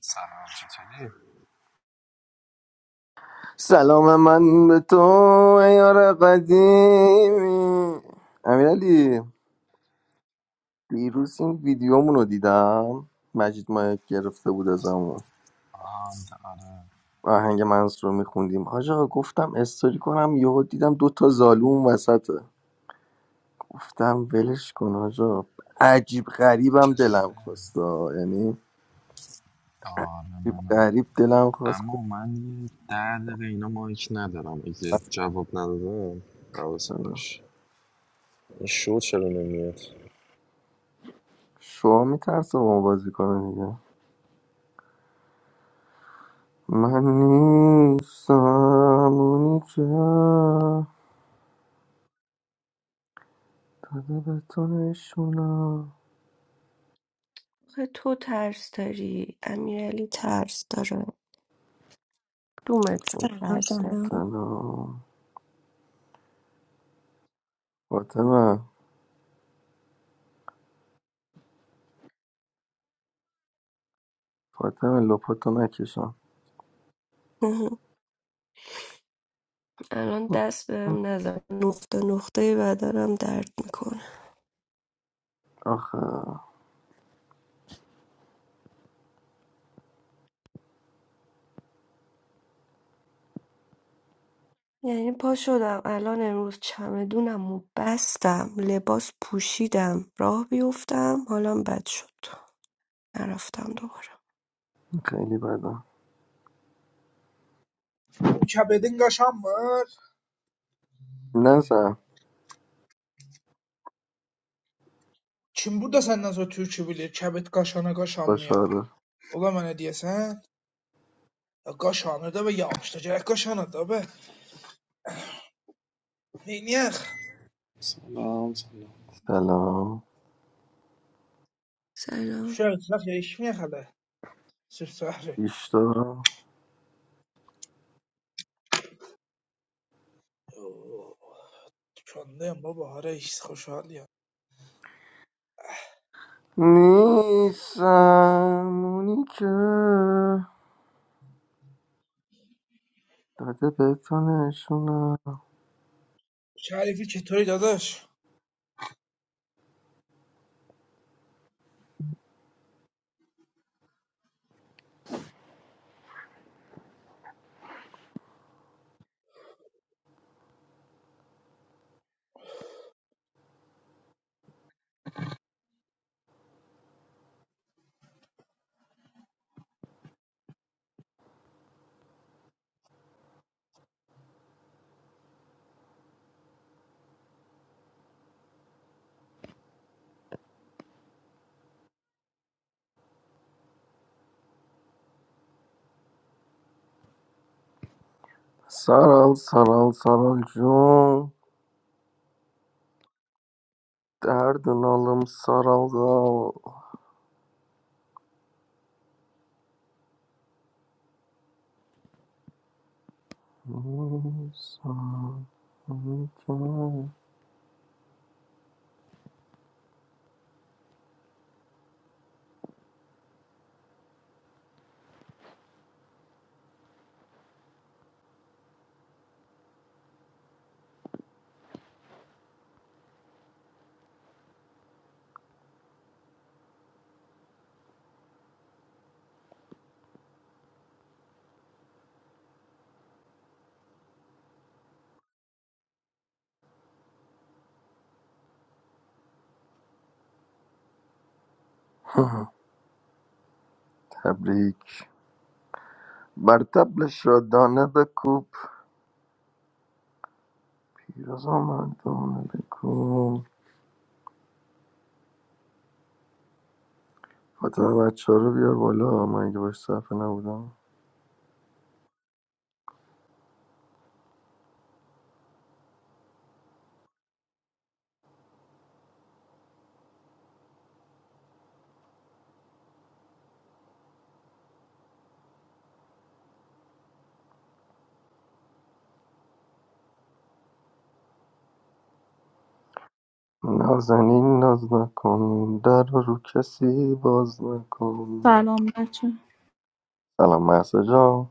سلام چطوری؟ سلام من به تو ای یار قدیمی امیرعلی دیروز این ویدیومون رو دیدم مجید ما گرفته بود ازمون آه آره آهنگ منصور رو میخوندیم آجا گفتم استوری کنم یهو دیدم دو تا زالو اون وسطه گفتم ولش کن آجا عجیب غریبم چجوری؟ دلم خواست آه. یعنی آره عجیب منم غریب دلم خواست اما من یه در دقیقه اینا مایک ندارم اگه جواب ندادم حواست باش این شو چرا نمیاد؟ نه شما میترسه با ما بازی کنه دیگه من نیستم اونی که لبتون شونا آخه تو ترس داری امیرعلی ترس داره دومتون سلام ترس نکن سلام سلام فاطمه فاطمه لپاتو نکشم مهم. الان دست بهم نزن نقطه نقطه بدنم درد میکنه آخه یعنی پا شدم الان امروز چمدونم و بستم لباس پوشیدم راه بیفتم حالم بد شد نرفتم دوباره خیلی بدم Bu Kəbədin qaşanmır. نزن Kim burada səndən sonra türkü bilir? Kəbəd qaşana باش qaşanmaya. آره Ola mənə deyəsən, ya qaşanır da və yağışda gərək qaşanır da bə. Neyniyək? Salam, salam. سلام سلام Düşər çıxaq ya içməyək hələ. Sırf səhri. بیشتر Oo, Dükkandayım baba, hara iş xoşal ya. نیستم اونی که داده بتون شونا Şərifi ketoy dadaş. سارال سارال سارال جون درد نالم سارال دال نیستم اونی که- تبریک بر تبلش را دانه بکوب پیروز آمد دانه بکوب فاطمه بچه ها رو بیار بالا من اگه باش صفحه نبودم نازنین ناز نکن در رو رو کسی باز نکن سلام بچه سلام محسا جان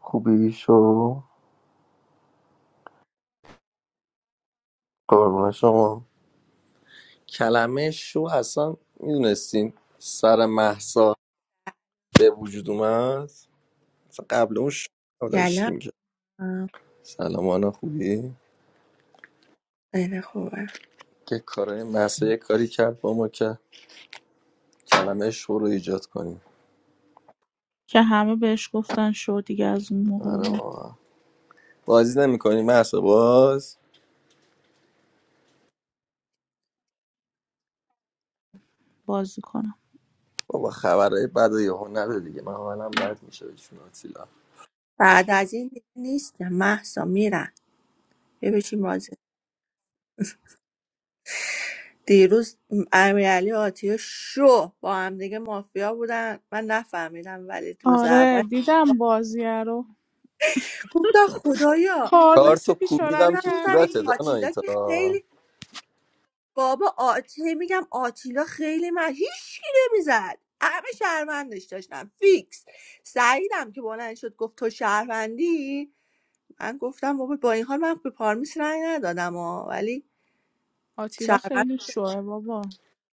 خوبی شو قربون شما کلمه شو اصلا میدونستین سر محسا به وجود اومد اصلا قبل اون شو یلم داشتیم که سلام آنا خوبی خیلی خوبه که کارای محسا یه کاری کرد با ما که کلمه شو رو ایجاد کنیم که همه بهش گفتن شو دیگه از اون موقع به آره بعد واقعا بازی نمیکنی مرسا باز بازی کنم بابا خبرهای بد و یهو نده دیگه من حالم بد میشه بهشون آتیلا بعد از این دیگه نیست محسا میرن بیا بشین بازی دیروز امیرعلی آتیا شو با هم دیگه مافیا بودن من نفهمیدم ولی روز آره اول دیدم بازیه رو گفتم خدایا و پارمیس کارتو بیچاره رو کوبیدم خودم تو گفتم کردم این بی... صورتت آتیلا که آنایتا خیلی بابا آتیلا میگم آتیلا خیلی من هیچ نمیزد همه شهروندش داشتم فیکس سعیدم که بلند شد گفت تو شهروندی من گفتم بابا با این حال من به پارمیس رأی ندادم ها ولی آتیلا شرمن خیلی شوه بابا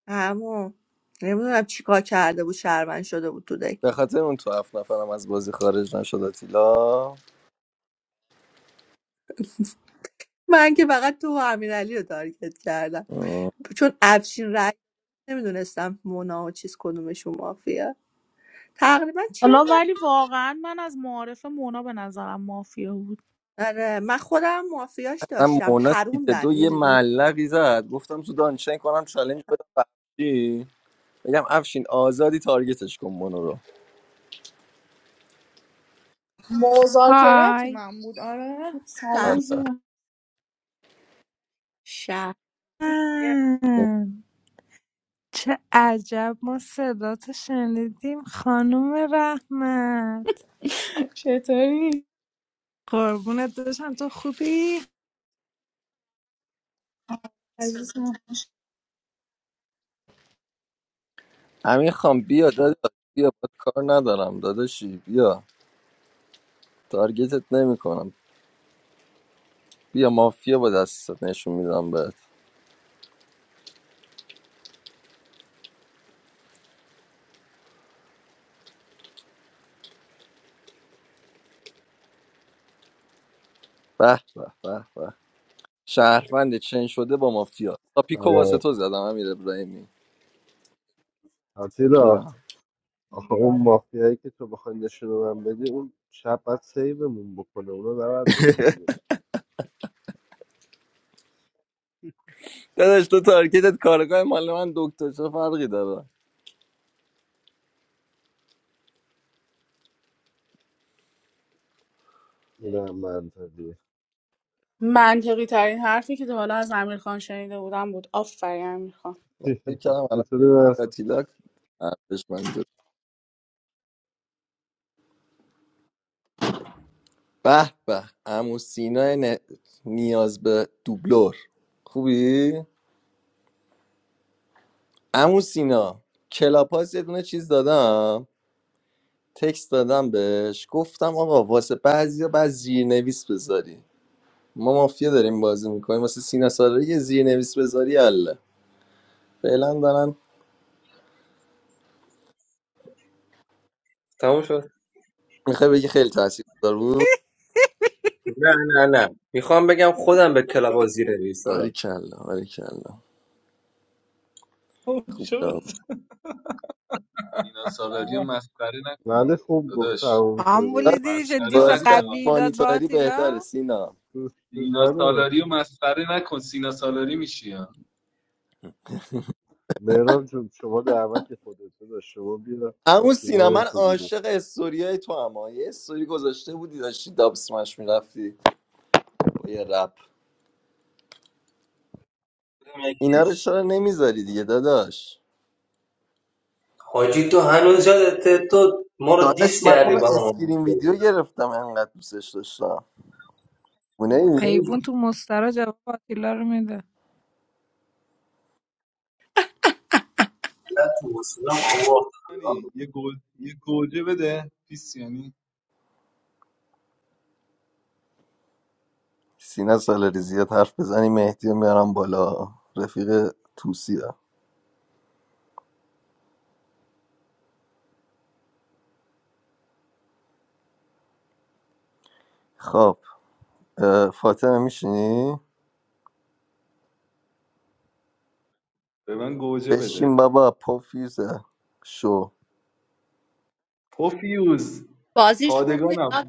همون نمیدونم چیکار کرده بود شرمن شده بود تو دک به خاطر اون تو هفت نفرم از بازی خارج نشد آتیلا من که فقط تو و امیرعلی رو تارگت کردم اه. چون افشین رأی نمیدونستم مونا و چیز کدومشون مافیا تقریبا چه حالا ولی واقعا من از معارف مونا به نظرم مافیا بود آره من خودم مافیاش اصلا داشتم مونا سیت پروندن دو یه میدونی معلقی زد گفتم تو دانشن کنم چالنج بدم به افشین. بگم افشین آزادی تارگتش کن مونا رو مذاکرت های من بود آره شهر سلام آره. زینا شهر من. چه عجب ما صداتو شنیدیم خانم رحمت چطوری قربونت داشتم تو خوبی؟ عزیزم امین خان بیا داداش بیا باید کار ندارم داداشی بیا تارگتت نمیکنم بیا مافیا با دستت نشون میدم بهت به به به به شهروند چین شده با مافیا تا پیکو واسه سلام تو زدم امیر ابراهیمی آتیلا جونم آخه اون مافیایی که تو بخوای نشون من بدی اون شب باید سیبمون بکنه اونو نباید بکنیم بیرون داداش تو تارگتت کارگاه مال من دکتر چه فرقی داره این هم منطقیه منطقی ترین حرفی که تا حالا از امیر خان شنیده بودم بود آفرین امیر فکر کردم الان چطوری بس کاتیلاک ارزش منده به به عمو سینا ن- نیاز به دوبلور خوبی عمو سینا کلاپاس یه دونه چیز دادم تکست دادم بهش گفتم آقا واسه بعضیا بعض زیرنویس بذاری ما مافیا داریم بازی میکنیم واسه سینا سالاری یه زیرنویس بذاری الله فعلا دارن تموم شد میخوای بگی خیلی تاثیرگذار بود نه نه نه میخوام بگم خودم به کلابا زیر ریس آری دادم کلا آری کلا خوب Hoşçakalın. جواب دینا سالاریو مسخره نکن ولی خوب گفت داداش تموم شد داد. آمبولی دیدی چه مسخره دیس بازی نکن در ها. قوی داد با مانیتاری بهتره آتیلا سینا دینا بله سالاریو مسخره نکن سینا سالاری میشی ها. مهران جون شما دعوت خودتو داشت شما بیا با همون سینا سینا برو من تو گروه عاشق استوریای تو اما یه استوری گذاشته بودی داشتی داب سمش میرفتی با یه رپ کدوم اینا رو یکیش چرا نمیذاری دیگه داداش حاجی تو هنوز یادته تو ما رو داداش دیس من کردی اون با هم اسکرین ویدیو گرفتم انقدر دوستش داشتم اونه ای؟ خیلی حیوان تو مسترا جواب آتیلا رو میده علت مسلم یعنی یه گل یه گوجه بده پیس یعنی سینا سالاری زیاد حرف بزنی مهدی رو میارم بالا رفیق توسیه خب اه، فاطمه میشینی؟ به من گوجه بده بشین بابا پوفیوزه شو پوفیوز بازیش خوب پادگانم نیست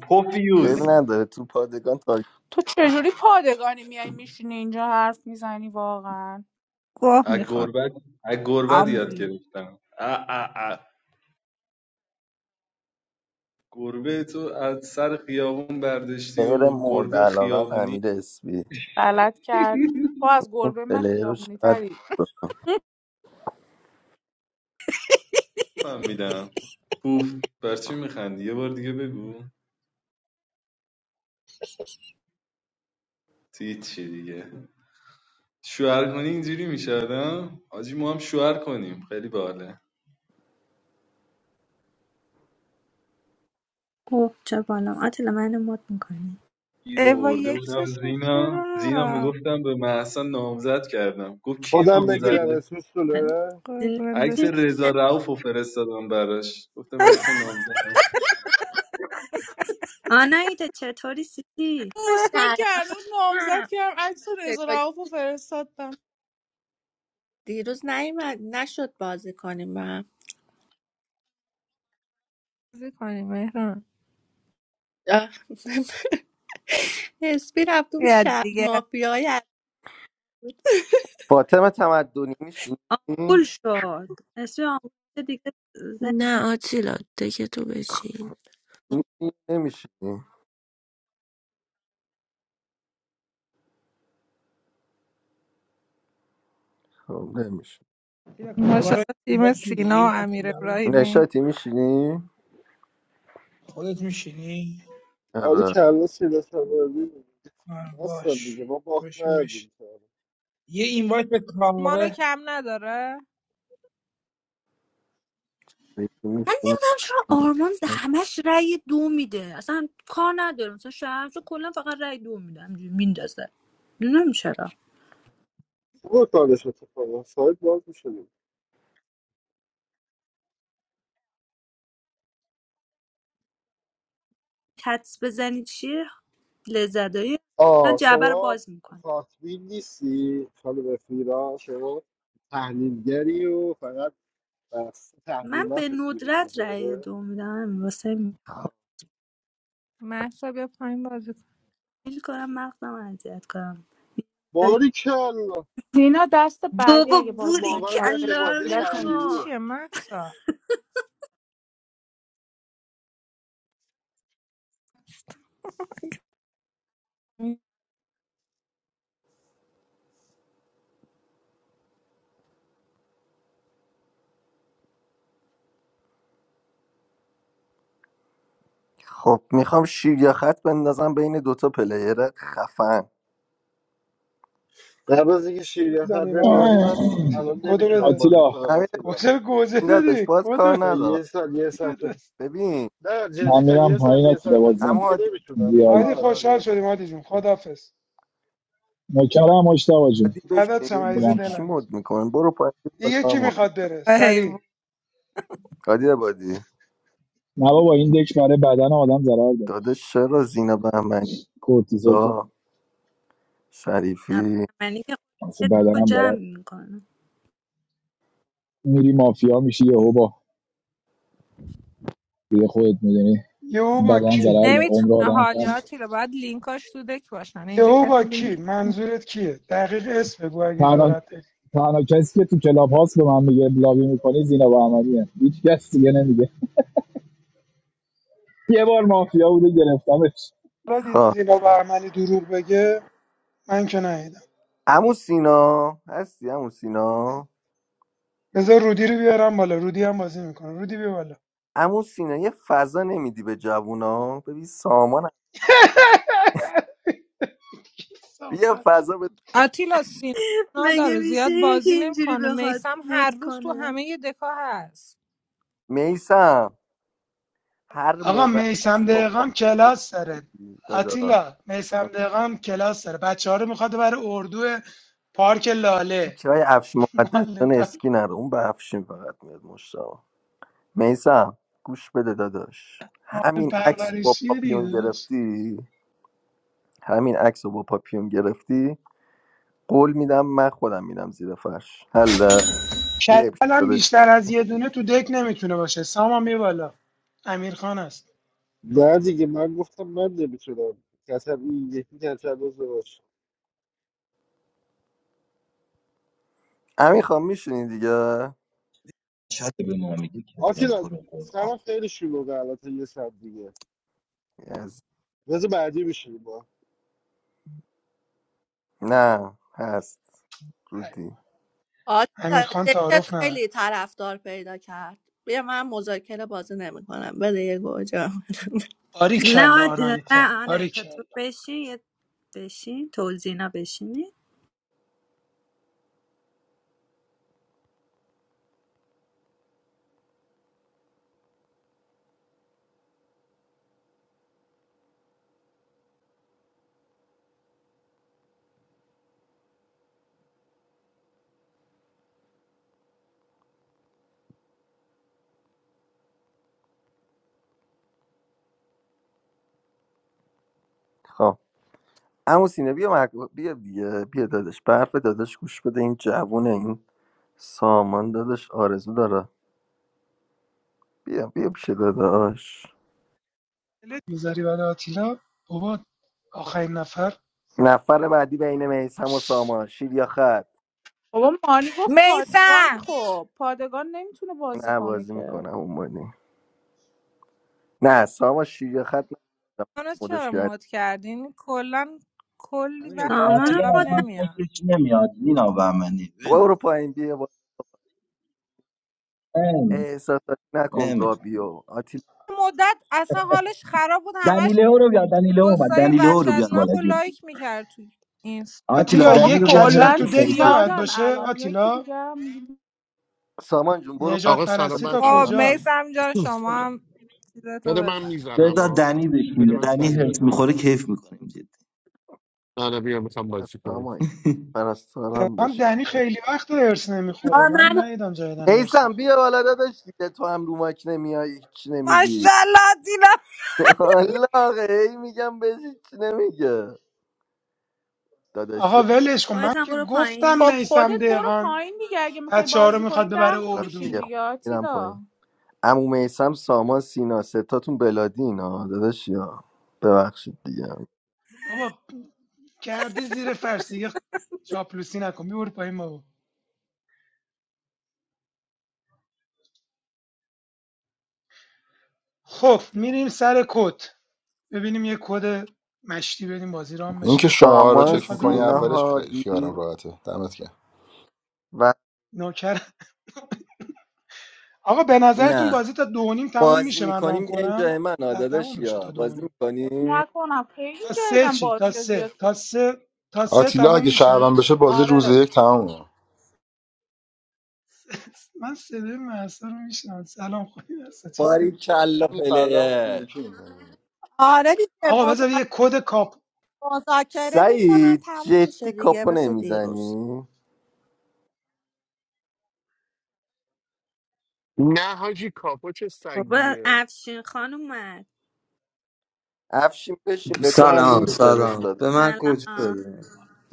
عیب نداره تو پادگان تا تو چجوری پادگانی میای میشینی اینجا حرف میزنی واقعا گوه از میخواد گربت از گربت یاد آمبولی گرفتم ا ا ا گربه تو از سر خیابون برداشتی پلیر و مورد گربه علاقه هم خیابونی امیر اسپی غلط کردی تو از این گربه من پلیر رو خیابونی چقدر دوست تری دارم. فهمیدم پوف بر میخندی یه بار دیگه بگو هیچی دیگه شوهر کنی اینجوری میشه آدم حاجی ما هم شوهر کنیم خیلی باله اوه چه بالا آتلا منو مد میکنی گیر ایوا آورده یک تا بودم شد زینا زینا چرا؟ میگفتم به محسن نامزد کردم گفت کی خودم بگیرم نامزده اسمش دلاره قربونت عکس داشتم رضا رؤوف رو فرستادم براش گفتم عکس نامزد آنایتا چطوری سیتی اسکل شهر. کردم نامزد کردم عکس و رضا چطوری؟ رؤوف رو فرستادم دیروز نیومد نشد بازی کنیم با هم بازی کنی مهران آه. حسبی رفته بود یا شب دیگه مافیای فاطمه تمدنی میشینی؟ آمبول شد اسم آمبول شد دیگه زن- نه آتیلا دیگه تو بچین میشینی نمیشینی؟ خب نمیشینی Bir dakika, var ماشاءالله تیم yemek mi سینا و değil امیر Atilla? ابراهیمی نشاتی میشینی؟ Kol etmişini. آری آره کلا سینا سواری Var اصلا baş. دیگه ما باخت Beşin beş. ندیم Ye invite ve مانو kralı. کم نداره من نمیدونم چرا آرمان همش رأی دو میده اصلا کار نداره مثلا شهر چون کلا فقط رأی دو میده همینجوری میندازه نمیدونم چرا خوبه کارش اتفاقا سایت باز میشه حدس بزنی چیه لذت داری من آه جعبه رو شما باز میکنه کارتبین نیستی خانم بفیرا شما تحلیلگری و فقط بس من به تحلیلات بیرون ندرت رأی میگرده دو میدم واسه محسا بیا پایین بازی کن میل کنم مغزم رو اذیت کنم باریکلا زینا دست بعدی بابا اگه چون بازی بوری کنی باورم شاید داشت یه بشنم. کلا بازی دست این تحلیلیه میخوان چیه محسا نمی- خب میخوام شیر یا خط بندازم بین دوتا پلیر خفن قبل از اینکه شیریخت زنیم آقای بندازی من آتیلا الان کدو نمیتونم بده بازی آتیلا کنم همین آتیلا واسه گوجه یه- داداش دادی باز کدو کار تا ندارم یه سال یه ساعت و- بده ببین نه جدی من تا میرم یه سال پایین یه آتیلا ساعت و نیم بازم اما دیگه عادی نمیتونم زیاد هادی کارم خوشحال زیاده شدیم هادی جون خدافز نکرم مشتبا جون عادی فدات شم بشین من عزیز میرم چی پایین دلمی مود میکنن. برو پایین دیگه بالا کی مود میخواد بره ای سریع بابا. عادی عبادی نه بابا این دک برای بدن آدم ضرر داره داداش چرا زینا بهمنی کورتیزول تو آه، شریفی منی که اصلا خودت رو بدنم ضرر جمع داره. میکنم میری مافیا میشی یهو با دیگه خودت میدونی یهو با بدن کی ضرر داره نمیتونه عمر آدم هادی کرد آتیلا باید لینکاش تو دک باشن اینجا یهو کسی با کی لینک نمی- منظورت کیه دقیق اسم بگو اگه تنها جرأت داری تنها کسی که تو کلاب هاست به من میگه لابی میکنی زینا بهمنیه هیچ کس دیگه نمیگه یه بار مافیا بوده گرفتمش حالا دید خواه زینا بهمنی دروغ بگه من که نیدم عمو سینا هستی عمو سینا بذار رودی رو بیارم بالا رودی هم بازی میکنه رودی بیا بالا عمو سینا یه فضا نمیدی به جوونا ببین سامان هم. بیا کثافت. فضا به آتیلا سینا مگه داره میشه زیاد یکی بازی اینجوری نمیکنه بخواد میسم هر مد روز تو کنه همه یه دکا هست میسم هر آقا موقع میسم عکس با دقیقم پاپیون کلاس داره گذاشتی داداش آتیلا میسم دقیقم کلاس داره بچه ها رو میخواد برای اردو پارک لاله تیکه های افش معلم مقدسیان پر... اسکی نره اون به افشین فقط میاد مشتاق میسم گوش بده داداش معلم همین عکس رو با پرورشیه دیگه پاپیون داداش گرفتی همین عکس رو با پاپیون گرفتی قول میدم من خودم میدم زیر فرش هلا شاید میبشه الان داداش بیشتر از یه دونه تو دک نمیتونه باشه سامان می بالا امیرخان است نه دیگه من گفتم من نمیتونم کتب این یکی کتب امین خواهم میشونی دیگه ارشد به نومیدی کشور آتیلا تو رو سرم قرآن خیلی شلوغه البته یه ساعت دیگه از... روز بعدی بشینیم با نه هست رودی آتیلا امیرخان دکت تعارف نداره خیلی طرفدار پیدا کرد بیا من مذاکره بازی نمیکنم بده یه گوجه آری نه کلا آد- آنایتا نه آری آنه تا تو کلا بشین یه بشین توزینا بشینی خب امو سینه بیا, مک- بیا دیگه بیا داداش برف داداش گوش بده این جوونه این سامان داداش آرزو داره بیا بیا پیش داداش میذاری برای آتیلا بابا آخرین نفر نفر بعدی بین میسم و سامان شیر یا خط بابا مانی گفت پادگان میسم خب پادگان نمیتونه بازی نه کنه بازی که میکنم اون مانی نه سامان شیر یا خط نه منو مدش چرا کرد مد کردین کلا کلی ول وقت کن. سامان آتیلا رو کلاب از مد من نه. نمیاد خوشش نمیاد مینا و منی ول برو کن پایین بیا با نمی- احساس نکن نمیخوام گابیو آتیل مدت اصلا حالش خراب بود همش دنیلو رو بیار دنیلو اومد پستای دنیلو رو بیار وحشتناک بالا و جدی لایک میکرد تو آتیلا آتیلا بابا دنی یک رو اینستا بیار کچل هرس کلا تو دک میخوری کیف نباید زیادن میکنی باشه الان یکی آتیلا دیگه هم می‌گی. سامان جون برو پایین نجات آقا سلام پرستی داداش. تا بچه خب سامان کجا خوبی؟ میسم جان شما هم چیزتو بده من بزن میزنم بذار ها دنی بهش بده میده من دنی سری هرس بزنم میخوره کیف میکنیم جدی نه نه بیا میخوام بازی کنم سامان، پرستارم من باشه دنی خیلی وقت هرس نمیخوره کار من نه. ندیدم جدیدن هرس میسم بیا بخوره بالا داداش دیگه تو هم رو ماک نمیای هیچ نمیگی ماشاءالله دینا الله هی میگم بهش هیچ نمیگه آقا داداشی ولش کن من خودت هم که برو گفتم پایین خب میسم خودت برو دقان پایین دیگه اگه میخوای بچه ها رو بازی کنی میخواد ببره ده تا آره میشین دیگه اردو خودم دیگه میرم آتیلا پایین عمو میسم سامان سینا ستاتون بلادین ها داداش یا ببخشید دیگه بابا کردی زیر فرش دیگه چاپلوسی نکن بیور پایین بابا خب میریم سر کد ببینیم یه کد مشتی بدیم بازی رام اینکه بشه شما رو کی سامان چک میخواد میکنی ران سینا کنه اولش خیلی خیالم هادی راحته دمت گرم و نوکر آقا به نظرتون نه بازی تا دو و نیم تموم بازی میشه من ران میکنیم بیا کنم اینجا من ها نه تموم داداش میشه تا یا دو و بازی نیم. میکنیم نکنم خیلی تا سه جدیدن چی تا بازی ها زیاد سه شد تا سه تا سه آتیلا تموم اگه میشه شهروند بشه بازی روز آره یک تمومه من صدای محسا رو میشنم سلام خوبی محسا باری چطوری کلا این فردا هم اون پلیر یکی می‌کنه. آره دیگه آقا بذار مذا- یه کد کاپ مذاکره میکنن سعید تموم میشه جدی دیگه کاپو مثل دیروز نمیزنی نه حاجی کاپو چه بابا سگیه افشین خان اومد افشین بشین به تو من سلام لینک سلام فرستاد به من کجا سلام داری؟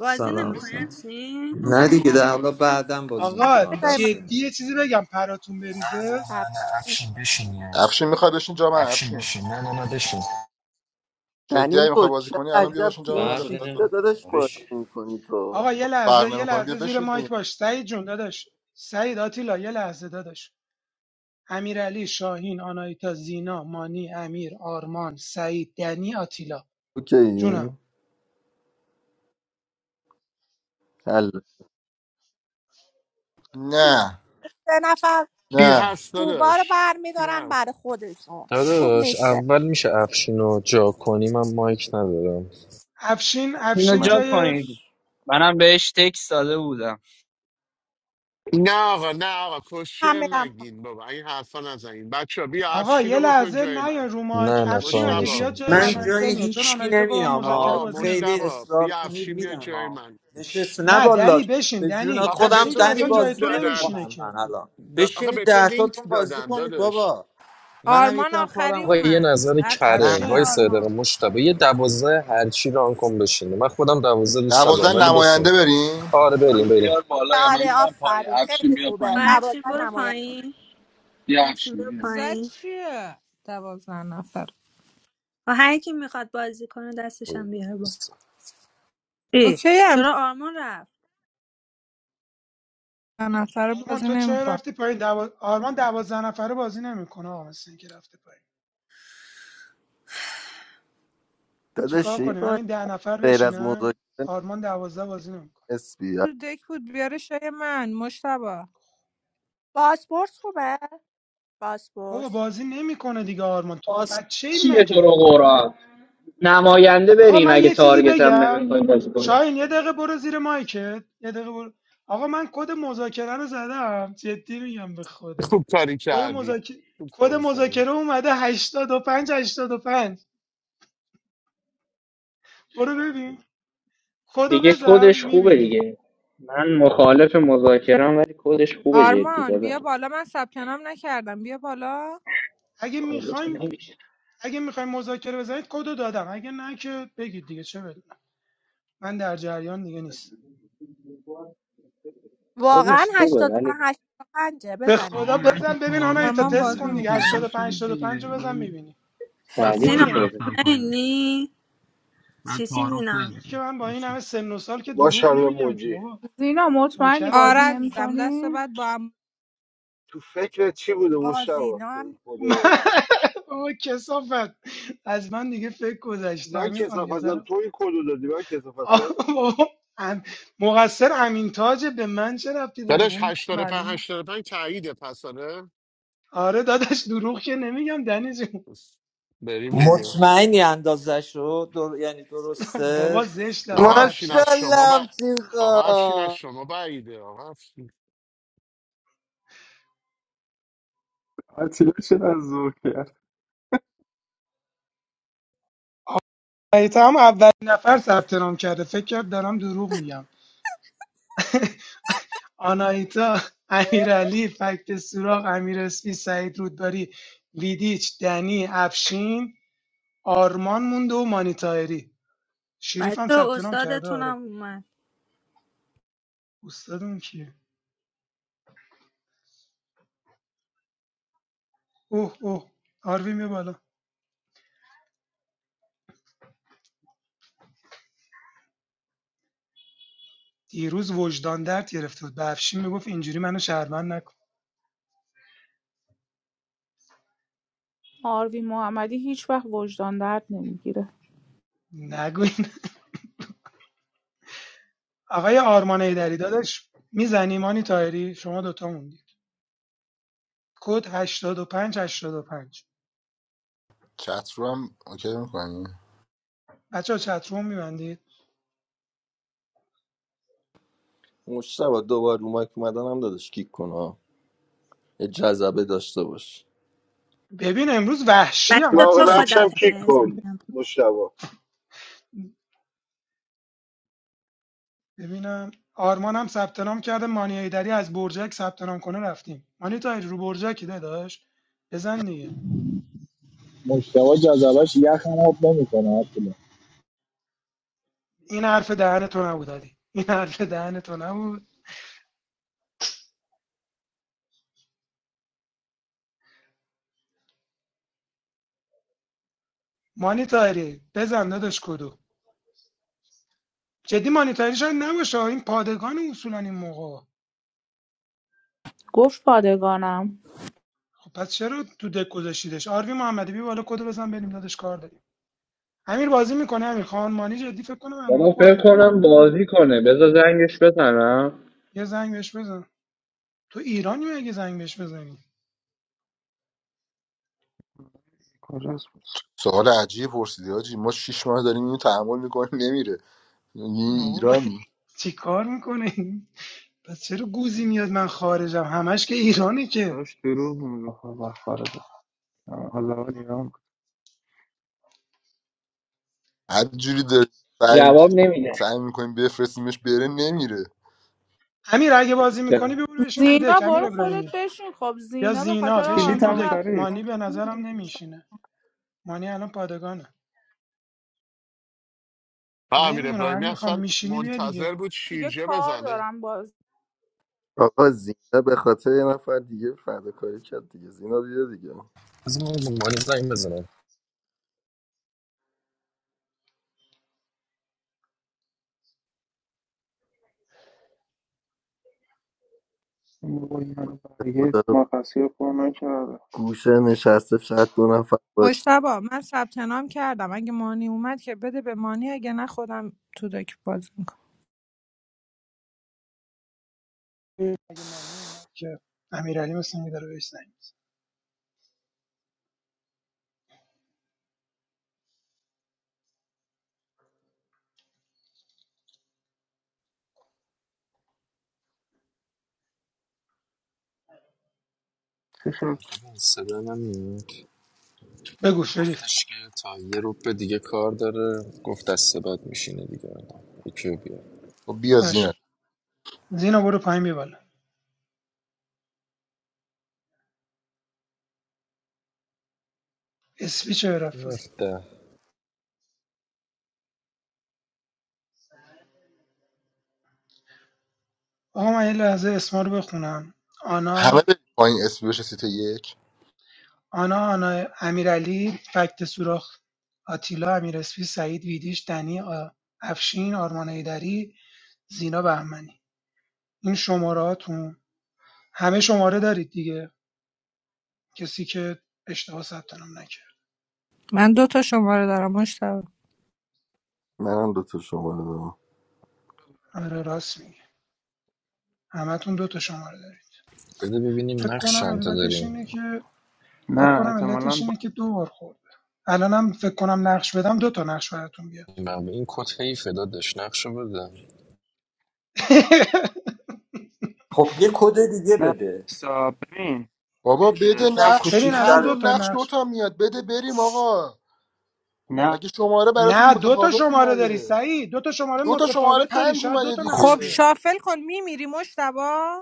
بازی نمیکنی سلام افشین نه دیگه در حالا بعدم بازی آقا همین میکنم بدای من دست جدی من یه چیزی بگم پراتون بریزه نه نه هفته. افشین بشین یه افشین میخوای بشین جا من افشین افشین بشین نه نه نه بشین جدی اگه دنیلو میخوای بازی چه کنی الان بیا عجب بشین تو جا من این من دست فرقی بازی شیفته نمیکنم داداش می‌کنم. بازی بشین میکنی تو آقا یه فرق لحظه یه نمیکنه بیا لحظه زیر بشین مایک باش سعید جون داداش سعید آتیلا یه لحظه داداش امیرعلی شاهین آنایتا زینا مانی امیر آرمان سعید دنی آتیلا جونم اوکی حل هیچ نه سه نفر کی نه هست خوبا رو داداش کی برمیدارن هست برای خودشون خوب داداش نیسته اول میشه افشین رو جا کنی من مایک ندارم افشین اینو افشین من جا جای کنید داداش منم بهش تکس داده بودم نه آقا نه آقا کشر همینم نگین بابا این حرفا نزنین بچه بیا آقا افشین یه رو بکن لحظه جای نیا من رو مایک نه اه، نه تو افشین هم اگه مشتبه بیاد بشین جای من بشین آنایتا جای میاد چون هیچکی آنایتا گفت من نمیام مذاکره آه. آقا بازی خیلی نمیکنم مشتبه اصرار بیا کنید افشین بیا میرم جای آه. من نشست نه نه دنی والا بشین به جون دنی آخه به خودم افشین تو که دنی اصلا لینک جای بازی تو دادن نمیشینه نمیکنم که من الان دا- آخه بشینید به تو لینک دهتاتون بازی دادن کنید داداش بابا منم آرمان یکم آخری کارم آقا انجام یه اومد بدم. نظر افشین بیا کره نه جای نه. وای افشین دقیقه آرمان مشتبه یه دوازده هرچی ران کن بشینه من خودم دوازده دوست دوازده ندارم ولی آقا بشین نماینده بریم آره سلام بریم منو بریم بیار بالا یا من آره میرم پایین آفرین افشین خیلی بیا خوبه با پایین من افشین دوازده برو بازی نمایه نمیکنم پایین بیا افشین افشین برو بیا پایین زد چیه دوازده نفر و هر کی میخواد بازی کنه دستشم بیاره بالا ای اوکی هم چرا آرمان رفت چند نفر آرمان بازی تو چرا نمیکن رفتی پایین دوا... آرمان دوازده نفره بازی نمیکنه آقا مثل اینکه رفته پایین چیکار داداشی بیا کنیم بالا همین ده نفر غیر از بشینم مذاکره آرمان دوازده بازی نمیکنه اسپی تو دک بود بیاره شای من مشتبه. باسپورس خوبه بابا باسپورس بازی نمیکنه دیگه آرمان تا پاس بچه این چیه تو مگه رو قرآن نماینده آقا بریم من اگه یه چیزی تارگت هم بگم نمیخوایم بازی کنیم شاین یه دقیقه برو زیر مایکت یه دقیقه برو آقا من کد مذاکره رو زدم جدی میگم به خدا خوب کاری کد کردی مذاکره خوب کد کاری کردی مذاکره اومده 85 پنج هشتاد و پنج. برو ببین کدو دیگه بزن کدش خوبه میبینی دیگه من مخالف مذاکرم ولی کدش خوبه جدی آرمان داداش بیا بالا من ثبت نام نکردم بیا بالا اگه کدش میخوایم نمیشه اگه میخوایم مذاکره بزنید کدو دادم اگه نه که بگید دیگه چه بدونم من در جریان دیگه نیستم واقعا کدش خوبه ولی 85 85 به بزنید آقا خدا من که بزن ببین آنها تعارف تا که آرمان تست بازی کن ندارم دیگه که میکنه 85 پنج بشینید هشتاد و دیگه پنج رو بزن من میبینی من کدو تعلیکی زینا خودم بزن شده رفتم پایین مطمئنی من چی چی تعارف زینا این که ندارم من با این همه بشین سن و سال که دروغ ماشاءالله نمیگم که موجی بابا زینا مطمئنی نوکرم آره بازی نشه عزیزم دست نمیکنی بعد با هم تو فکرت چی بوده مشتبا آزینا که هم این کدو بده بابا کسافت از من دیگه فکر گذشته من امیر خان یه کسافتم ذره تو این کدو دادی من آه، کسافتم بابا، ام- مقصر امین تاجه به من چه ربطی داره داداش اون 85 معلوم پنج هشتاد و پنج تاییده پس آره آره داداش دروغ که نمیگم دنی جون بس بریم دیگه مطمئنی اندازش رو در... یعنی درسته بابا زشت آقای آقا افشین افشین از شما ب... ماشاءالله افشین آقا افشین از خان شما بعیده آقا افشین آتیلا چرا از ظهر کرد ایتا هم اول نفر ثبت نام کرده فکر کرد دارم دروغ میگم آناهیتا امیرعلی فکت سوراخ امیر اسپی سعید رودباری ویدیچ دنی افشین آرمان مونده و مانی تاهری شریف هم بچه ثبت نام کرده آره استادتونم اومد استادم کیه اوه اوه آروین بیا بالا دیروز وجدان درد گرفته بود به افشین میگفت اینجوری منو شهروند نکن آروی محمدی هیچ وقت وجدان درد نمیگیره نگو این- آقای آرمان ایدری داداش میزنی مانی تاهری شما دوتا موندید کد 8585 چت رو هم اوکی میکنی بچه ها چتروم میبندید مشتبه دوباره رو مایک اومدن هم داداش کیک کن ها. یه جذبه داشته باش ببین امروز وحشی هم بچه اطلاق آتیلا نقشم نگرد کیک کن خدافز مشتبا ببینم آرمان هم ثبت نام کرده مانی ایدری از برجک ثبت نام کنه رفتیم مانی تایری رو برجکی داداش بزن دیگه مشتبا جذبش یخم آب نمیکنه این حرف دهن تو نبود علی این حرف دهن تو نبود مانی تایری بزن داداش کدو جدی مانی تایری شاید نباشه این پادگان اصولا این موقع گفت پادگانم خب پس چرا تو دک گذاشتیدش آروی محمدی بی بالا کدو بزن بریم داداش کار داریم امیر بازی میکنه امیر خان مانی جدی فکر کنم الان بابا فکر پادگان بودیم کنم دور و بر بازی کنه بذار زنگش بزنم یه زنگ بهش بزن تو ایرانی مگه زنگ بهش بزنی کجاست بود سوال عجیبی پرسیدی حاجی ما شیش ماه داریم اینو تحمل میکنیم نمیره این بابا من ایران چی کار میکنه پس چرا گوزی میاد من خارجم همش که ایرانی که داشت دروغ میگو آها وقت خارجه آه، از اول ایران بود هر جوری داری سعی جواب نمیده سعی میکنیم بفرستیمش بره نمیره امیر اگه بازی میکنی چرا؟ ببرو بشین تو زینا دک امیر برو خودت ابراهیمی بشین خب یا زینا به زینا خاطر بشین بلیت تو آرمان هم دک رفت خرید مانی بیرون به نظرم نمیشینه مانی الان پادگانه آقا امیر نمیدونم ابراهیمی امیر خان اصلا میشینی بیا دیگه منتظر بود دیگه شیرجه کار بزنه دارم باز آقا زینا به خاطر یه نفر دیگه فداکاری کرد دیگه زینا بیا دیگه از من به مانی زنگ بزنم این بابا این منو برای خدا رو مرخصی پر نکرده گوشه نشسته شاید دو نفر باید مشتبا من ثبت نام کردم اگه مانی اومد که بده به مانی اگه نه خودم تو دک بازی می‌کنم. که امیرعلی مثل میگه داره بهش زنگ می‌زنه. چی شد صدا نمیاد بگو شریف گفتش که تا یه روب دیگه کار داره گفت از سه بعد میشینه دیگه یکی رو بیار خب بیا زینه. باش زینا برو پایین بیا بالا اسپی چه رفت رفته آقا من یه لحظه اسما رو بخونم همه آنا بریم پایین اسم بشه سیت یک آنا آنا امیرعلی فکت سوراخ آتیلا امیر اسپی سعید ویدیش دنی آ- افشین آرمان ایدری زینا بهمنی این شماره هاتون همه شماره دارید دیگه کسی که اشتباه ثبت نام نکرد من دو تا شماره دارم مشتبه منم دوتا شماره دارم آره راست میگه همتون دو تا شماره دارید بده ببینیم فکر نقش چند کنم تا علتش داریم اینه که فکر نه کنم علتش احتمالا با... اینه که دو بار خورده الانم فکر کنم نقش بدم دو تا نقش براتون بیاد این مقبه- این کت هی فدا داشت نقش رو بده خب یه کد دیگه نه بده سا ببین بابا بده بده یکم نقش اگه ببین شد الان دو کوچیکترش همون تا نقش نقش دوتا میاد بده بریم آقا نه مگه شماره براتون نه دو تا متفاوت شماره داری اومده سعید دو تا شماره دوتا شماره متفاوت داری پنج شاید دو اومده تا خب نقش دیگه بیاد شافل کن میمیری مشتبه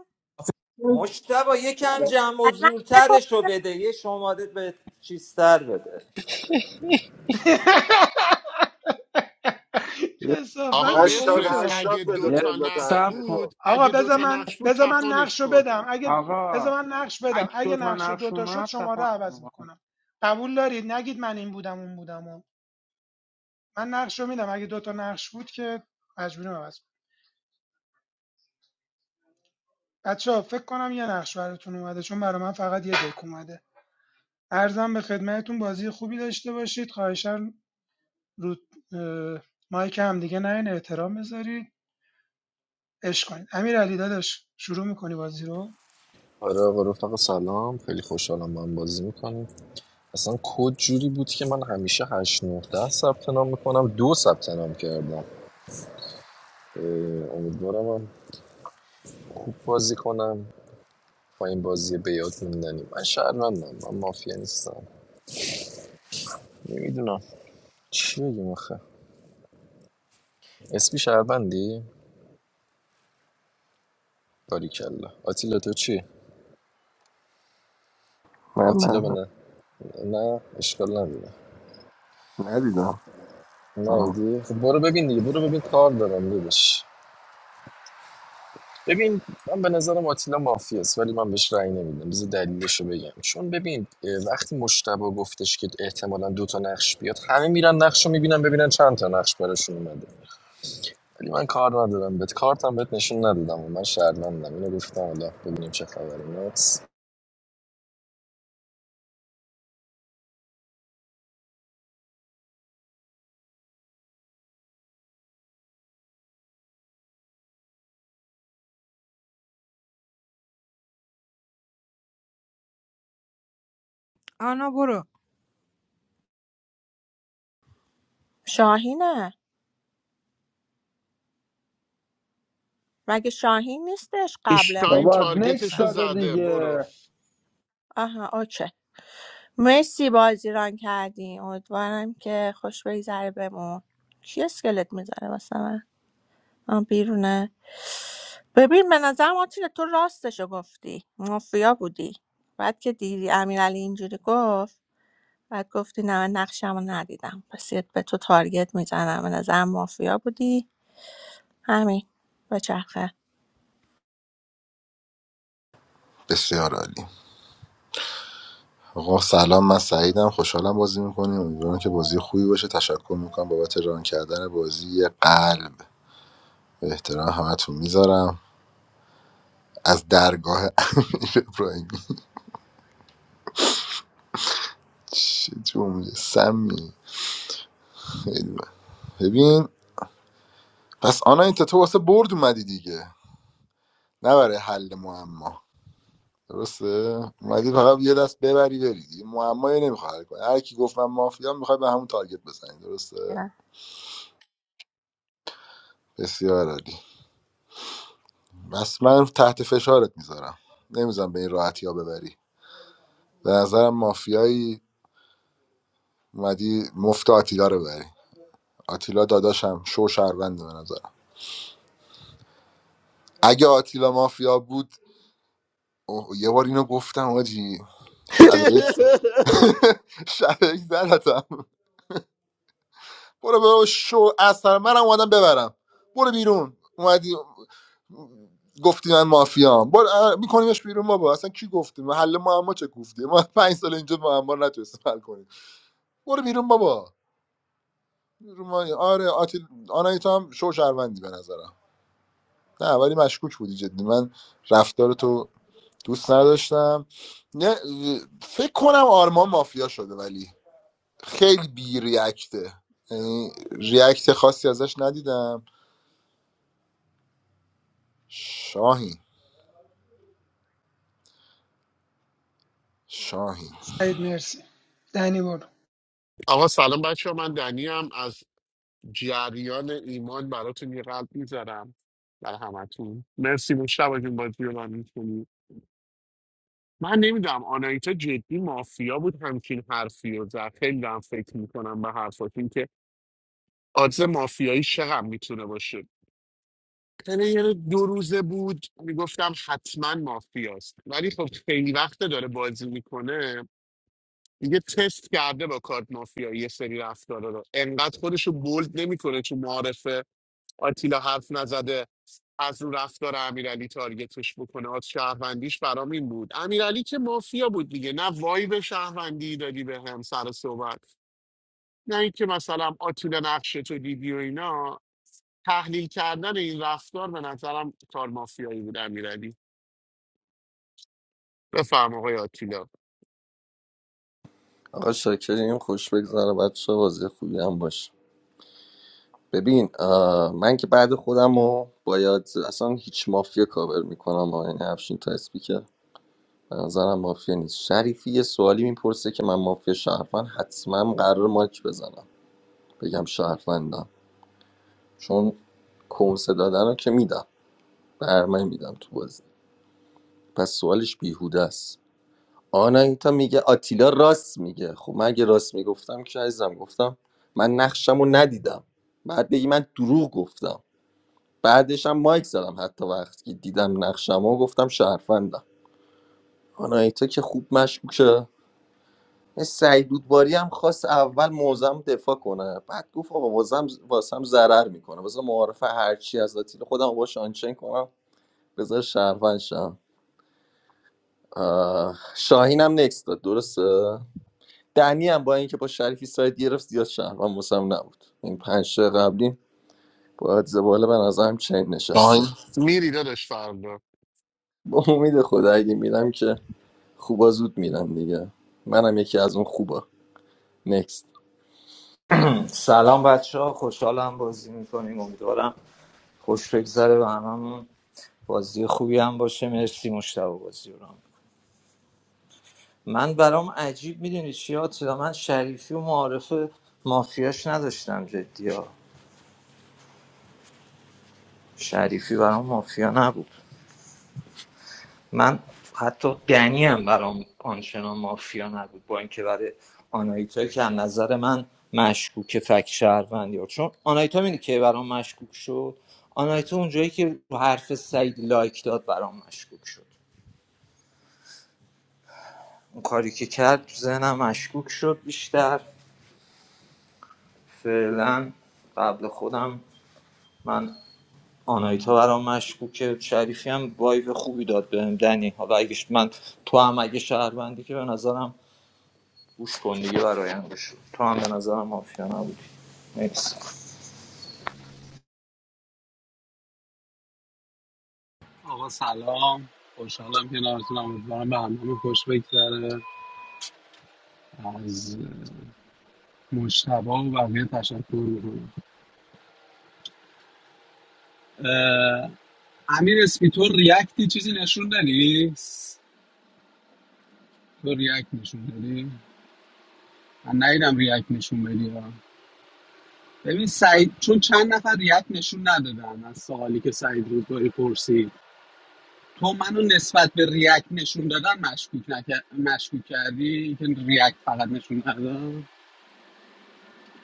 مشتبا یکم جمع و برای من یه خود. جورترش رو بده یه شماره به چیزتر بده یه کسافت آقا رو هشتاد بفرست اوجا هشتاد اگه دو بده یه تا خدمت نقش افشی سب کن بود آقا اگه دو بذار یه- تا من نقش بود بذار من تپانش نقشو کن بدم اگه آقا بذار من نقش اگه بدم اگه دوتا نقشو دو نقش تا شد اومد شماره تفاهم عوض میکنم میکنم قبول دارید نگید من این بودم اون بودم من نقش رو میدم اگه دو تا نقش بود که مجبوریم عوض کنم بچه فکر کنم یه نقش براتون اومده چون برای من فقط یه دک اومده ارزم به خدمتتون بازی خوبی داشته باشید خواهشاً رو مایک هم دیگه نین احترام بذارید عشق کنید امیرعلی داداش شروع میکنی بازی رو آره آقا رفقا سلام خیلی خوشحالم من بازی میکنم اصلا کد جوری بود که من همیشه 8 19 ثبت نام میکنم دو ثبت نام کردم اه، امیدوارم هم خوب بازی کنم با این بازی به یاد موندنی من شهروندم من مافیا نیستم نمیدونم چی بگیم آخه اسپی شهروندی باریکلا آتیلا تو چی من آتیلا به نه نه اشکال نداره ندیدم نه آها. ایدی خب برو ببین دیگه برو ببین کار دارم دادش ببین من به نظرم آتیلا مافیاست ولی من بهش رأی نمیدم بذار دلیلشو رو بگم چون ببین وقتی مشتبه گفتش که احتمالاً دو تا نقش بیاد همه میرن نقش میبینن ببینن چند تا نقش براشون اومده ولی من کار ندادم بهت کارتم بهت نشون ندادم و من شهروندم اینو گفتم حالا ببینیم چه خبره نکس آنا برو شاهینه مگه شاهین نیستش قبله اشتاین بابا نکس تارگتش رو بزن. داده زده برو دیگه آها اوکی مرسی بازی ران کردی امیدوارم که خوش بگذره بمون کی اسکلت میذاره واسه من آه، بیرونه ببین به نظر ما تو راستشو گفتی مافیا بودی بعد که دیدی امیرعلی اینجوری گفت بعد گفتی نه من نقشمو ندیدم پس یه به تو تارگت میزنم به نظر مافیا بودی همین بچرخه بسیار عالی آقا سلام من سعیدم خوشحالم بازی میکنیم امیدوارم که بازی خوبی باشه تشکر میکنم بابت ران کردن بازی یه قلب به احترام همتون میذارم از درگاه امیر ابراهیمی چه جمله سمی خیلی بد. ببین پس آنا این تو واسه برد اومدی دیگه نه برای حل معما درسته اومدی فقط یه دست ببری بری دیگه معمایی نمیخواد حل کنی هر کی گفت من مافیا میخواد به همون تارگت بزنی درسته بسیار عالی بس من تحت فشارت میذارم نمیذارم به این راحتی ها ببری به نظرم مافیایی اومدی مفت آتیلا رو ببری آتیلا داداشم شو شهروند به نظرم اگه آتیلا مافیا بود اوه، یه بار اینو گفتم آجی شب یک شب یک زدتم برو برو شو اصلا منم اومدم ببرم برو بیرون اومدی گفتی من مافیام برو اه، میکنیمش بیرون بابا اصلا کی گفته محل معما چه گفتی ما پنج سال اینجا معما رو نتونستیم حل کنیم برو بیرون بابا بیرون ما- آره آتیل آنایی تو هم شو شهروندی به نظرم نه ولی مشکوک بودی جدی من رفتار تو دوست نداشتم نه فکر کنم آرمان مافیا شده ولی خیلی بی ریاکته یعنی ریاکت خاصی ازش ندیدم شاهین شاهین سعید مرسی دنی برو آقا سلام بچه ها من دنی هم از جریان ایمان براتون یه قلب میذارم برای همتون مرسی مشتبه جون بازی رو من نمیدونم آنایتا جدی مافیا بود همچین حرفی رو زد خیلی دارم فکر میکنم به حرفات این که آدز مافیایی چقدر میتونه باشه پلیر دو روزه بود میگفتم حتما مافیاست ولی خب خیلی وقت داره بازی میکنه دیگه تست کرده با کارت مافیایی یه سری رفتارا رو انقدر خودش رو بولد نمیکنه تو معارفه آتیلا حرف نزده از رو رفتار امیرعلی تارگتش بکنه از شهروندیش برام این بود امیرعلی که مافیا بود دیگه نه وای به شهروندی دادی به هم سر صحبت نه اینکه مثلا آتیلا نقش تو دیدی و اینا تحلیل کردن این رفتار به نظرم کار مافیایی بود امیرعلی بفرم آقای آتیلا آقا شاکریم خوش بگذره بچه بازی خوبی هم باشه ببین آه، من که بعد خودم رو باید اصلا هیچ مافیا کاور میکنم و این افشین تا اسپیکر به نظرم مافیا نیست شریفی یه سوالی میپرسه که من مافیا شهروند حتما قرار ماک بزنم بگم شهروندم چون کنسه دادن رو که میدم برمه میدم تو بازی پس سوالش بیهوده است آنایتا میگه آتیلا راست میگه خب من اگه راست میگفتم که عزیزم گفتم من نقشم رو ندیدم بعد بگی من دروغ گفتم بعدش هم مایک زدم حتی وقتی دیدم نقشم و گفتم شهروندم آنایتا که خوب مشکوکه یه سعید رودباری هم خواست اول موزم دفاع کنه بعد گفت آقا واسم واسم ضرر میکنه واسه معارفه هرچی از آتیل خودم باش آنچن کنم بذار شهروند شم آه، شاهین هم نکس داد درسته دنی هم با اینکه با شریفی ساید گرفت زیاد شهروند واسم نبود این پنج تا قبلی با زباله به نظرم چین نشسته شاهین میری داداش فردا با امید خدا اگه میرم که خوبا زود میرن دیگه منم یکی از اون خوبا نکست سلام بچه ها خوشحالم بازی میکنیم امیدوارم خوش بگذره به هممون بازی خوبی هم باشه مرسی مشتبا بازی رو هم. من برام عجیب میدونی چی آتیلا من شریفی و معارف مافیاش نداشتم جدی ها شریفی برام مافیا نبود من حتی دنی هم برام آنچنان مافیا نبود با اینکه برای آنایتا که از نظر من مشکوک فک شهروندی ها. چون آنایتا میدونی که برام مشکوک شد آنایتا اونجایی که رو حرف سعید لایک داد برام مشکوک شد اون کاری که کرد تو ذهنم مشکوک شد بیشتر فعلا قبل خودم من آنایتا برام مشکوکه شریفی هم وایو خوبی داد بهم دنی حالا اگه ش- من تو هم اگه شهروندی که به نظرم گوش کن دیگه برایندش تو هم به نظرم مافیا نبودی نیست آقا سلام خوشحالم که نارتون امیدوارم به همه خوش بگذره از مجتبا و بقیه تشکر میکنم امیر اسمی تو ریاکتی چیزی نشون دادی؟ تو ریاکت نشون دادی؟ من نیدم ریاکت نشون بدی ها. ببین سعید چون چند نفر ریاکت نشون ندادن از سوالی که سعید رودباری پرسید تو منو نسبت به ریاکت نشون دادن مشکوک نکرد مشکوک کردی که ریاکت فقط نشون ندادم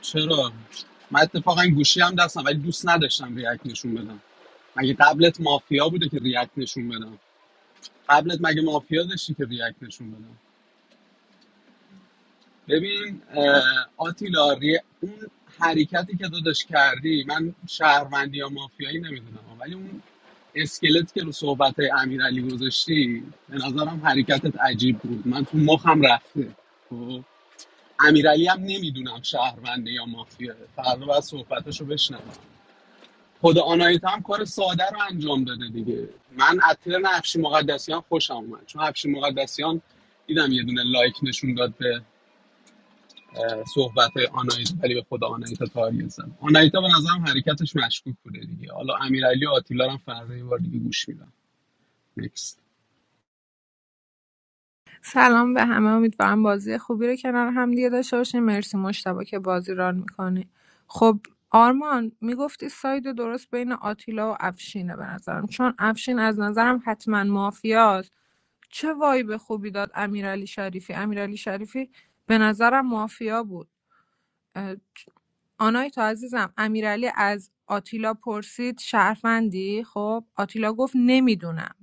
چرا من اتفاقا این گوشی هم دستم ولی دوست نداشتم ریاکت نشون بدم مگه قبلت مافیا بوده که ریاکت نشون بدم قبلت مگه مافیا داشتی که ریاکت نشون بدم ببین اه، آتیلا ری- اون حرکتی که داداش کردی من شهروندی یا مافیایی نمیدونم ولی اون اسکلت که رو صحبت امیرعلی گذاشتی به نظرم حرکتت عجیب بود من تو مخم رفته خب؟ امیرعلی هم نمیدونم شهرونده یا مافیاه فردا باید صحبتش رو بشنوم خود آنایت هم کار ساده رو انجام داده دیگه من اطلاع افشی مقدسیان خوشم اومد چون افشی مقدسیان دیدم یه دونه لایک نشون داد صحبت های آنایتا ولی به خود آنایتا تارگت زدم آنایتا به نظرم حرکتش مشکوک بوده دیگه حالا امیرعلی و آتیلا رو هم فردا یه بار دیگه گوش میدم نکست سلام به همه امیدوارم بازی خوبی رو کنار هم دیگه داشته باشین مرسی مشتبه که بازی ران میکنی خب آرمان میگفتی ساید درست بین آتیلا و افشینه به نظرم چون افشین از نظرم حتما مافیاست چه وایب خوبی داد امیرعلی شریفی امیرعلی شریفی به نظرم مافیا بود آنایتا عزیزم امیرعلی از آتیلا پرسید شرفندی خب آتیلا گفت نمیدونم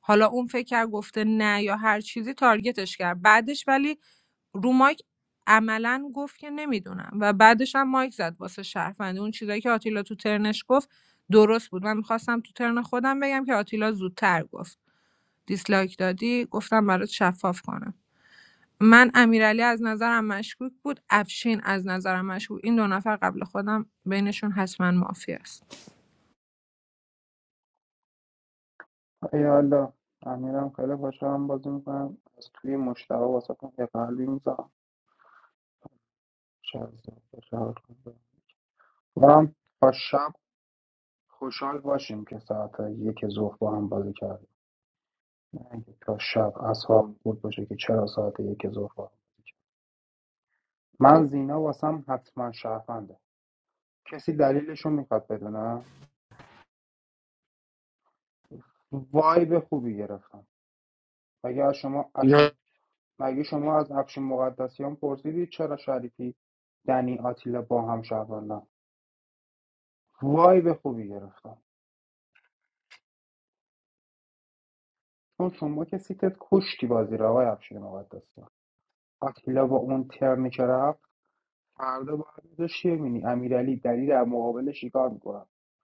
حالا اون فکر کرد گفته نه یا هر چیزی تارگتش کرد بعدش ولی رو مایک عملا گفت که نمیدونم و بعدش هم مایک زد واسه شرفندی اون چیزایی که آتیلا تو ترنش گفت درست بود من میخواستم تو ترن خودم بگم که آتیلا زودتر گفت دیسلایک دادی گفتم برات شفاف کنم من امیرعلی از نظرم مشکوک بود افشین از نظرم مشکوک این دو نفر قبل خودم بینشون حتما مافی است ای الله امیرم خیلی خوشحالم بازی میکنم از توی مشتبه واسه یه قلبی می‌ذارم. شهرزاد خوشحال کنم با تا شب خوشحال باشیم که ساعت یک ظهر با هم بازی کردیم نه اینکه تا شب اصحاب بود باشه که چرا ساعت یک ظهر با هم بازی کردیم من زینا واسم حتما شهرونده کسی دلیلشو میخواد بدونه وایب خوبی گرفتم مگه از شما از اینا- شما- مگه شما از افشین مقدسیان پرسیدید چرا شریفی دنی آتیلا با هم شهروندن وایب خوبی گرفتم چون شما که سیتت کشتی بازی رو آقای افشین مقدسیان آتیلا با اون ترنی که رفت فردا باید میذاشتی ببینی امیرعلی دلیل در مقابل چیکار میکنم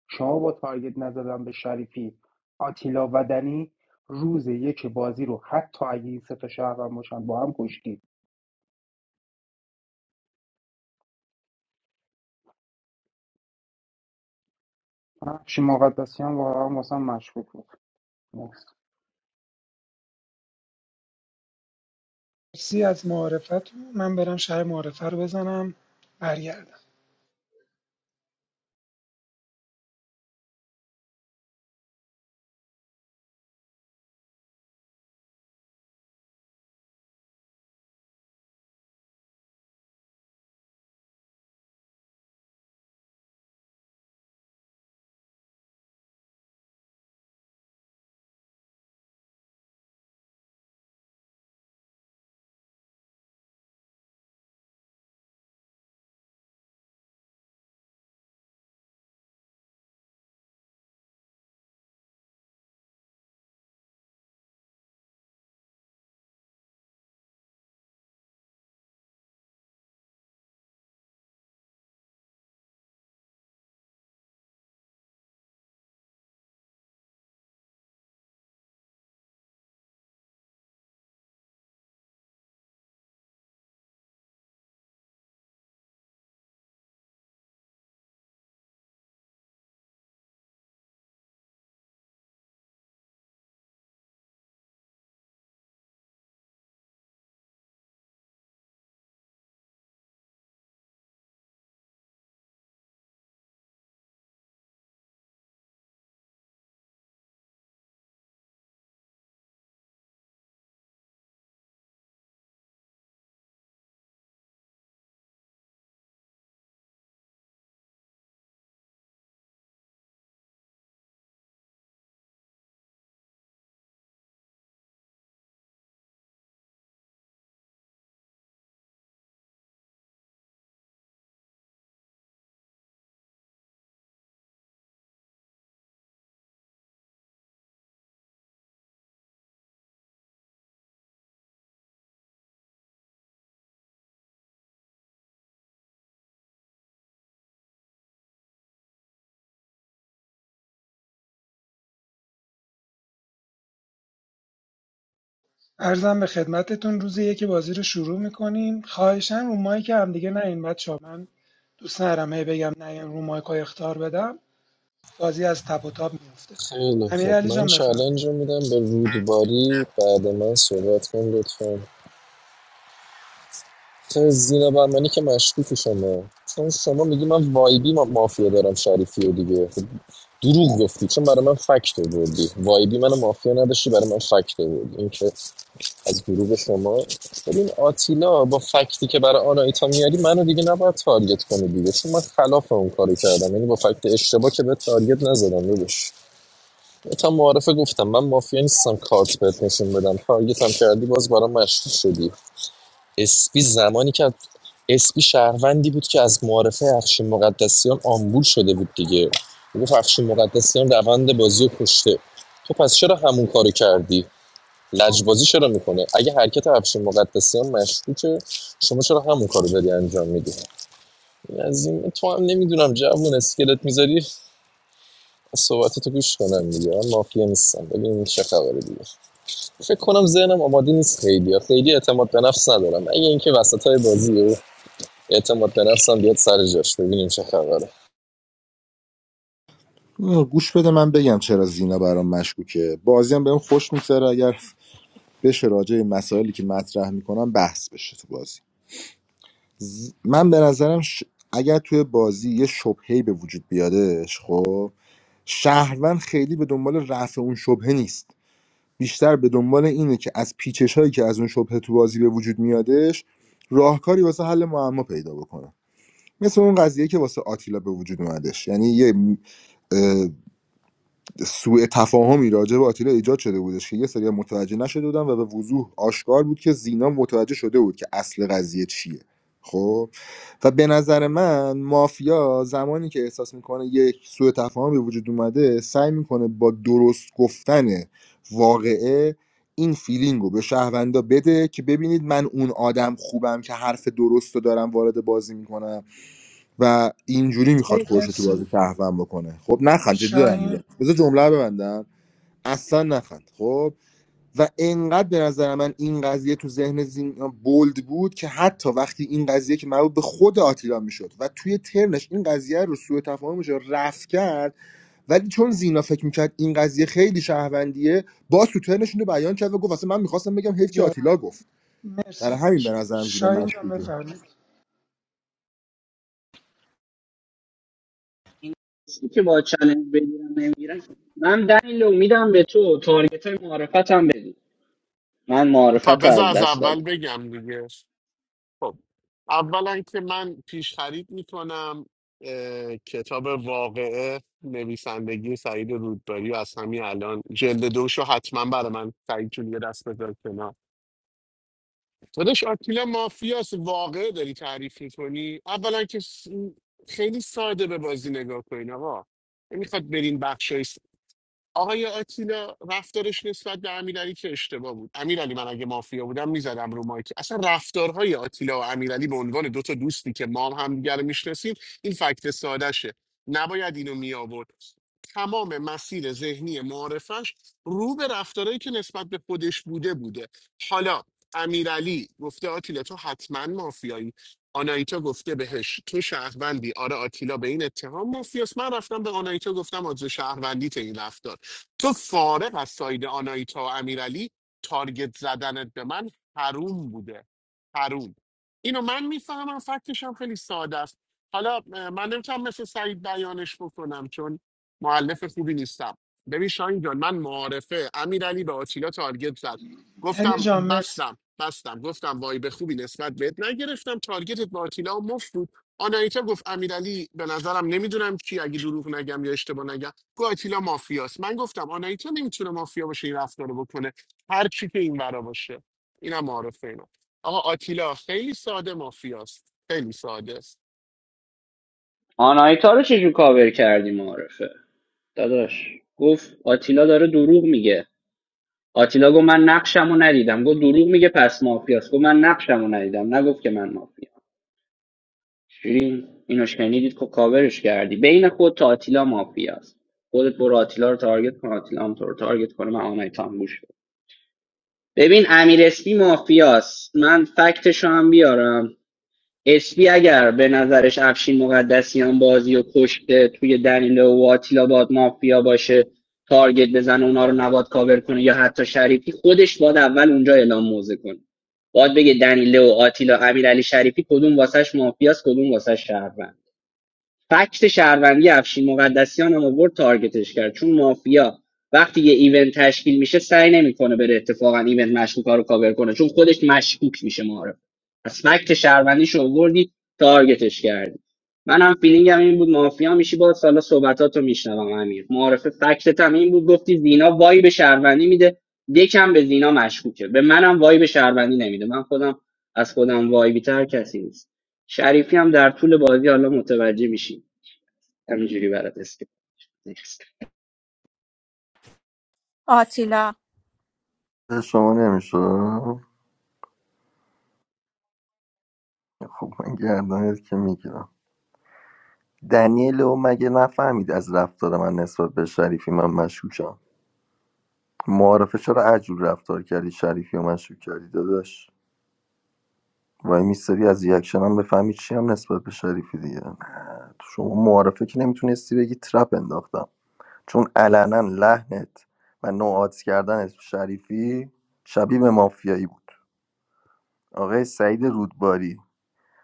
شما با تارگت نزدن به شریفی آتیلا و دنی روز یک بازی رو حتی اگه این سه تا شهروند باشن با هم کشتی همچین مقدسیان واقعا واسم مشکوک بود Next. مرسی از معارفت من برم شهر معارفه رو بزنم برگردم ارزم به خدمتتون روز یکی بازی رو شروع میکنیم خواهشن رو مایک هم دیگه نین بچه من دوست ندارم هی بگم نه رو مایک های اختار بدم بازی از تپ و تاب میفته خیلی امیر خب علی من جان بفرمایید چالنج رو میدم به رودباری بعد من صحبت کن لطفا چه زینا بهمنی که مشکوکی شما چون شما میگی من وایبی ما مافیا دارم شریفی و دیگه خب دروغ گفتی چون برای من فکت آوردی وایبی من مافیا نداشتی برای من فکت آوردی این که از دروغ شما ببین آتیلا با فکتی که برای آنایتا میاری منو دیگه نباید تارگت کنه دیگه چون من خلاف اون کارو کردم یعنی با فکت اشتباه که به تارگت نزدم داداش تا معارفه گفتم من مافیا نیستم کارت بهت نشون بدم تارگتم کردی باز برام مشکوک شدی اسپی زمانی که اسپی شهروندی بود که از معارفه افشین مقدسیان آمبول شده بود دیگه میگفت افشین مقدسیان روند بازی رو کشته تو پس چرا همون کارو کردی لجبازی چرا میکنه اگه حرکت افشین مقدسیان مشکوکه شما چرا همون کارو داری انجام میدی از این تو هم نمیدونم جوون اسکلت میذاری صحبتتو گوش کنم دیگه من مافیا نیستم ببینیم چه خبره دیگه فکر کنم ذهنم آماده نیست خیلی خیلی اعتماد به نفس ندارم اگه اینکه وسطای های بازی اعتماد به نفسم بیاد سر جاش ببینیم چه خبره گوش بده من بگم چرا زینا برام مشکوکه بازی هم بهم خوش میگذره اگر بشه راجع به مسائلی که مطرح میکنم بحث بشه تو بازی ز- من به نظرم ش... اگر توی بازی یه شبهی به وجود بیادش خب شهروند خیلی به دنبال رفع اون شبهه نیست بیشتر به دنبال اینه که از پیچش هایی که از اون شبهه تو بازی به وجود میادش راهکاری واسه حل معما پیدا بکنه مثل اون قضیه که واسه آتیلا به وجود اومدش یعنی یه سوء تفاهمی راجع به آتیلا ایجاد شده بودش که یه سری متوجه نشده بودن و به وضوح آشکار بود که زینا متوجه شده بود که اصل قضیه چیه خب و به نظر من مافیا زمانی که احساس میکنه یک سوء تفاهم به وجود اومده سعی میکنه با درست گفتن واقعه این فیلینگ رو به شهروندا بده که ببینید من اون آدم خوبم که حرف درست رو دارم وارد بازی میکنم و اینجوری میخواد خودش رو تو بازی مرسی تهون بکنه خب نخند جدی دارم شاهین میگم بذار جمله رو ببندم اصلا نخند خب و انقدر به نظر من این قضیه تو ذهن زینا بولد بود که حتی وقتی این قضیه که مربوط به خود آتیلا میشد و توی ترنش این قضیه رو سوء تفاهمش رو رفع کرد ولی چون زینا فکر میکرد این قضیه خیلی شهروندیه باز تو ترنش اینو بیان کرد و گفت واسه من میخواستم بگم حیف که جان آتیلا گفت مرسی برای همین به داداش نظرم زینا شاهین جان مشکوکه بفرمایید این چیزی که با چلنج بگیرم نمیگیرم من دلیل رو میدم به تو تارگت های معرفتم بگیر من پس معارفت رو بذار از از دست اول دادم بگم دیگه خب اولا که من پیش خرید میکنم کتاب واقعه نویسندگی سعید رودباری و از همین الان جلد دوشو حتما برای من سعید جون یه دست بذار کنار خودش آتیلا مافیاس واقعه داری تعریف میکنی اولا که س- خیلی ساده به بازی نگاه کنین آقا نمیخواد برین بخشای آقای آتیلا رفتارش نسبت به امیرعلی که اشتباه بود امیرعلی من اگه مافیا بودم میزدم رو مایک اصلا رفتارهای آتیلا و امیرعلی به عنوان دو تا دوستی که ما هم همدیگه رو میشناسیم این فکت سادشه نباید اینو می آورد تمام مسیر ذهنی معارفش رو به رفتارهایی که نسبت به خودش بوده بوده حالا امیرعلی گفته آتیلا تو حتما مافیایی آنایتا گفته بهش تو شهروندی آره آتیلا به این اتهام مافیاست من رفتم به آنایتا گفتم آتیلا شهروندیت این رفتار تو فارغ از ساید آنایتا و امیرعلی تارگت زدنت به من حروم بوده حروم اینو من میفهمم فکتش هم خیلی ساده است حالا اه، من نمیتونم مثل سعید بیانش بکنم چون مؤلف خوبی نیستم ببین شاهین جان من معارفه امیرعلی به آتیلا تارگت زد دنی گفتم جان مرسی بستم بستم گفتم وای به خوبی نسبت بهت نگرفتم تارگتت به آتیلا و مفت بود آنایتا گفت امیرعلی به نظرم نمیدونم کی اگه دروغ نگم یا اشتباه نگم گفت آتیلا مافیاست من گفتم آنایتا نمیتونه مافیا باشه این رفتار رو بکنه هر چی که این ورا باشه اینم معارفه اینا آقا آتیلا خیلی ساده مافیاست خیلی ساده است آنایتا رو چجور کاور کردی معارفه داداش گفت آتیلا داره دروغ میگه آتیلا گفت من نقشم رو ندیدم گفت دروغ میگه پس مافیاست گفت من نقشم رو ندیدم نگفت که من مافیا شیرین اینو شنیدید که کاورش کردی بین خود تا آتیلا مافیاست خودت برو آتیلا رو تارگت کن آتیلا هم تو رو تارگت کنه من آنایتا هم گوش بدم. ببین امیر اسپی مافیاست من فکتشو هم بیارم اسپی اگر به نظرش افشین مقدسیان بازی و کشته توی دنیلو و آتیلا باد مافیا باشه تارگت بزنه اونا رو نباد کاور کنه یا حتی شریفی خودش باید اول اونجا اعلام موزه کنه باید بگه دنیله و آتیلا امیرعلی شریفی کدوم واسش مافیاست کدوم واسش شهروند فکت شهروندی افشین مقدسیان هم آورد تارگتش کرد چون مافیا وقتی یه ایونت تشکیل میشه سعی نمیکنه بره اتفاقا ایونت مشکوکا رو کاور کنه چون خودش مشکوک میشه معارف از فکت شهروندیش رو آوردی تارگتش کردی من هم فیلینگم این بود مافیا میشی با سالا صحبتات رو میشنوم امیر معارف فکتت هم این بود گفتی زینا وای به شهروندی میده دکم به زینا مشکوکه به منم وای به شهروندی نمیده من خودم از خودم وای بیتر کسی نیست شریفی هم در طول بازی حالا متوجه میشی همینجوری برات اسکیپ نیست. آتیلا شما نمیشه خب من گردنت که میگیرم دنیل او مگه نفهمید از رفتار من نسبت به شریفی من مشکوکم معارفه چرا عجول رفتار کردی شریفی و مشکوک کردی داداش وای میستری از ریاکشن هم بفهمی چی هم نسبت به شریفی دیگه نه تو شما معارفه که نمیتونستی بگی ترپ انداختم چون علنا لحنت و نوعات کردنت تو شریفی شبیه به مافیایی بود آقای سعید رودباری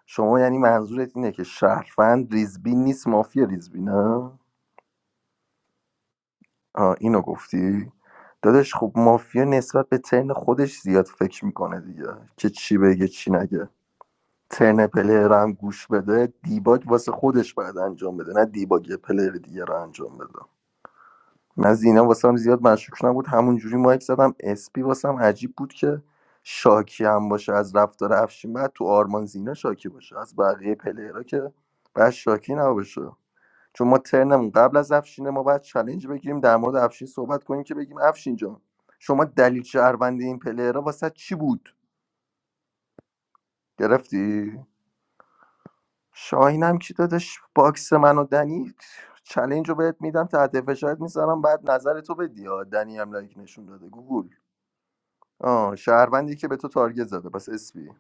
شما یعنی منظورت اینه که شهروند ریزبین نیست مافیا ریزبینه آه اینو گفتی داداش خب مافیا نسبت به ترن خودش زیاد فکر میکنه دیگه که چی بگه چی نگه ترن پلیر هم گوش بده دیباگ واسه خودش باید انجام بده نه دیباگ پلیر دیگه رو انجام بده من زینا واسم زیاد مشکوک نبود همون همونجوری مایک زدم اسپی واسم عجیب بود که شاکی هم باشه از رفتار افشین بعد تو آرمان زینا شاکی باشه از بقیه پلیرها که بعد شاکی نباشه چون ما ترنمون قبل از افشینه ما باید چلنج بگیریم در مورد افشین صحبت کنیم که بگیم افشین جان شما دلیل شهروندی این پلیرها واسه چی بود گرفتی شاهینم که دادش باکس منو دنی چلنج رو بهت میدم تحت فشارت میذارم بعد نظر تو بدی آه دنی هم لایک نشون داده گوگل آه شهروندی که به تو تارگت زده پس اسپی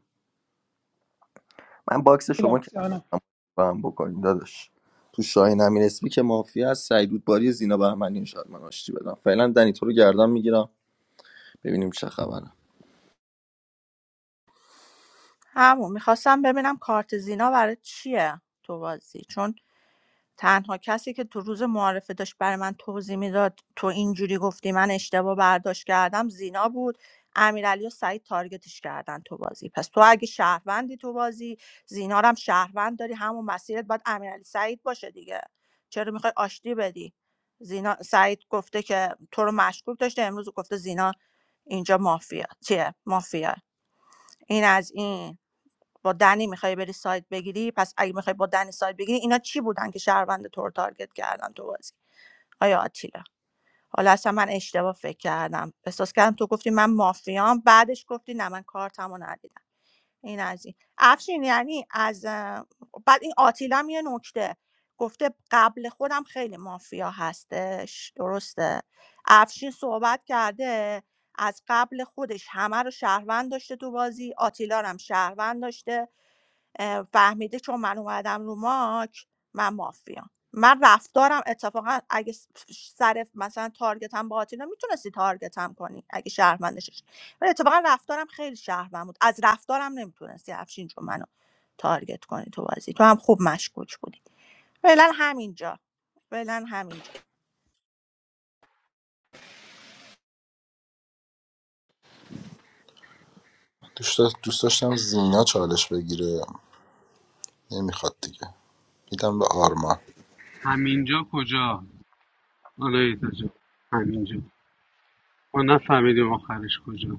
من باکس خیلی شما که مرسی آنا با هم بکنیم داداش تو شاهین امیر اسپی که مافیا از سعیدود باری زینا بهمنی ان من آشتی بدم فعلا دنی تو رو گردن میگیرم ببینیم چه خبره همون میخواستم ببینم کارت زینا برای چیه تو بازی چون تنها کسی که تو روز معارفه داشت برای من توضیح میداد تو اینجوری گفتی من اشتباه برداشت کردم زینا بود امیرعلی و سعید تارگتش کردن تو بازی پس تو اگه شهروندی تو بازی زینا رو هم شهروند داری همون مسیرت باید امیرعلی سعید باشه دیگه چرا میخوای آشتی بدی زینا سعید گفته که تو رو مشکوک داشته امروز گفته زینا اینجا مافیا چیه مافیا این از این با دنی میخوای بری سایت بگیری پس اگه میخوای با دنی سایت بگیری اینا چی بودن که شهروند تو رو تارگت کردن تو بازی آیا آتیلا حالا اصلا من اشتباه فکر کردم احساس کردم تو گفتی من مافیام بعدش گفتی نه من کارتمو ندیدم این از این افشین یعنی از اه، بعد این آتیلا هم یه نکته گفته قبل خودم خیلی مافیا هستش درسته افشین صحبت کرده از قبل خودش همه رو شهروند داشته تو بازی آتیلا رو هم شهروند داشته اه، فهمیده چون من اومدم رو ماک من مافیام من رفتارم اتفاقا اگه س- سر مثلا تارگتم با آتینا میتونستی تارگتم کنی اگه شهروندشش ولی اتفاقا رفتارم خیلی شهروند بود از رفتارم نمیتونستی افشین چون منو تارگت کنی تو بازی تو هم خوب مشکوک بودی فعلا همینجا فعلا همینجا دوست داشت- دوست داشتم زینا چالش بگیره همینجا کجا آنایتا جا همینجا ما نفهمیدیم آخرش کجا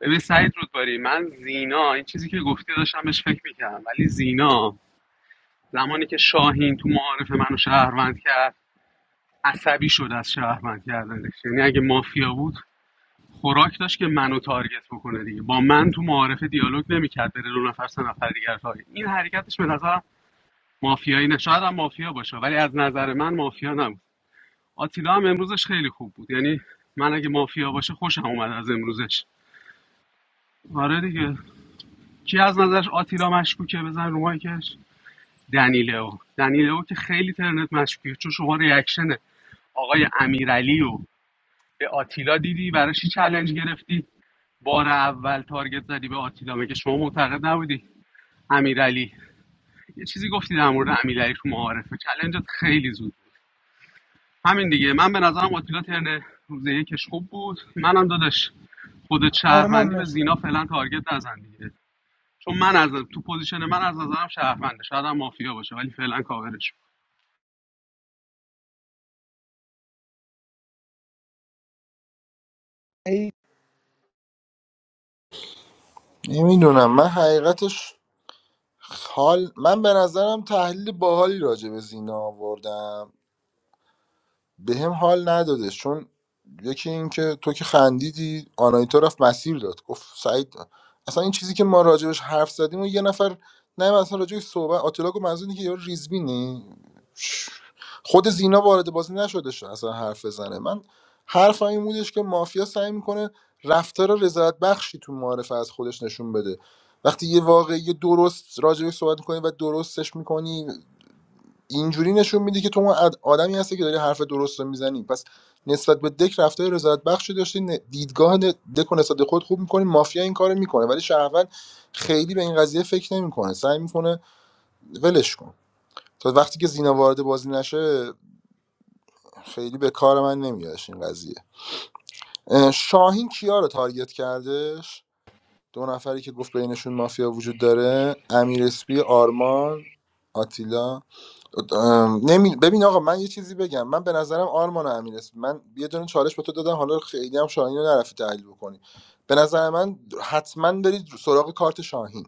ببین سعید رودباری من زینا این چیزی که گفتی داشتم بهش فکر میکردم ولی زینا زمانی که شاهین تو معارف منو شهروند کرد عصبی شد از شهروند کردنش یعنی اگه مافیا بود خوراک داشت که منو تارگت بکنه دیگه با من تو معارف دیالوگ نمیکرد بره دو نفر سه نفر دیگر تارگت این حرکتش به نظرم مافیایی نه شاید هم مافیا باشه ولی از نظر من مافیا نبود آتیلا هم امروزش خیلی خوب بود یعنی من اگه مافیا باشه خوشم اومد از امروزش آره دیگه کی از نظرش آتیلا مشکوکه بزن رو مایکش دنیلو دنیلو که خیلی ترنت مشکوکه چون شما ریاکشن آقای امیرعلی و به آتیلا دیدی براش چی چالش گرفتی بار اول تارگت زدی به آتیلا مگه شما معتقد نبودی امیرعلی یه چیزی گفتی در مورد امیرعلی تو معارفه چلنجت خیلی زود همین دیگه من به نظرم آتیلا ترن روز یکش خوب بود منم داداش خود آرمان شهروندی به مرسی زینا فعلا تارگت نزن دیگه چون من از تو پوزیشن من از نظرم شهرونده شاید هم مافیا باشه ولی فعلا کاورش سعید نمیدونم من حقیقتش حال من به نظرم تحلیل باحالی راجع به زینا آوردم به هم حال ندادش چون یکی این که تو که خندیدی آنایتا رفت مسیر داد گفت سعید اصلا این چیزی که ما راجبش حرف زدیم و یه نفر نه مثلا راجبش صحبت آتلاگو منظور اینه که یارو ریزبینی خود زینا وارد بازی نشده شد اصلا حرف بزنه من حرفم این بودش که مافیا سعی میکنه رفتار رضایت بخشی تو معرفه از خودش نشون بده وقتی یه واقعی درست راجبش صحبت میکنی و درستش میکنی اینجوری نشون میده که تو اون اد- آدمی هستی که داری حرف درست رو میزنی پس نسبت به دک رفتار رضایت بخشی داشتی ن- دیدگاه ن- دک و نسبت به خود خوب میکنی مافیا این کارو میکنه ولی شهروند خیلی به این قضیه فکر نمیکنه سعی میکنه ولش کن تا وقتی که زینا وارد بازی نشه خیلی به کار من نمیادش این قضیه اه، شاهین کیا رو تارگت کردش دو نفری که گفت بینشون مافیا وجود داره امیر اسپی آرمان آتیلا ام، نمی... ببین آقا من یه چیزی بگم من به نظرم آرمان و امیر اسم من یه دونه چالش به تو دادم حالا خیلی هم شاهین رو نرفتی تحلیل بکنی به نظر من حتما برید سراغ کارت شاهین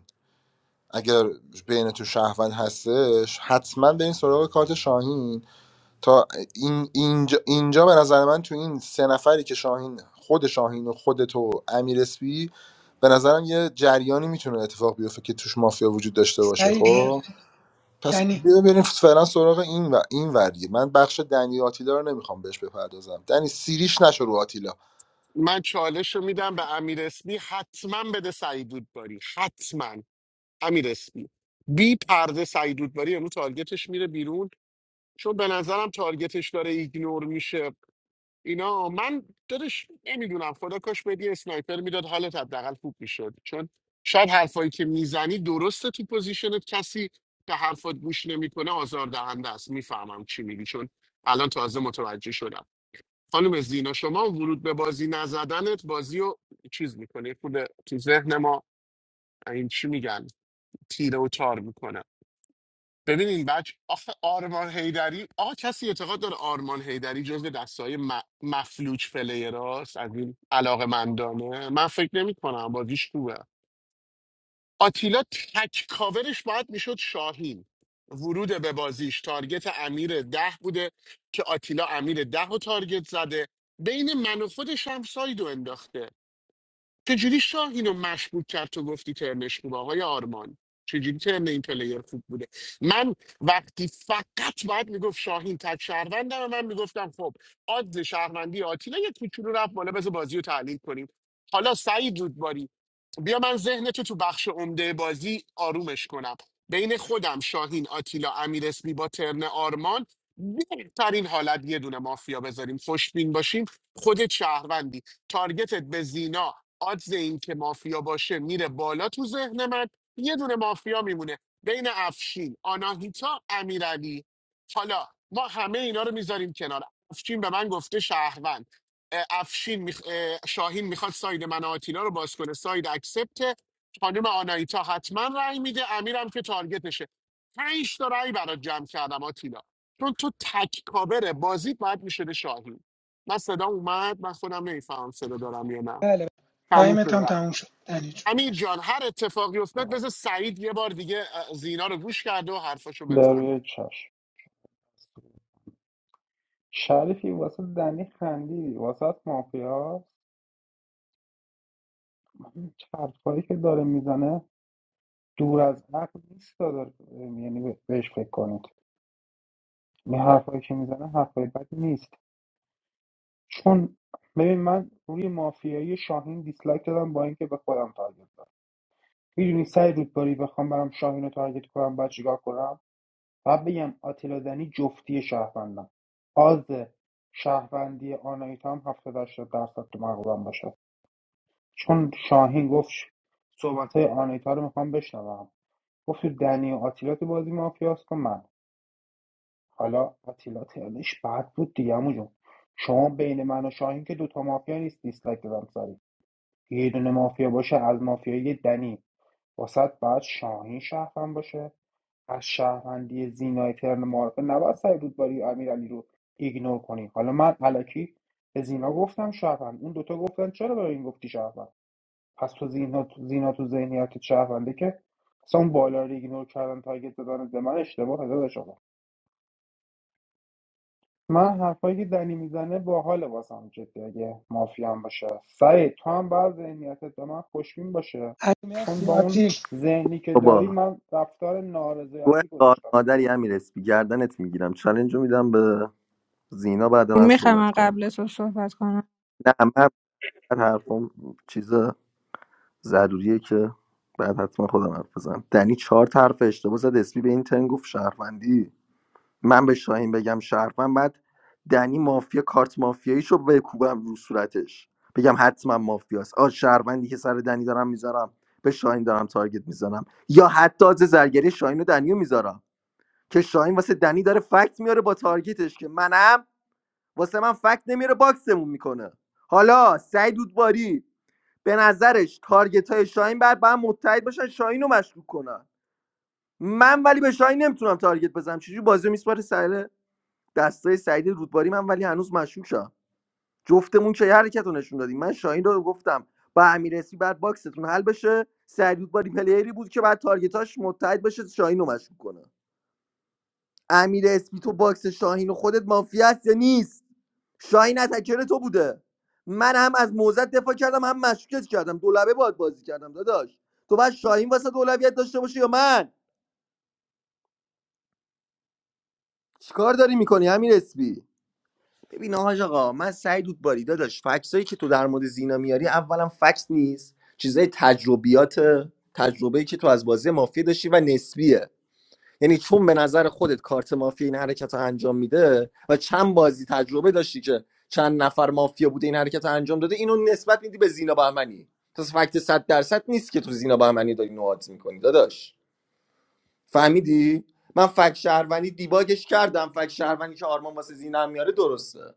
اگر بین تو شهروند هستش حتما برین سراغ کارت شاهین تا این اینجا, اینجا به نظر من تو این سه نفری که شاهین خود شاهین و خود تو امیر اسپی به نظرم یه جریانی میتونه اتفاق بیفته که توش مافیا وجود داشته باشه سعید خب مرسی پس دنی بیا بریم فعلا سراغ این و این وریه من بخش دنی آتیلا رو نمیخوام بهش بپردازم دنی سیریش نشو رو آتیلا من چالش رو میدم به امیر اسمی حتما بده سعیدود باری حتما امیر اسمی بی پرده سعیدود باری امروز تارگتش میره بیرون چون به نظرم تارگتش داره ایگنور میشه اینا من دادش نمیدونم خدا کاش بدی اسنایپر میداد حالت حداقل خوب میشد چون شاید حرفایی که میزنی درسته تو پوزیشنت کسی که حرفات گوش نمیکنه آزار دهنده است میفهمم چی میگی چون الان تازه متوجه شدم خانم زینا شما ورود به بازی نزدنت بازی رو چیز میکنه خود تو ذهن ما این چی میگن تیره و تار میکنه ببینین بچه آخه آرمان هیدری آقا کسی اعتقاد داره آرمان هیدری جزو دستای م... مفلوج پلیراست از این علاقه مندانه من فکر نمی کنم بازیش خوبه آتیلا تک کاورش باید میشد شاهین ورود به بازیش تارگت امیر ده بوده که آتیلا امیر ده رو تارگت زده بین من و خودش هم سایدو انداخته چجوری شاهین رو مشکوک کرد تو گفتی ترنش خوبه آقای آرمان چجوری ترن این پلیر خوب بوده من وقتی فقط باید میگفت شاهین تک شهروندم و من میگفتم خب آدز شهروندی آتیلا یک کوچولو رفت بالا بذار بازی رو تحلیل کنیم حالا سعید رودباری بیا من ذهن تو تو بخش عمده بازی آرومش کنم بین خودم شاهین آتیلا امیر اسمی با ترن آرمان بهترین حالت یه دونه مافیا بذاریم خوشبین باشیم خودت شهروندی تارگتت به زینا آدز این که مافیا باشه میره بالا تو ذهن من یه دونه مافیا میمونه بین افشین آناهیتا امیرعلی حالا ما همه اینا رو میذاریم کنار افشین به من گفته شهروند اه، افشین میخ... اه، شاهین میخواد ساید من و آتیلا رو باز کنه ساید اکسپت خانم آنایتا حتما رأی میده امیرم که تارگتشه پنج تا رأی برات جمع کردم آتیلا چون تو تک کابره بازیت باید میشده شاهین من صدا اومد من خودم نمیفهمم صدا دارم یا نه بله بله تموم تایمت شده هم رفت. تموم شد دنی جون امیر مرسی جان هر اتفاقی افتاد بذار سعید یه بار دیگه اه، زینا رو گوش کرده و حرفاشو به بزنه روی چشم شریفی واسه دنی خندی واسه مافیا حرفایی که داره میزنه دور از عقل نیست داره یعنی بهش فکر کنید این حرفایی که میزنه حرفای بدی نیست چون ببین من روی مافیایی شاهین دیسلایک دادم با اینکه به خودم تارگت دادم میدونی سعی رودباری بخوام برم شاهین رو تارگت کنم باید چیکار کنم باید بگم آتیلا دنی جفتی شهروندم آز شهروندی آنایتا هم 70 80 درصد تو مغزم باشه چون شاهین گفت صحبت های آنایتا رو میخوام بشنوم گفت تو دنی و آتیلا تو بازی مافیاست کن من حالا آتیلا ترنش بد بود دیگه عمو جون شما بین من و شاهین که دوتا مافیا نیست دیسلایک دادم سری یه دونه مافیا باشه از مافیای دنی واسط بعد شاهین شهروند باشه از شهروندی زینای ترن معرفه نباید سعی بود باری امیرعلی رو ایگنور کنی حالا من علکی به زینا گفتم شهروند اون دوتا گفتن چرا برای این گفتی شهروند پس تو زینا تو زینا تو ذهنیت شهرونده که اصلا اون بالا رو ایگنور کردن تارگت زدن به من اشتباه داداش آقا. من حرفایی که دنی میزنه باحاله واسم جدی اگه مافیا هم باشه سعید تو هم باید ذهنیتت به من خوشبین باشه علی چون مرسی با اون آتیل ذهنی که داری بابا من رفتار تو نارضایتی کار گذاشتم دیگه مادری امیر اسپی گردنت میگیرم چالنج رو میدم به زینا بعد من میخوام صحبت من کن قبل تو صحبت کنم نه من من حرفم چیز ضروریه که بعد حتما خودم حرف بزنم دنی چهار تا حرف اشتباه زد اسپی به این تن گفت شهروندی من به شاهین بگم شرفم بعد دنی مافیا کارت مافیاییشو بکوبم رو صورتش بگم حتما مافیاست آ شهروندی که سر دنی دارم میذارم به شاهین دارم تارگت میزنم یا حتی از زرگری شاهین و دنیو میذارم که شاهین واسه دنی داره فکت میاره با تارگتش که منم واسه من فکت نمیاره باکسمون میکنه حالا سعید باری به نظرش تارگت های شاهین بعد با هم متحد باشن شاهین رو مشکوک کنن من ولی به شاهین نمیتونم تارگت بزنم چجوری بازی میسپاره دستای سعید رودباری من ولی هنوز مشکوکم جفتمون چه حرکت رو نشون دادیم من شاهین رو گفتم با امیرسی بعد باکستون حل بشه سعید رودباری پلیری بود که بعد تارگتاش متحد بشه شاهین رو مشکوک کنه امیر اسپی تو باکس شاهین و خودت مافیا هست یا نیست شاهین اتکر تو بوده من هم از موزت دفاع کردم هم مشکوکت کردم دولبه باد بازی کردم داداش تو بعد شاهین واسه اولویت داشته باشه یا من چیکار داری میکنی امیر اسپی ببین آحاج آقا من سعی دود باری داداش فکسایی که تو در مورد زینا میاری اولا فکس نیست چیزای تجربیات تجربه‌ای که تو از بازی مافیا داشتی و نسبیه یعنی چون به نظر خودت کارت مافیا این حرکت رو انجام میده و چند بازی تجربه داشتی که چند نفر مافیا بوده این حرکت رو انجام داده اینو نسبت میدی به زینا بهمنی پس فکت 100 درصد نیست که تو زینا بهمنی داری نواد میکنی داداش فهمیدی من فک شهروندی دیباگش کردم فک شهروندی که آرمان واسه زینا هم میاره درسته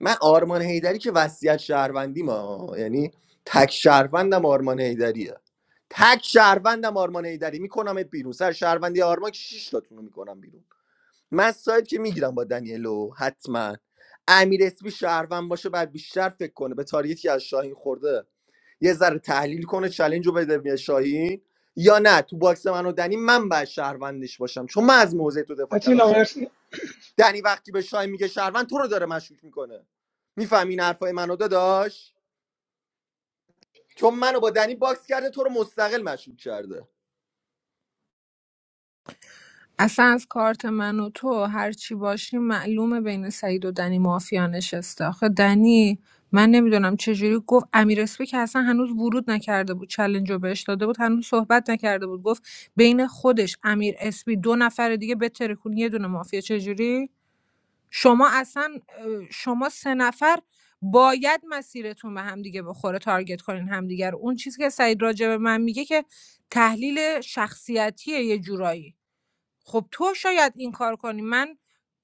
من آرمان هیدری که وصیت شهروندی ما یعنی تک شهروندم آرمان هیدریه تک شهروندم آرمان هیدری میکنمت بیرون سر شهروندی آرمان که شیش تاتون رو میکنم بیرون من سایت که میگیرم با دنیلو حتما امیر اسمی شهروند باشه بعد بیشتر فکر کنه به تاریخی که از شاهین خورده یه ذره تحلیل کنه چلنج رو بده به شاهین یا نه تو باکس من و دنی من باید شهروندش باشم چون من از موضع تو دفاع کردم آتیلا مرسی دنی وقتی به شاهین میگه شهروند تو رو داره مشکوک میکنه میفهمی این حرفای منو داداش چون منو با دنی باکس کرده تو رو مستقل مشکوک کرده اصلا از کارت من و تو هر چی باشی معلومه بین سعید و دنی مافیا نشسته آخه دنی من نمیدونم چجوری گفت امیر اسپی که اصلا هنوز ورود نکرده بود چلنج رو بهش داده بود هنوز صحبت نکرده بود گفت بین خودش امیر اسپی دو نفر دیگه بترکون یه دونه مافیا چجوری شما اصلا شما سه نفر باید مسیرتون به همدیگه بخوره تارگت کنین همدیگه رو اون چیزی که سعید راجع به من میگه که تحلیل شخصیتیه یه جورایی خب تو شاید این کار کنی من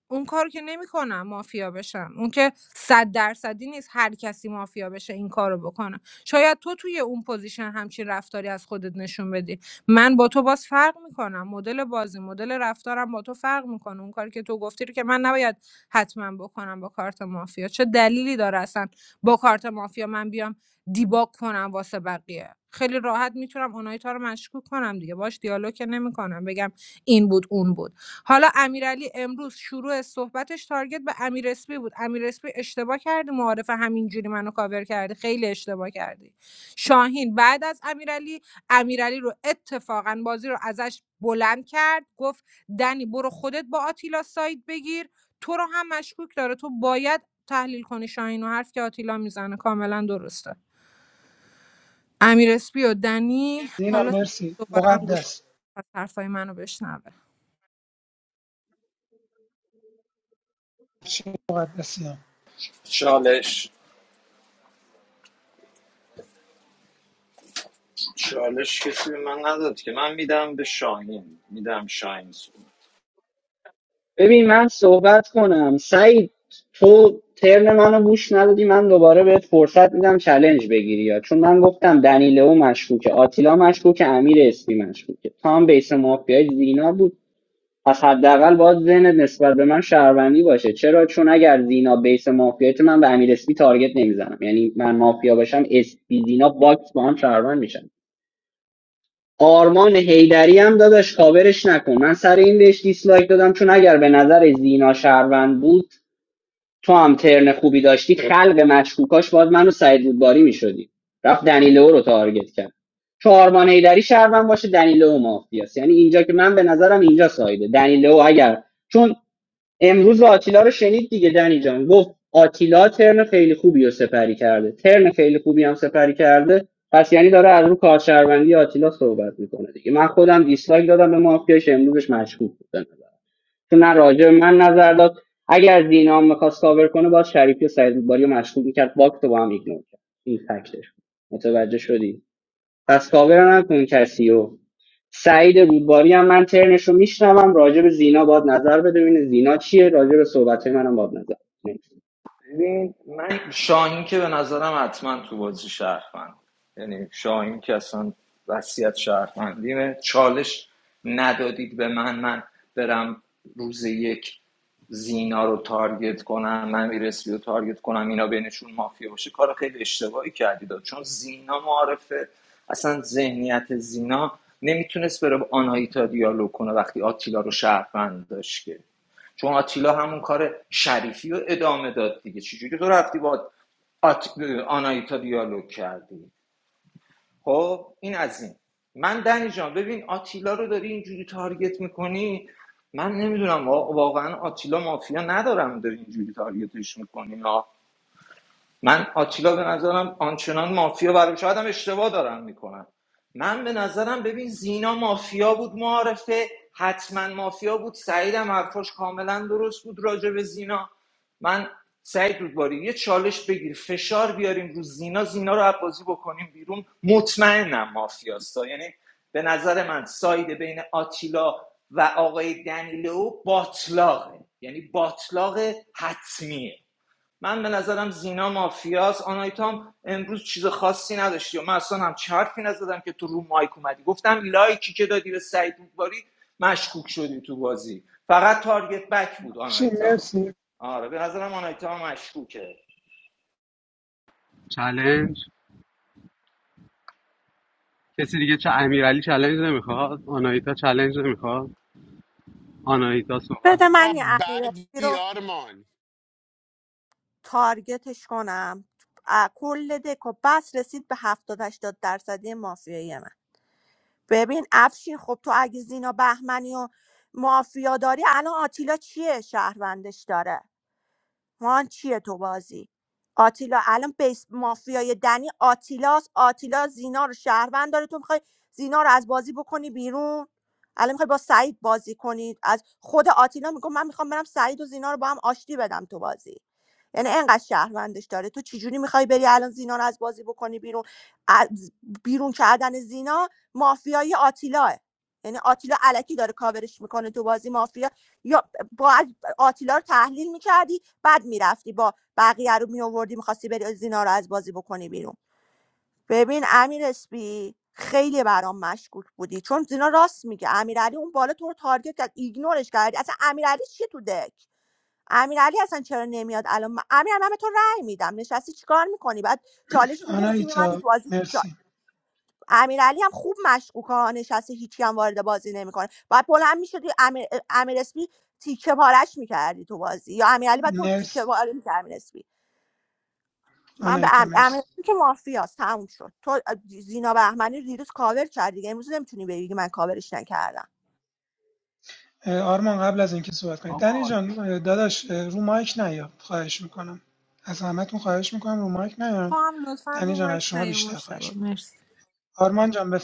اون کارو که نمیکنم مافیا بشم اون که صد درصدی نیست هر کسی مافیا بشه این کارو بکنه شاید تو توی اون پوزیشن همچین رفتاری از خودت نشون بدی من با تو باز فرق میکنم مدل بازی مدل رفتارم با تو فرق میکنه اون کاری که تو گفتی رو که من نباید حتما بکنم با کارت مافیا چه دلیلی داره اصلا با کارت مافیا من بیام دیباگ کنم واسه بقیه خیلی راحت میتونم اونایی تا رو مشکوک کنم دیگه باش دیالوگ که نمیکنم بگم این بود اون بود حالا امیرعلی امروز شروع صحبتش تارگت به امیر اسپی بود امیر اسپی اشتباه کردی معارف همینجوری منو کاور کردی خیلی اشتباه کردی شاهین بعد از امیرعلی امیرعلی رو اتفاقا بازی رو ازش بلند کرد گفت دنی برو خودت با آتیلا ساید بگیر تو رو هم مشکوک داره تو باید تحلیل کنی شاهین و حرف که آتیلا میزنه کاملا درسته امیر اسپی و دنی دینا حالا مرسی دوباره هم گوش مقدس می‌دم، حرفای منو بشنوه چی مقدسی هم چالش چالش کسی به من نداد که من میدم به شاهین میدم شاهین ببین من صحبت کنم سعید تو ترن منو گوش ندادی من دوباره بهت فرصت میدم چلنج بگیری یا چون من گفتم دنیله او مشکوکه آتیلا مشکوکه امیر اسمی مشکوکه تو هم بیس مافیای زینا بود پس حداقل باید ذهنت نسبت به من شهروندی باشه چرا چون اگر زینا بیس مافیایت من به امیر اسمی تارگت نمیزنم یعنی من مافیا باشم اسپی زینا باکس با هم شهروند میشن آرمان حیدریم داداش کاورش نکن من سر این بهش دیسلایک دادم چون اگر به نظر زینا شهروند بود تو هم ترن خوبی داشتی خلق مشکوکاش باز منو سعید رودباری میشدی رفت دنیلو رو تارگت کرد چون آرمان حیدری شهروند باشه دنیلو مافیاست یعنی اینجا که من به نظرم اینجا سایده دنیلو اگر چون امروز آتیلا رو شنید دیگه دنی جان گفت آتیلا ترن خیلی خوبی رو سپری کرده ترن خیلی خوبی هم سپری کرده پس یعنی داره از رو کارشهروندی آتیلا صحبت میکنه دیگه من خودم دیسلایک دادم به مافیاش امروزش مشکوک بود به نظرم. چون نه راجع به من نظر داد اگر از دینا هم میخواست کاور کنه باز شریفی و سعید رودباری رو مشکوک میکرد باکت رو با هم ایگنور کرد این فکتش بود. متوجه شدی پس کاور نکن کسی رو سعید رودباری هم من ترنش رو میشنوم راجع به زینا باد نظر بده ببینه زینا چیه راجع به صحبت منم باد نظر بده. ببین من شاهین که به نظرم حتما تو بازی شهروند یعنی شاهین که اصلا وصیت شهروندیمه چالش ندادید به من من برم روز یک زینا رو تارگت کنم من میرسی رو تارگت کنم اینا بینشون مافیا باشه کار خیلی اشتباهی کردید چون زینا معرفه اصلا ذهنیت زینا نمیتونست بره با آناهیتا دیالوگ کنه وقتی آتیلا رو شهروند داشت که چون آتیلا همون کار شریفی رو ادامه داد دیگه چجوری تو رفتی با آت... آنایتا دیالوگ کردی خب این از این من دنی جان ببین آتیلا رو داری اینجوری تارگت میکنی من نمیدونم واقعا آتیلا مافیا ندارم داری اینجوری تارگتش میکنی نا من آتیلا به نظرم آنچنان مافیا برای شاید هم اشتباه دارم میکنم من به نظرم ببین زینا مافیا بود معارفه حتما مافیا بود سعیدم حرفاش کاملا درست بود راجع به زینا من سعید رودباری یه چالش بگیر فشار بیاریم رو زینا زینا رو عبازی بکنیم بیرون مطمئنم مافیاستا یعنی به نظر من ساید بین آتیلا و آقای دنیلو باطلاقه یعنی باطلاق حتمیه من به نظرم زینا مافیاس آنایتام امروز چیز خاصی نداشتی و من اصلا هم حرفی نزدم که تو رو مایک اومدی گفتم لایکی که دادی به سعید باری مشکوک شدی تو بازی فقط تارگت بک بود چی آنایتام مرسی آره به نظرم آنایتام مشکوکه چلنج کسی دیگه چه امیرعلی چلنج نمیخواد آنایتا چلنج نمیخواد آنایتا صحبت بده من یه بعد امیرعلی رو یارمان تارگتش کنم اه، کل دکو بس رسید به 70 80 درصدی مافیایی من ببین افشین خب تو اگه زینا بهمنی و مافیا داری الان آتیلا چیه شهروندش داره مان چیه تو بازی آتیلا الان بیس مافیای دنی آتیلاس آتیلا زینا رو شهروند داره تو میخوای زینا رو از بازی بکنی بیرون الان میخوای با سعید بازی کنید از خود آتیلا میگم من میخوام برم سعید و زینا رو با هم آشتی بدم تو بازی یعنی انقدر شهروندش داره تو چجوری میخوای بری الان زینا رو از بازی بکنی بیرون از بیرون کردن زینا مافیای آتیلاه یعنی آتیلا علکی داره کاورش میکنه تو بازی مافیا یا با آتیلا رو تحلیل میکردی بعد میرفتی با بقیه رو میآوردی میخواستی بری زینا رو از بازی بکنی بیرون ببین امیر اسپی خیلی برام مشکوک بودی چون زینا راست میگه امیرعلی اون بالا تو رو تارگت کرد ایگنورش کردی اصلا امیرعلی چیه تو دک امیرعلی اصلا چرا نمیاد الان من- امیر من به تو رأی میدم نشستی چیکار میکنی بعد چالش میگرفتی میمردی آنایتا بازی مرسی امیرعلی هم خوب مشکوکا نشسته هیچی هم وارد بازی نمیکنه باید بلند میشدی امیر, امیر اسپی تیکه پارش میکردی تو بازی یا امیرعلی بعد تو رو تیکه مرسی پاره میکرد امیر اسپی من به آنایتا ام... امیر مرسی اسپی که مافیاست تموم شد تو زینا بهمنی دیروز کاور کرد دیگه امروز نمیتونی بگی من کاورش نکردم اه، آرمان قبل از اینکه صحبت کنید دنی آقا جان اه، داداش اه، رو مایک نیا خواهش میکنم از همتون خواهش میکنم رو مایک تو نیان هم لطفا رو دنی جان از مایک شما نیا بیشتر مشتبه خواهش میکنم مرسی آرمان جان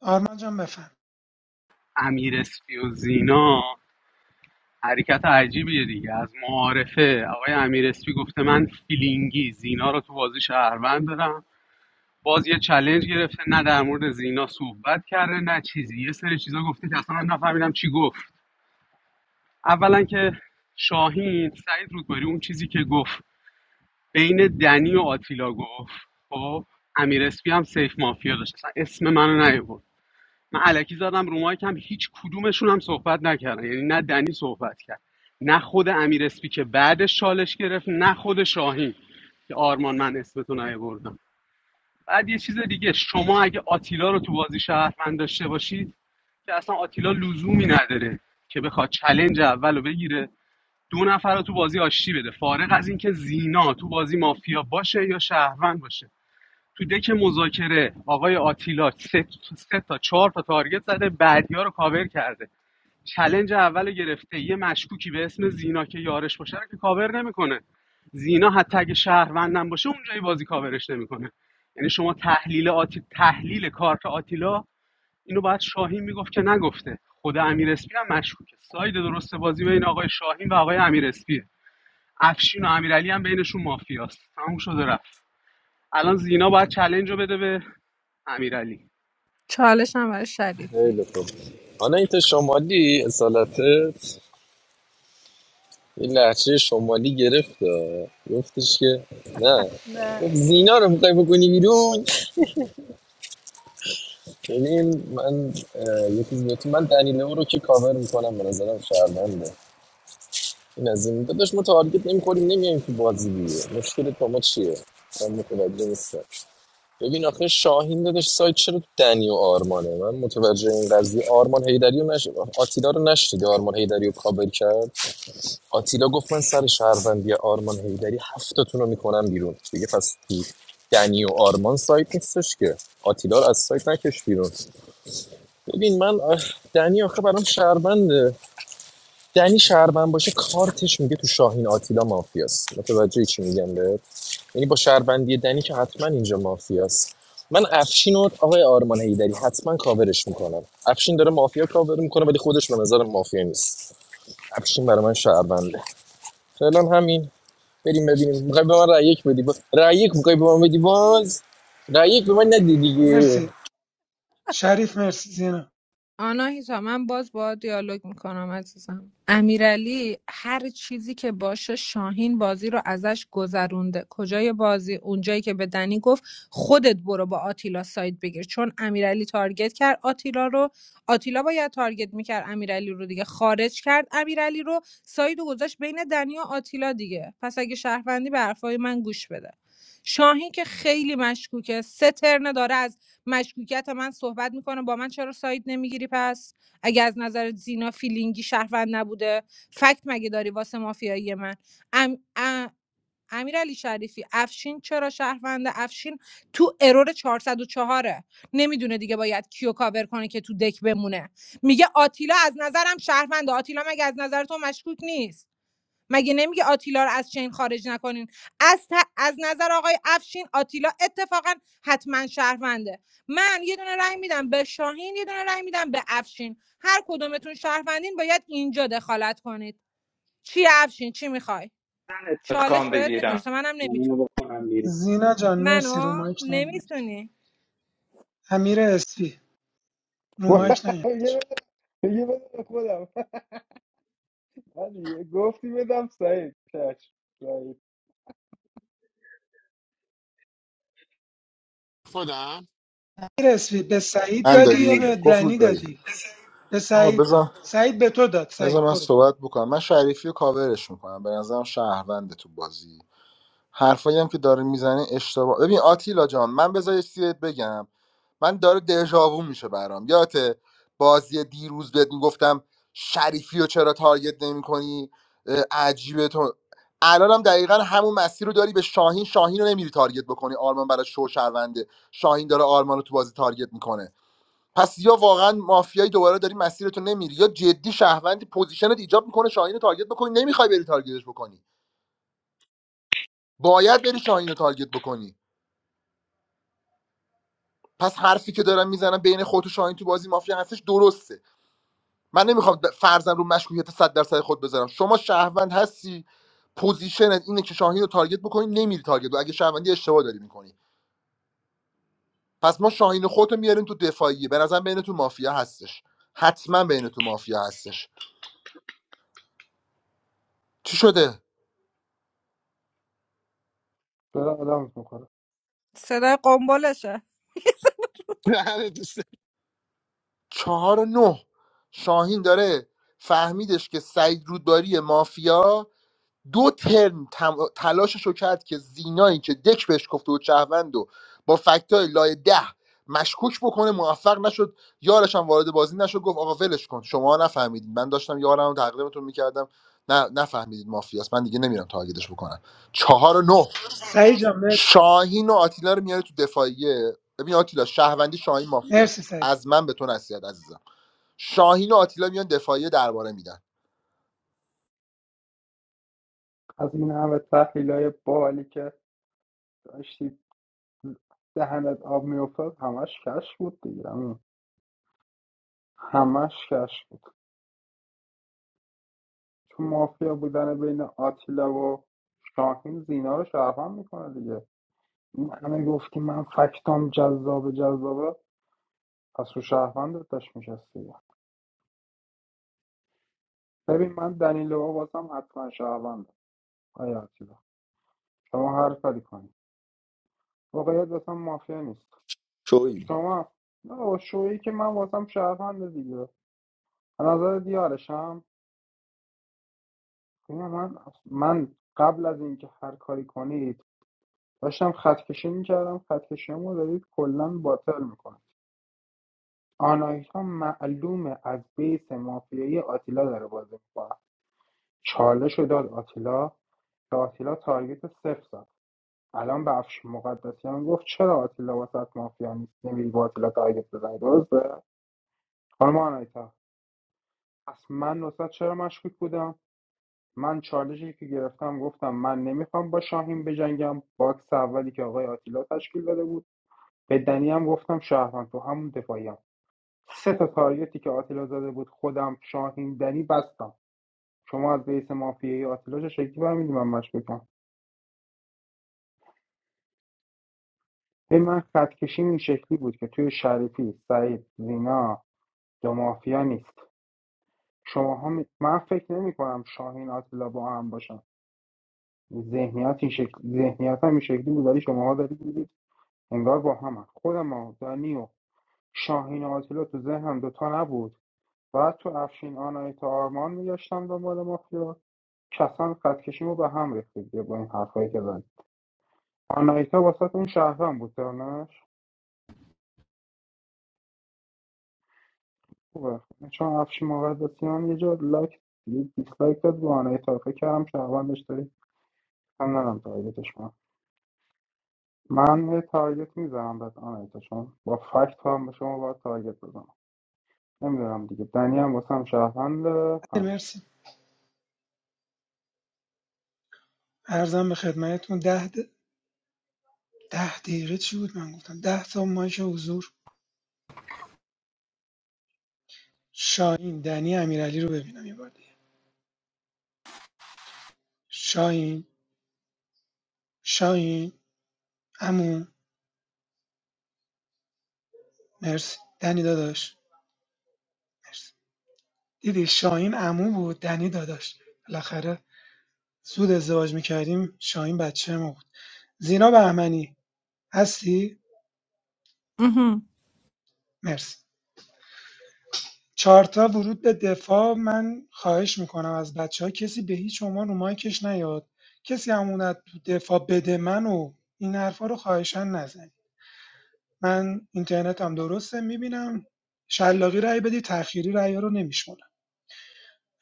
آرمان جان بفهم امیر اسپی و زینا حرکت عجیبیه دیگه از معارفه آقای امیر اسپی گفته من فیلینگی زینا رو تو بازی شهروند دارم باز یه چلنج گرفته نه در مورد زینا صحبت کرده نه چیزی یه سری چیزا گفته که اصلا من نفهمیدم چی گفت اولا که شاهین سعید رودباری اون چیزی که گفت بین دنی و آتیلا گفت خب امیر اسپی هم سیف مافیا داشت اصلا اسم منو نیورد من علکی زدم رو مایکم هیچ کدومشون هم صحبت نکردن یعنی نه دنی صحبت کرد نه خود امیر اسپی که بعدش چالش گرفت نه خود شاهین که آرمان من اسمتون بردم بعد یه چیز دیگه شما اگه آتیلا رو تو بازی شهروند داشته باشید که اصلا آتیلا لزومی نداره که بخواد چلنج اول رو بگیره دو نفر رو تو بازی آشتی بده فارغ از اینکه زینا تو بازی مافیا باشه یا شهروند باشه تو دک مذاکره آقای آتیلا سه, تا چهار تا تارگت زده بعدیا رو کاور کرده چلنج اول رو گرفته یه مشکوکی به اسم زینا که یارش باشه رو که کاور نمیکنه زینا حتی اگه شهروندم باشه اونجای بازی کاورش نمیکنه یعنی شما تحلیل آتی... تحلیل کارت آتیلا اینو باید شاهین میگفت که نگفته خود امیر اسپی هم مشکوکه ساید درست بازی بین آقای شاهین و آقای امیر اسپیه افشین و امیرعلی هم بینشون مافیاست تموم شده رفت الان زینا باید چلنج رو بده به امیرعلی چالش هم برای شریفی خیلی خوب آنایت شمالی اصالتت این لحچه شمالی گرفت گفتش که نه نه. گفت زینا رو میخوای بکنی بیرون ببین من یکی یه من دنیل او رو که کاور میکنم به نظرم شرمنده این از این داداش ما تارگت نمیخوریم نمیایم تو بازی دیگه مشکلت با ما چیه من متوجه نیستم ببین آخه شاهین دادش سایت چرا تو دنی و آرمانه من متوجه این قضیه آرمان هیدری رو نش... آتیلا رو نشنیده آرمان هیدری رو کابل کرد آتیلا گفت من سر شهروندی آرمان هیدری هفتتون رو میکنم بیرون دیگه پس تو دنی و آرمان سایت نیستش که آتیلا رو از سایت نکش بیرون ببین من آخ، دنی آخه برام شهروند دنی شهروند باشه کارتش میگه تو شاهین آتیلا مافیاست متوجه چی میگم بهت یعنی با شهروندی دنی که حتما اینجا مافیاست من افشین و آقای آرمان هیدری حتما کاورش میکنم افشین داره مافیا کاور میکنه ولی خودش به نظر مافیا نیست افشین برای من شهرونده فعلا همین بریم ببینیم میخوای به من رأی یک بدی باز رأی یک میخوای به من بدی باز رأی یک به من ندی دیگه مرسی شریف مرسی زینا آناهیتا من باز با دیالوگ میکنم عزیزم امیرعلی هر چیزی که باشه شاهین بازی رو ازش گذرونده کجای بازی اونجایی که به دنی گفت خودت برو با آتیلا ساید بگیر چون امیرعلی تارگت کرد آتیلا رو آتیلا باید تارگت میکرد امیرعلی رو دیگه خارج کرد امیرعلی رو ساید و گذاشت بین دنی و آتیلا دیگه پس اگه شهروندی به حرفای من گوش بده شاهین که خیلی مشکوکه سه ترنه داره از مشکوکیت من صحبت میکنه با من چرا ساید نمیگیری پس اگه از نظر زینا فیلینگی شهروند نبوده فکت مگه داری واسه مافیایی من ام... ا- امیرعلی شریفی افشین چرا شهرونده افشین تو ارور 404 نمیدونه دیگه باید کیو کاور کنه که تو دک بمونه میگه آتیلا از نظرم شهرونده آتیلا مگه از نظر تو مشکوک نیست مگه نمیگه آتیلا رو از چین خارج نکنین از, ت- از نظر آقای افشین آتیلا اتفاقا حتما شهرونده من یه دونه رأی میدم به شاهین یه دونه رأی میدم به افشین هر کدومتون شهروندین باید اینجا دخالت کنید چی افشین چی میخوای چالش بخوام بهت بگیرم نمیرسه منم من نمیتونم اینو بکنم بیرون زینا جان مرسی رو منو مایک نیم مرسی نمیتونی امیر اسفی رو نه. مایک نیم بچه یه بده یه بده به خودم ولی گفتی بدم سعید چش سعید خودم امیر اسفی به سعید من دادی یا به داری گفت دنی بود داری دادی به آقا سعید داد بذار سعید به تو داد بذار سعید من برو صحبت بکنم من شریفی رو کاورش میکنم به نظرم شهرونده تو بازی حرفایی هم که داره میزنه اشتباه ببین آتیلا جان من بذار یه چیزی بهت بگم من داره دژاوو میشه برام یادت بازی دیروز بهت میگفتم شریفی رو چرا تارگت نمیکنی عجیبه تو الان هم دقیقا همون مسیر رو داری به شاهین شاهین رو نمیری تارگت بکنی آرمان برای شو شرونده شاهین داره آرمان رو تو بازی تارگت میکنه پس یا واقعا مافیایی دوباره داری مسیرتو نمیری یا جدی شهروندی پوزیشنت ایجاب میکنه شاهین رو تارگت بکنی نمیخوای بری تارگتش بکنی باید بری شاهین رو تارگت بکنی پس حرفی که دارم میزنم بین خودت و شاهین تو بازی مافیا هستش درسته من نمیخوام د- فرضاً رو مشروعیت 100 درصد خود بذارم شما شهروند هستی پوزیشنت اینه که شاهین رو تارگت بکنی نمیری تارگت و اگه شهروندی اشتباه داری میکنی پس ما شاهین خودت رو میاریم تو دفاعیه به نظرم بین تو مافیا هستش حتما بین تو مافیا هستش چی شده داره آدم میکنه صدای قنبلشه چهار و نه شاهین داره فهمیدش که سعید رودباری مافیا دو ترم تم- تلاشش رو کرد که زینایی که دک بهش گفته بود شهروند و با فکتای لای ده مشکوک بکنه موفق نشد یارش هم وارد بازی نشد گفت آقا ولش کن شما نفهمیدید من داشتم یارم رو تقریبتون میکردم نه نفهمیدید مافیاست من دیگه نمیرم تارگتش بکنم چهار و نه سعید جان مرسی شاهین و آتیلا رو میاره تو دفاعیه ببین آتیلا شهروندی شاهین مرسی مافیاست سعید از من به تو نصیحت عزیزم شاهین و آتیلا میان دفاعیه درباره میدن از این همه تحلیل های بالی که داشتی دهنت آب میافتاد همش کش بود دیگه همین. همش کش بود تو مافیا بودن بین آتیلا و شاهین زینا رو شهروند میکنه دیگه این همه گفتی من فکتام جذاب جذابه پس رو شهروندت داشت میشستی ببین من دنیلو واسم حتما شهرونده آیا آتیلا شما هر کاری کنی واقعیت واسم مافیا نیست شوی شما نه شویی که من واسم شهرونده دیگه به نظر دیارشم ببین من من قبل از اینکه هر کاری کنید داشتم خط کشی میکردم خط کشیمو دارید کلا باطل میکنید آناهیتا معلومه از بیس مافیایی آتیلا داره بازی میکنه چالش رو داد آتیلا که آتیلا تارگت صفر زد الان به افش مقدسیان گفت چرا آتیلا واسط مافیا نیست نمیری با آتیلا تارگت بزنی درسته خانم آناهیتا پس من نصفت چرا مشکوک بودم من چالشی که گرفتم گفتم من نمیخوام با شاهین بجنگم باکس اولی که آقای آتیلا تشکیل داده بود به دنی هم گفتم شهروند تو همون دفاعیم سه تا تارگتی که آتیلا زده بود خودم شاهین دنی بستم شما از بیس مافیای آتیلا چه شکلی برمیدی من مشکوکم به من خط کشیم این شکلی بود که توی شریفی سعید زینا دو مافیا نیست شماها می... من فکر نمی‌کنم شاهین آتیلا با هم باشن ذهنیت این شکل ذهنیت هم این شکلی بود ولی شماها دارید میگید انگار با هم خودم دانی و شاهین و آتیلا تو ذهنم دوتا نبود بعد تو افشین آنایت آرمان میگشتم دنبال مافیا کسان خط کشیم به هم رسید با این حرفایی که زد آنایتا واسه اون شهرم بود نه خوبه چون افش مقدسیان یه جا لایک یه دیسلایک داد بهانه تافه کردم شهروندش داری هم نرم تارگتش کنم من یه تارگت میزنم بهت آنایتا چون با فکت هم به شما باید تارگت بزنم نمیدونم دیگه دنی هم واسه هم شهروند امیر هم مرسی ارزم به خدمتتون ده د... ده دقیقه چی بود من گفتم ده تا مایک حضور شاهین دنی امیرعلی رو ببینم یه بار دیگه شاهین شاهین عمو مرسی دنی داداش مرسی. دیدی شاهین عمو بود دنی داداش بالاخره زود ازدواج میکردیم شاهین بچه ما بود زینا بهمنی هستی اهم. مرسی چهارتا ورود به دفاع من خواهش میکنم از بچه ها کسی به هیچ عنوان رو مایکش نیاد کسی امونت تو دفاع بده من و این حرفا رو خواهشن نزن من اینترنتم درسته میبینم شلاقی رأی بدی تأخیری رأی رو نمیشمونم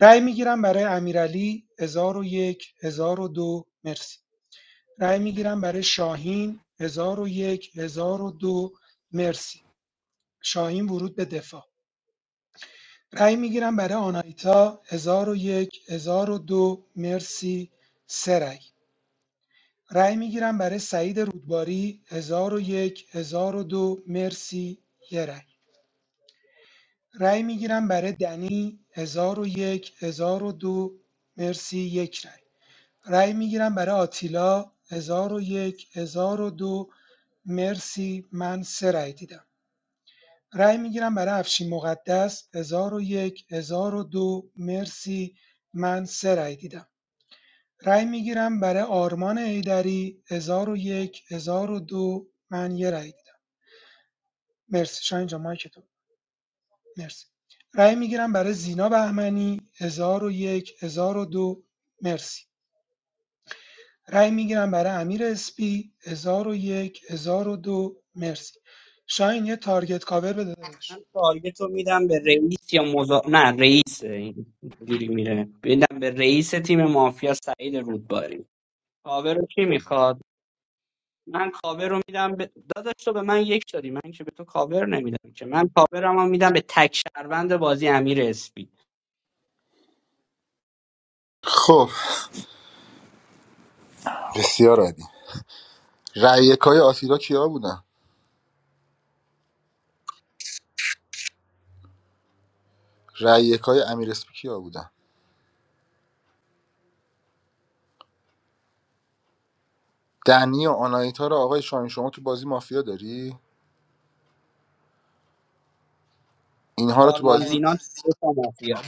رأی میگیرم برای امیرعلی هزار و یک، هزار و دو مرسی رأی میگیرم برای شاهین هزار و یک هزار و دو مرسی شاهین ورود به دفاع رأی میگیرم برای آنایتا هزار و یک هزار و دو مرسی سه رأی رأی میگیرم برای سعید رودباری هزار و یک هزار و دو مرسی یک رأی رأی میگیرم برای دنی هزار و یک هزار و دو مرسی یک رأی رأی میگیرم برای آتیلا هزار و یک هزار و دو مرسی من سه رأی دیدم رای میگیرم برای افشین مقدس 1001 1002 مرسی من سه رای دیدم رای میگیرم برای آرمان ایدری 1001 1002 من یه رای دیدم مرسی شاید جان مایک تو مرسی رای میگیرم برای زینا بهمنی 1001 1002 مرسی رای میگیرم برای امیر اسپی 1001 1002 مرسی شاید یه تارگت کاور بده داداش من تارگت رو میدم به رئیس یا مزا... نه رئیس اینجوری میره میدم به رئیس تیم مافیا سعید رودباری کاور رو کی میخواد من کاور رو میدم به داداش تو به من یک دادی من که به تو کاور نمیدم که من کاورم رو میدم به تک شهروند بازی امیر اسپی خب بسیار عالی رأیکای آتیلا کیا بودن رأی یکای امیر اسپی کیا بودن دنی و آنایتا رو آقای شاهین شما تو بازی مافیا داری اینها رو تو آرمان بازی زینا تو دو تا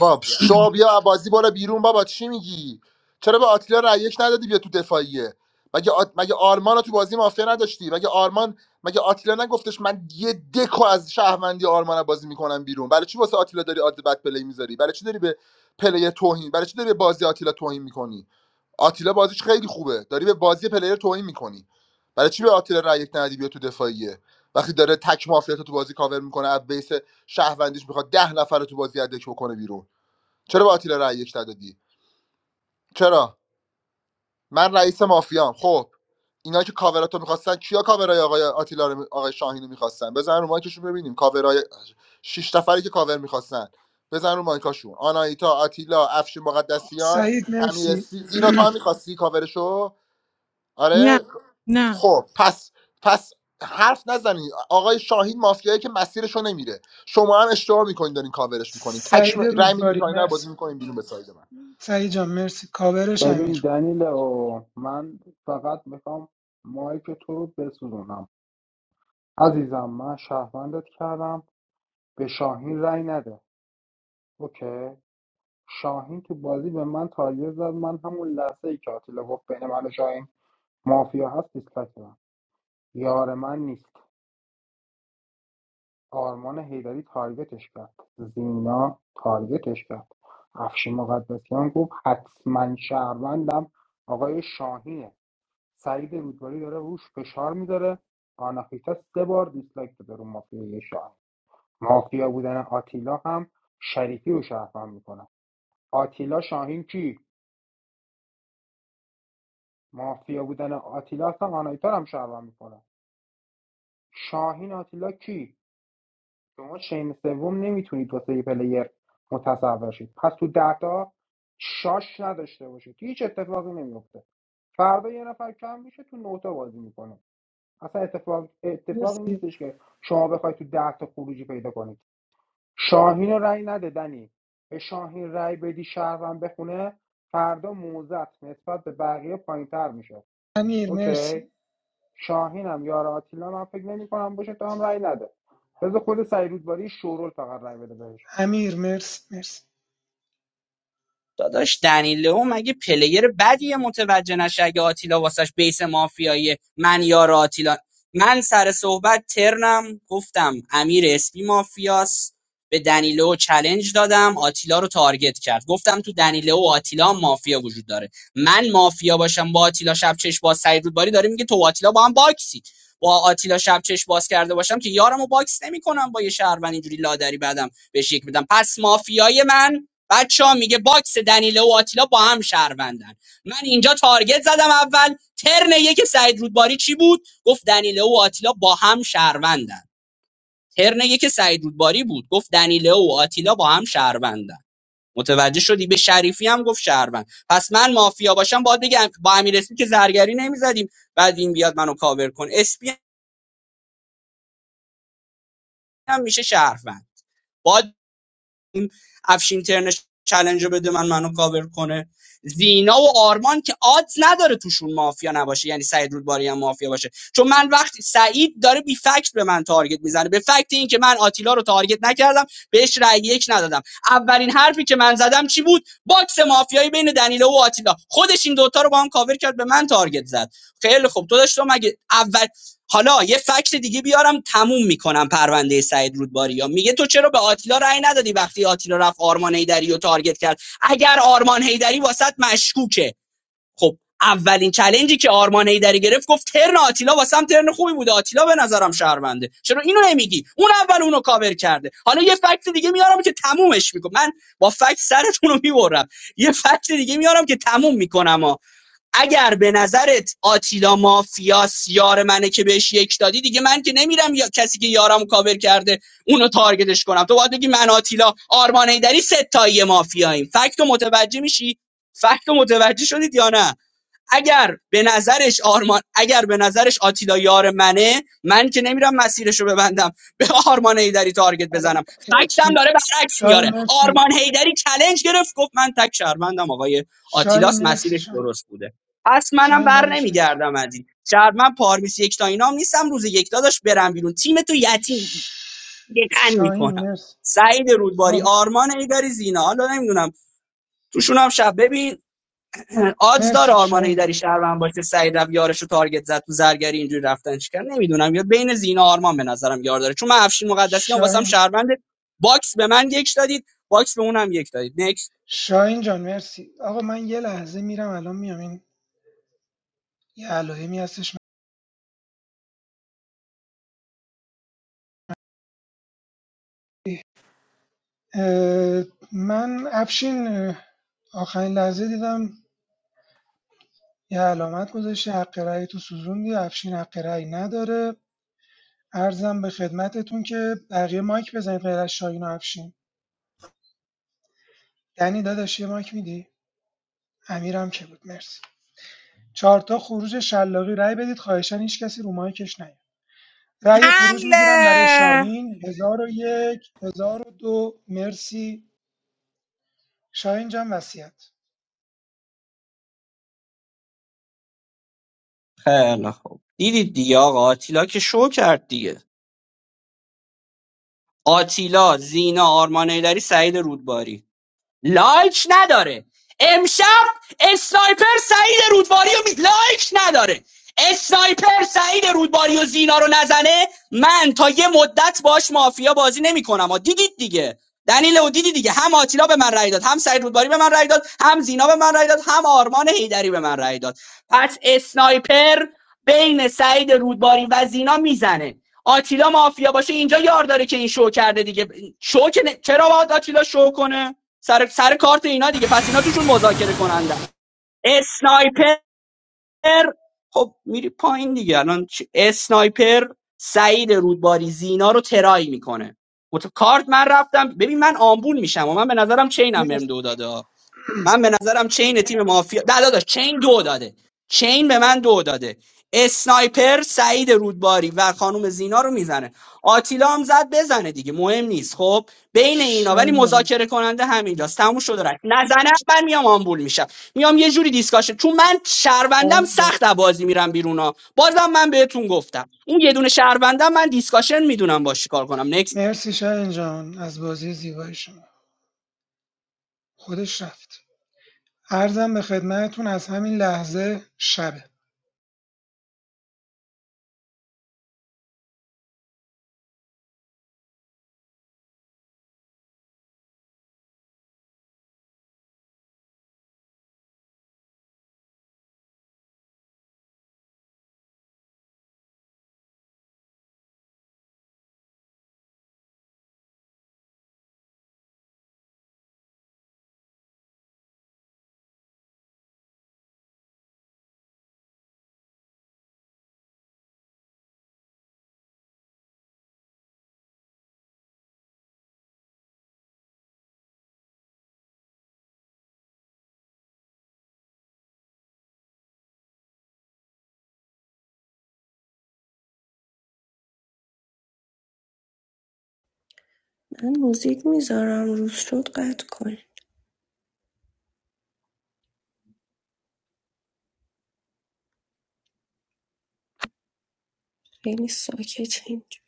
بابا شو بیا بازی بالا بیرون بابا چی میگی چرا به آتیلا رأی یک ندادی بیا تو دفاعیه مگه آت... مگه آرمان رو تو بازی مافیا نداشتی مگه آرمان مگه آتیلا نگفتش من یه دکو از شهروندی آرمان رو بازی میکنم بیرون برای چی واسه آتیلا داری آد بد پلی میذاری برای چی داری به پلی توهین برای چی داری به بازی آتیلا توهین میکنی آتیلا بازیش خیلی خوبه داری به بازی پلیر توهین میکنی برای چی به آتیلا رأی یک ندادی بیا تو دفاعیه وقتی داره تک مافیا تو بازی کاور میکنه از بیس شهروندیش میخواد ده نفر رو تو بازی ادک بکنه بیرون چرا به آتیلا رأی یک ندادی چرا من رئیس مافیام خب اینا که کاوراتو میخواستن کیا کاورای آقای آتیلا رو آقای شاهین رو میخواستن بزن رو مایکشون ببینیم کاورای شش نفری که کاور میخواستن بزن رو مایکاشون آنایتا آتیلا افشین مقدسیان سعید امیر مرسی سیزی رو تو هم میخواستی کاورشو نه آره نه خب پس پس حرف نزنید آقای شاهین مافیایی که مسیرشو نمیره شما هم اشتباه میکنید دارین کاورش میکنید تک م- سعید رای میدین رودباری شاهین رو مرسی بازی میکنین بیرون به ساید من سعید جان مرسی کاورش امیر ببین دنیل و من فقط میخوام مایک تو رو بسوزونم عزیزم من شهروندت کردم به شاهین رأی نده اوکی شاهین تو بازی به من تارگت زد من همون لحظه ای که آتیلا گفت بین من و شاهین مافیا هست دیسلایک من یار من نیست آرمان هیدری تارگتش کرد زینا تارگتش کرد افشین مقدسیان گفت حتما شهروندم آقای شاهینه سعید رودباری داره روش فشار میداره آناهیتا سه بار دیسلایک داره رو مافیای شاهین مافیا بودن آتیلا هم شریفی رو شهروند میکنه آتیلا شاهین کی مافیا بودن آتیلا هستن آناهیتا هم شهروند میکنه شاهین آتیلا کی شما چین سوم نمیتونید واسه یه پلیر متصور شید پس تو ده تا شاش نداشته باشید هیچ اتفاقی نمیفته فردا یه نفر کم میشه تو نوتا بازی میکنه اصلا اتفاق اتفاقی مرسی نیستش که شما بخواید تو ده تا خروجی پیدا کنید شاهین رو رأی نده دنی به شاهین رأی بدی شهروند بخونه فردا موزت نسبت به بقیه پایینتر میشه امیر اوکی مرسی شاهین هم یار آتیلا من فکر نمیکنم باشه تو هم رأی نده بذار خود سعیدود رودباری شورول فقط رأی بده بهش امیر مرسی مرسی داداش دنیلو مگه پلیر بدیه متوجه نشه اگه آتیلا واسش بیس مافیایی من یار آتیلا من سر صحبت ترنم گفتم امیر اسپی مافیاس به دنیلو چلنج دادم آتیلا رو تارگت کرد گفتم تو دنیلو و آتیلا هم مافیا وجود داره من مافیا باشم با آتیلا شب چش باز سعید رودباری داره میگه تو آتیلا با هم باکسی با آتیلا شب چش باز کرده باشم که یارمو باکس نمیکنم با یه شهروند اینجوری لادری بعدم بهش یک بدم پس مافیای من بچه ها میگه باکس دنیله و آتیلا با هم شهروندن من اینجا تارگت زدم اول ترن یک سعید رودباری چی بود گفت دنیله و آتیلا با هم شهروندن ترن یک سعید رودباری بود گفت دنیله و آتیلا با هم شهروندن متوجه شدی به شریفی هم گفت شهروند پس من مافیا باشم باید بگم با امیر اسمی که زرگری نمیزدیم بعد این بیاد منو کاور کن اسپی هم میشه شهروند باید این افشین ترنش چلنج رو بده من منو کاور کنه زینا و آرمان که آدز نداره توشون مافیا نباشه یعنی سعید رودباری هم مافیا باشه چون من وقتی سعید داره بی فکت به من تارگت میزنه به فکت این که من آتیلا رو تارگت نکردم بهش رأی یک ندادم اولین حرفی که من زدم چی بود باکس مافیایی بین دنیلو و آتیلا خودش این دوتا رو با هم کاور کرد به من تارگت زد خیلی خوب تو داشتم مگه اولین حالا یه فکت دیگه بیارم تموم میکنم پرونده سعید رودباری یا میگه تو چرا به آتیلا رأی ندادی وقتی آتیلا رفت آرمان هیدری رو تارگت کرد اگر آرمان هیدری واسط مشکوکه خب اولین چلنجی که آرمان هیدری گرفت گفت ترن آتیلا واسم ترن خوبی بوده آتیلا به نظرم شهرونده چرا اینو نمیگی اون اول اونو کاور کرده حالا یه فکت دیگه میارم که تمومش میکنم من با فکت سرتون رو میبرم یه فکت دیگه میارم که تموم میکنم ها اگر به نظرت آتیلا مافیاس یار منه که بهش یک دادی دیگه من که نمیرم یا کسی که یارمو کاور کرده اونو تارگتش کنم تو باید بگی من آتیلا آرمان ایدری ستایی مافیاییم فکت رو متوجه میشی فکت متوجه شدید یا نه اگر به نظرش آرمان اگر به نظرش آتیلا یار منه من که نمیرم مسیرشو ببندم به آرمان هیدری تارگت آقا، بزنم اه، فکتم چی داره برعکس شاهین میاره مرسی آرمان هیدری چلنج گرفت گفت من تک شهروندم آقای شاهین آتیلاس مرسی مسیرش شاهین درست بوده پس منم شاهین بر داداش مرسی نمیگردم از این شهر، من پارمیس یکتا اینام نیستم روز یکتا داشت برم بیرون تیم تو یتیم ش- یقن شاهین میکنم مرسی سعید رودباری خب آرمان هیدری زینا حالا نمیدونم توشون هم شب ببین آدز داره مرسی آرمان شاهین جان ایدری شهروند باشه سعید رفت یارش تارگت زد تو زرگری اینجوری رفتن چیکار نمیدونم یا بین زینا آرمان به نظرم یار داره چون من افشین مقدسیان واسم شاهین شهروند باکس به من یک دادید باکس به اونم یک دادید نکس شاهین جان مرسی آقا من یه لحظه میرم الان میام این یه علائمی هستش اه، من افشین اه، آخرین لحظه دیدم یه علامت گذاشتی حق رأی تو سوزوندی افشین حق رأی نداره ارزم به خدمتتون که بقیه مایک بزنید غیر از شاهین و افشین دنی داداش یه مایک میدی امیرم که بود مرسی چهارتا خروج شلاقی رأی بدید خواهشاً هیچ کسی رو مایکش نیاد رأی خروج میگیرم برای حمله شاهین هزار و یک هزار و دو مرسی شاهین جان وصیت خیلی خوب دیدید دیگه آقا آتیلا که شو کرد دیگه آتیلا زینا آرمان ایدری سعید رودباری لایک نداره امشب اسنایپر سعید رودباریو و می... لایک نداره اسنایپر سعید رودباری و زینا رو نزنه من تا یه مدت باش مافیا بازی نمیکنم ها دیدید دیگه دلیل و دیدی دیگه هم آتیلا به من رأی داد هم سعید رودباری به من رأی داد هم زینا به من رأی داد هم آرمان هیدری به من رأی داد پس اسنایپر بین سعید رودباری و زینا میزنه آتیلا مافیا باشه اینجا یار داره که این شو کرده دیگه شو که چرا باید آتیلا شو کنه سر سر کارت اینا دیگه پس اینا توشون مذاکره کننده اسنایپر خب میری پایین دیگه الان چی- اسنایپر سعید رودباری زینا رو ترای میکنه مت... کارت من رفتم ببین من آمبول میشم و من به نظرم چینم مرسی بهم دو داده من به نظرم چین تیم مافیا نه داداش چین دو داده چین به من دو داده اسنایپر سعید رودباری و خانم زینا رو میزنه آتیلا هم زد بزنه دیگه مهم نیست خب بین اینا ولی شاهین جان مذاکره کننده همینجاست تموم شد و رفت نزنه من میام آمبول میشم میام یه جوری دیسکاشن چون من شهروندم سخت از بازی میرم بیرون ها بازم من بهتون گفتم اون یه دونه شهروندم من دیسکاشن میدونم باش کار کنم مرسی شاهین جان از بازی زیبای شما خودش رفت عرضم به خدمتتون از همین لحظه شبه من موزیک میذارم روز شد قطع کن خیلی ساکت اینجا.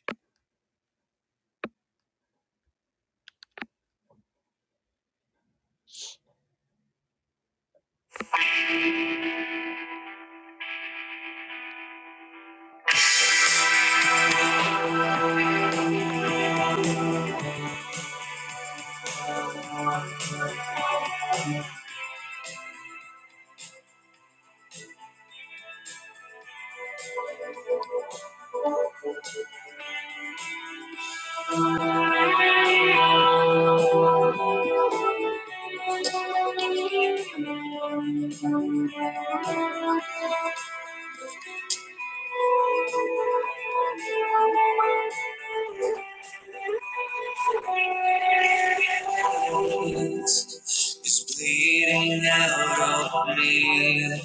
It's bleeding out of me.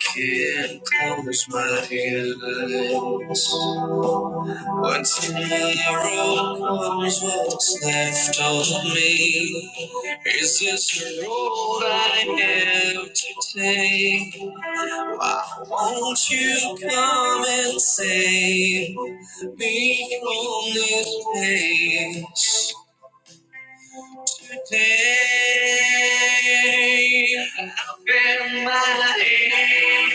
Can't close my eyes. When tomorrow comes, what's left of me? Is this the road I have to take? Won't you come and save me from this place? Take up in my head,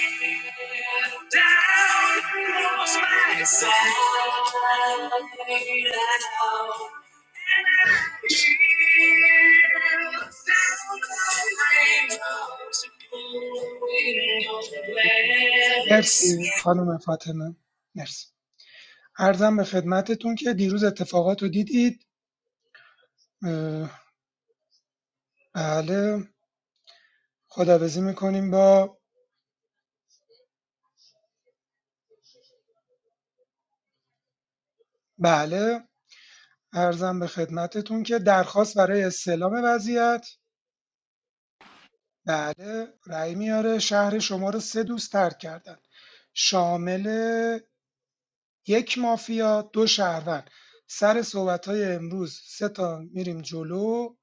down was my side. down, down the rainbows in your مرسی place. خانم فاطمه مرسی عرضم به خدمتتون که دیروز اتفاقات رو دیدید اه، بله خدابزی میکنیم با بله عرضم به خدمتتون که درخواست برای استعلام وضعیت بله رأی میاره شهر شما رو سه دوست ترک کردن شامل یک مافیا دو شهروند سر صحبت امروز سه تا میریم جلو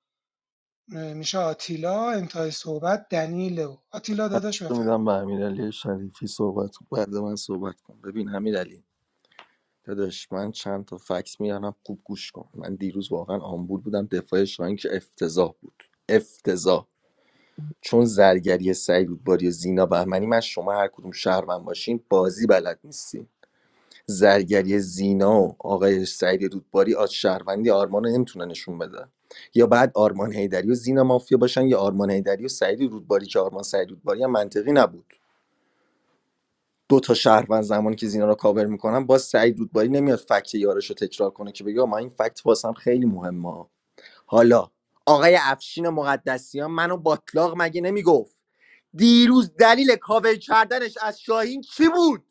میشه آتیلا انتهای صحبت دنیلو آتیلا داداش تو میدم بفرمایید به امیرعلی شریفی صحبت کن. بعد من صحبت کن ببین امیرعلی داداش من چند تا فکس میارم خوب گوش کن من دیروز واقعا آمبول بودم دفاع شاهین که افتضاح بود افتضاح چون زرگری سعید باری و زینا بهمنی من شما هر کدوم شهروند باشین بازی بلد نیستی زرگری زینا و آقای سعید رودباری آز شهروندی آرمان رو نمیتونه نشون بده یا بعد آرمان هیدری و زینا مافیا باشن یا آرمان هیدری و سعید رودباری که آرمان سعید رودباری هم منطقی نبود دو تا شهروند زمانی که زینا رو کاور میکنن باز سعید رودباری نمیاد فکت یارش رو تکرار کنه که بگه ما این فکت واسم خیلی مهمه حالا آقای افشین مقدسیان منو باطلاق مگه نمیگفت دیروز دلیل کاور کردنش از شاهین چی بود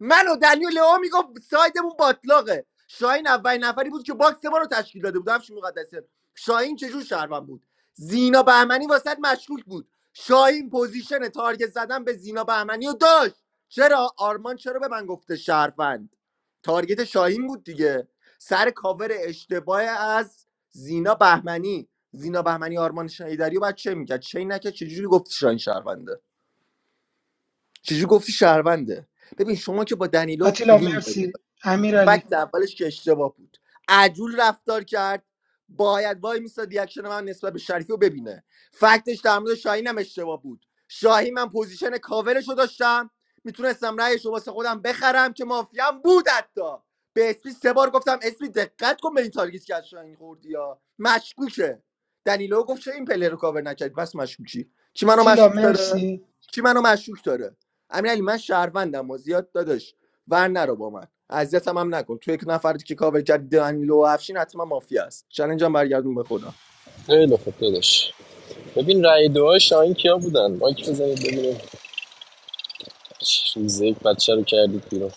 من و دنیو لئو میگفت سایدمون باطلاقه شاهین اولین نفری بود که باکس ما رو تشکیل داده بود افش مقدسه شاهین چجور شهروند بود زینا بهمنی واسط مشکوک بود شاهین پوزیشن تارگت زدن به زینا بهمنی رو داشت چرا آرمان چرا به من گفته شهروند تارگت شاهین بود دیگه سر کاور اشتباه از زینا بهمنی زینا بهمنی آرمان شهیدری و بعد چه میگه؟ چه نکرد چجوری گفتی شاهین شهرونده چجوری گفتی شهرونده ببین شما که با دنیلو آتیلا فیلینگ داری مرسی امیرعلی فکت اولش که اشتباه بود عجول رفتار کرد باید وای میساد ریاکشن من نسبت به شریفی رو ببینه فکتش در مورد شاهین هم اشتباه بود شاهین من پوزیشن کاورش رو داشتم میتونستم رأیش رو واسه خودم بخرم که مافیام بود حتی به اسمی سه بار گفتم اسمی دقت کن به این تارگیت که از شاهین خوردی یا مشکوکه دنیلو گفت چه این پله رو کاور نکردی پس مشکوکی کی منو آتیلا مشکوک داره مرسی کی منو مشکوک داره امیرعلی من شهروندم و زیاد داداش ور نرو با من اذیتم هم نکن تو یک نفر که کاور کرد دنیلو و افشین حتما مافیا است چالنجم برگردون به خدا خیلی خوب داداش ببین رأی دوهای شاهین کیا بودن مایک بزنید ببینیم ریزه یک بچه رو کردید بیرون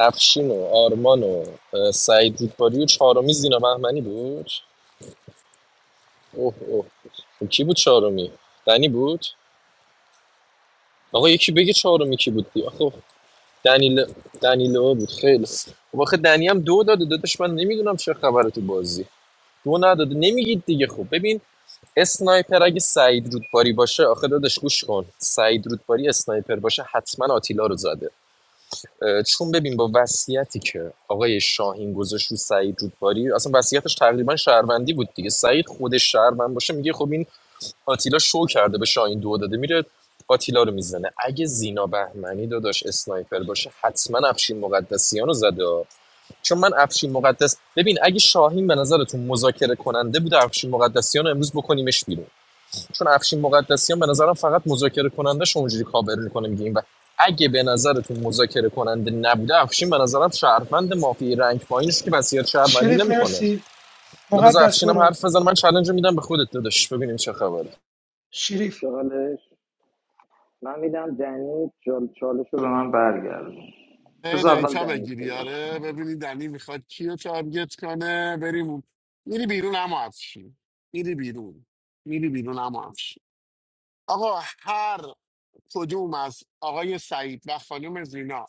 افشین و آرمان و اه، سعید رودباری و چهارمی زینا مهمنی بود اوه اوه خب کی بود چهارمی دنی بود آقا یکی بگه چهارمی کی بود دیگه خب دنیل دنیلو بود خیلی خب آخه دنی هم دو داده داداش من نمیدونم چه خبره تو بازی دو نداده نمیگید دیگه خب ببین اسنایپر اگه سعید رودباری باشه آخه داداش گوش کن سعید رودباری اسنایپر باشه حتما آتیلا رو زده چون ببین با وصیتی که آقای شاهین گذاشت رو سعید رودباری اصلا وصیتش تقریبا شهروندی بود دیگه سعید خودش شهروند باشه میگه خب این آتیلا شو کرده به شاهین دو داده میره آتیلا رو میزنه اگه زینا بهمنی داداش اسنایپر باشه حتما افشین مقدسیان رو زده چون من افشین مقدس ببین اگه شاهین به نظرتون مذاکره کننده بود افشین مقدسیان رو امروز بکنیمش بیرون چون افشین مقدسیان به نظرم فقط مذاکره کنندش اونجوری کاور میکنه میگه این و اگه به نظرتون مذاکره کننده نبوده افشین به نظرم شهروند مافی رنگ پایینش که وصیت شهروندی شریف نمیکنه مرسی حالا بذار مقدس افشینم برو حرف بزنه من چالنج میدم به خودت داداش ببینیم چه خبره شریف چالش من میدم دنی چال... چالش رو به من برگردم اه، بذار اول دیتا دنی بگیری صحبت کنه. آره ببینی دنی میخواد کیو تارگت کنه بریم اون- میری بیرون اما افشین میری بیرون میری بیرون اما افشین آقا هر کدوم از آقای سعید و خانم زینا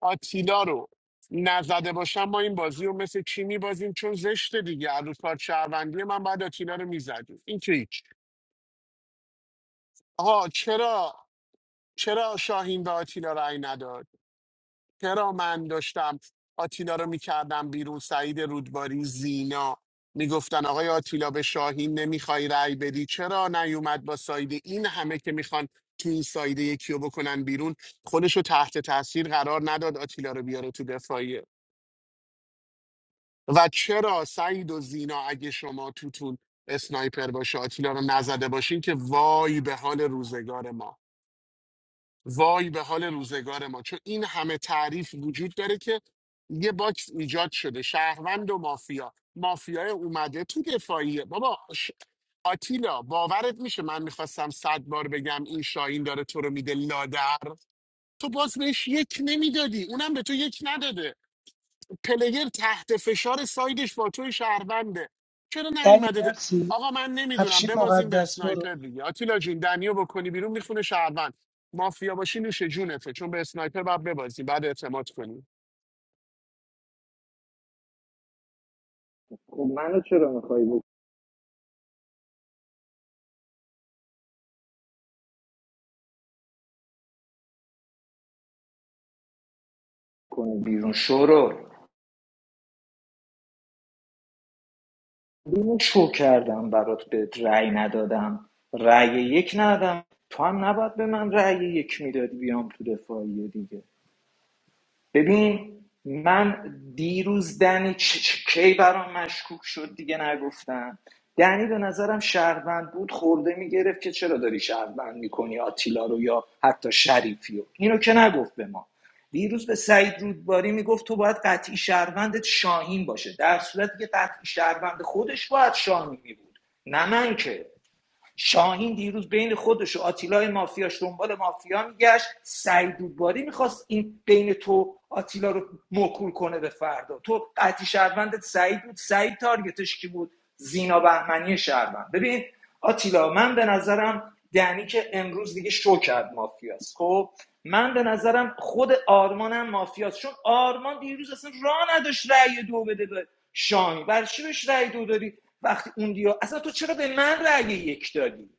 آتیلا رو نزده باشم ما این بازی رو مثل چی میبازیم چون زشته دیگه عروس پار شهروندی من بعد آتیلا رو میزدیم این که هیچ آقا چرا چرا شاهین به آتیلا رأی نداد چرا من داشتم آتیلا رو میکردم بیرون سعید رودباری زینا میگفتن آقای آتیلا به شاهین نمیخوای رأی بدی چرا نیومد با سایده این همه که میخوان تو این سایده یکی رو بکنن بیرون خودش رو تحت تاثیر قرار نداد آتیلا رو بیاره تو دفاعیه و چرا سعید و زینا اگه شما توتون اسنایپر باشه آتیلا رو نزده باشین که وای به حال روزگار ما وای به حال روزگار ما چون این همه تعریف وجود داره که یه باکس ایجاد شده شهروند و مافیا مافیای اومده تو دفاعیه بابا ش... آتیلا باورت میشه من میخواستم صد بار بگم این شاهین داره تو رو میده لادر تو باز بهش یک نمیدادی اونم به تو یک نداده پلگر تحت فشار سایدش با توی شهرونده چرا دنی نیومده ده؟ مرسی آقا من نمیدونم افشین ببازیم به مقدس برو اسنایپر دیگه آتیلا جون دنیو بکنی بیرون میخونه شهروند مافیا باشی نوش جونته چون به اسنایپر باید ببازی بعد اعتماد کنی خب منو چرا میخوای بکنی بیرون بیرون شورول شورو اینو شو کردم برات بهت رأی ندادم رأی یک ندادم تو هم نباید به من رأی یک میدادی بیام تو دفاعیه دیگه ببین من دیروز دنی چ- چ- کی برام مشکوک شد دیگه نگفتم دنی به نظرم شهروند بود خورده میگرفت که چرا داری شهروند میکنی آتیلا رو یا حتی شریفی رو اینو که نگفت به ما دیروز به سعید رودباری میگفت تو باید قطعی شهروندت شاهین باشه در صورتی که قطعی شهروند خودش باید شاهین میبود نه من که شاهین دیروز بین خودش و آتیلای مافیاش دنبال مافیا میگشت سعید دودباری میخواست این بین تو آتیلا رو موکول کنه به فردا تو قطعی شهروندت سعید بود سعید تارگتش کی بود زینا بهمنی شهروند ببین آتیلا من به نظرم دنی که امروز دیگه شو کرد مافیاست خب من به نظرم خود آرمانم مافیاست چون آرمان دیروز اصلا راه نداشت رأی دو بده شاهین برای چی بهش رأی دو دادی وقتی اون دیا اصلا تو چرا به من رأی یک دادی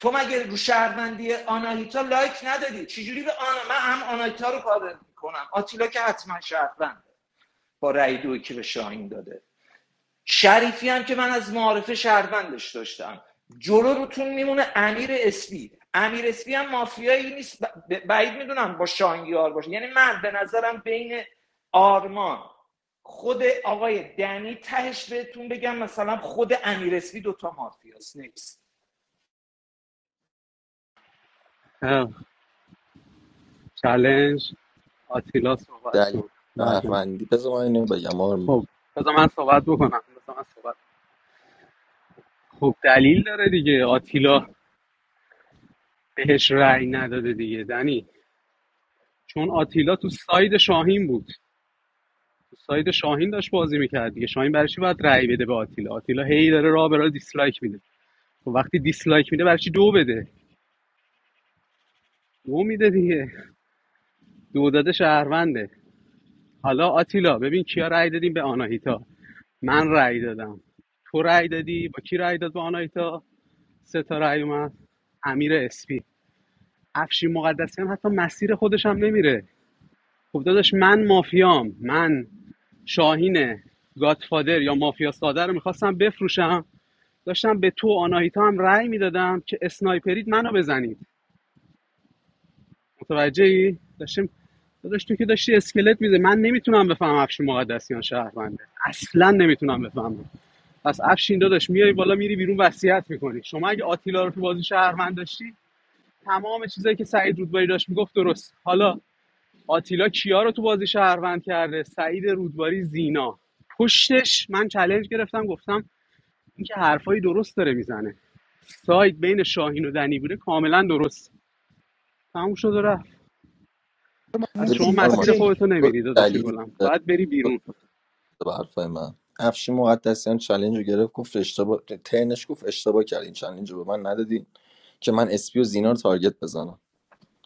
تو مگه رو شهروندی آناهیتا لایک ندادی چجوری به آنا من هم آناهیتا رو کاور میکنم آتیلا که حتما شهرونده با رأی دوی که به شاهین داده شریفی هم که من از معارفه شهروندش داشتم جلو روتون میمونه امیر اسپی امیر اسپی هم مافیایی نیست ب- ب- بعید میدونم با شانگیار باشه یعنی من به نظرم بین آرمان خود آقای دنی تهش بهتون بگم مثلا خود امیر اسپی دوتا مافیاست اه، چلنج آتیلا صحبت دلیل کن بعد من. شهروندی بذار من اینو بگم آرمان خب بذار من صحبت بکنم بذار من صحبت خب دلیل داره دیگه آتیلا بهش رأی نداده دیگه دنی چون آتیلا تو ساید شاهین بود تو ساید شاهین داشت بازی میکرد دیگه شاهین برای چی باید رأی بده به آتیلا آتیلا هی داره راه برای دیسلایک میده خب وقتی دیسلایک میده برای چی دو بده دو میده دیگه دو داده شهرونده حالا آتیلا ببین کیا رأی دادیم به آناهیتا من رأی دادم تو رأی دادی با کی رأی داد به آناهیتا سه تا رأی اومد امیر اسپی افشین مقدسیان حتی مسیر خودش هم نمیره خب داداش من مافیام من شاهین گاتفادر یا مافیا ساده رو میخواستم بفروشم داشتم به تو و آناهیتا هم رأی میدادم که اسنایپرید منو بزنید متوجه ای داشتیم داداش تو که داشتی اسکلت میده من نمیتونم بفهم افشین مقدسیان شهرونده اصلا نمیتونم بفهمم پس افشین داداش میای بالا میری بیرون وصیت میکنی شما اگه آتیلا رو تو بازی شهروند داشتی تمام چیزایی که سعید رودباری داشت میگفت درست حالا آتیلا کیا رو تو بازی شهروند کرده سعید رودباری زینا پشتش من چلنج گرفتم گفتم اینکه حرفایی درست داره میزنه سایت بین شاهین و دنی بوده کاملا درست تموم شد و رفت. از ببین شما مرسی آرمان مسیر آتیل خودتو دو تا نمیری داداش دلیل گلم داره، باید بری دو بیرون تا به حرفای من افشین مقدسیان چالنج رو گرفت گفت اشتباه ترنش گفت اشتباه کردین چالنج رو به من ندادین که من اسپی و زینا رو تارگت بزنم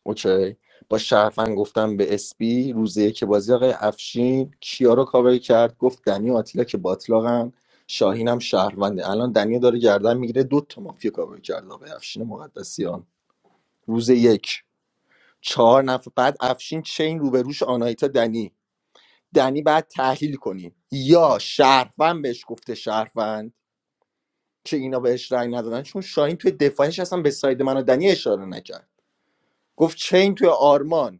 اوکی با شرفن گفتم به اسپی روزه که بازی آقای افشین کیا رو کاور کرد گفت دنی و آتیلا که باطلاقن شاهینم شهرونده الان دنی داره گردن میگیره دو تا مافیا کاور کرد آقای افشین مقدسیان روز یک چهار نفر بعد افشین چین روبروش آنایتا دنی دنی بعد تحلیل کنیم یا شهروند بهش گفته شهروند که اینا بهش رأی ندادن چون شاهین توی دفاعش اصلا به ساید منو دنی اشاره نکرد گفت چین توی آرمان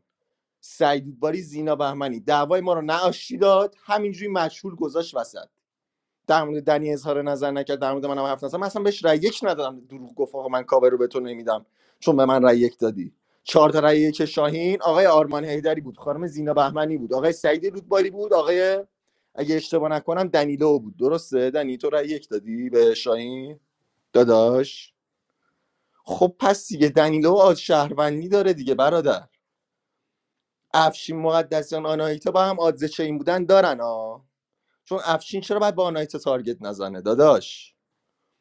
سعید باری زینا بهمنی دعوای ما رو نعاشی داد همینجوری مجهول گذاشت وسط در مورد دنی اظهار نظر نکرد در مورد منم حرف نزد من اصلا بهش رأی یک ندادم دروغ گفت آقا من کاور رو به تو نمیدم چون به من رأی یک دادی چهار تا رأی یک شاهین آقای آرمان هیدری بود خانم زینا بهمنی بود آقای سعید رودباری بود آقای اگه اشتباه نکنم دنیلو بود درسته دنی تو رأی یک دادی به شاهین داداش خب پس دیگه دنیلو آز شهروندی داره دیگه برادر افشین مقدسیان آناهیتا با هم آدزه چین بودن دارن ها چون افشین چرا باید با آناهیتا تارگت نزنه داداش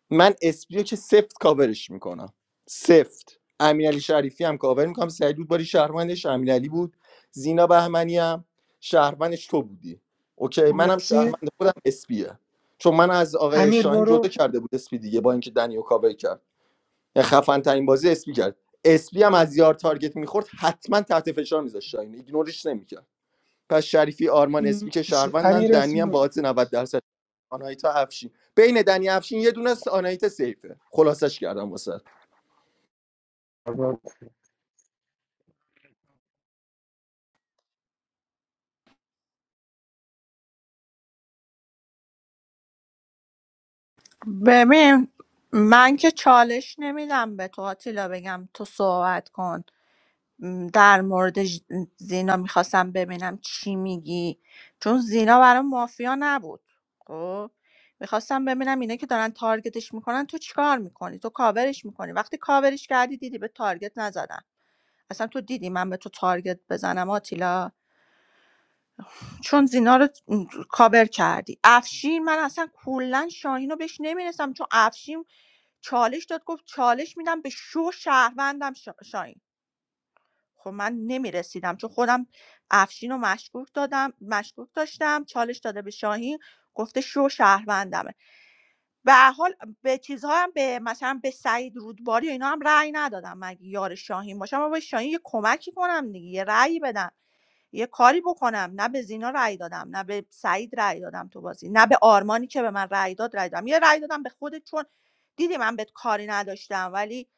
من اسپیو که سفت کاورش میکنم سفت امیرعلی شریفی هم کاور میکنم سعید بود باری شهروندش امیرعلی بود زینا بهمنی هم شهروندش تو بودی اوکی منم شهروند مرسی خودم اسپیه چون من از آقای امیر شاهین جدا برو کرده بود اسپی دیگه با اینکه دنیو کاور کرد خفن ترین بازی اسپی کرد اسپی هم از یار تارگت میخورد حتما تحت فشار میذاشت شاهین ایگنورش نمیکرد پس شریفی آرمان اسپی که مرسی شهروندن امیر دنی هم اسنور با آدز 90 درصد آنایتا افشین بین دنی افشین یه دونه است، آناهیتا سیفه خلاصش کردم واسه از ببین من که چالش نمیدم به تو آتیلا بگم تو صحبت کن م، در مورد ژ- زینا میخواستم ببینم چی میگی چون زینا برام مافیا نبود خب میخواستم ببینم اینا که دارن تارگتش میکنن تو چیکار میکنی تو کاورش میکنی وقتی کاورش کردی دیدی به تارگت نزدن اصلا تو دیدی من به تو تارگت بزنم آتیلا چون زینا رو م، کاور کردی افشین من اصلا کلا شاهین رو بهش نمیرسم چون افشین چالش داد گفت چالش میدم به شو شهروندم شا- شاهین خب من نمی‌رسیدم چون خودم افشین رو مشکوک دادم مشکوک داشتم چالش داده به شاهین گفته شو شهروندمه به هر حال به چیزها هم به مثلا به سعید رودباری و اینا هم رأی ندادم مگه یار شاهین باشم و به شاهین یه کمکی کنم دیگه یه رأی بدم یه کاری بکنم نه به زینا رأی دادم نه به سعید رأی دادم تو بازی نه به آرمانی که به من رأی داد رأی دادم یه رأی دادم به خودت چون دیدی من بهت کاری نداشتم ولی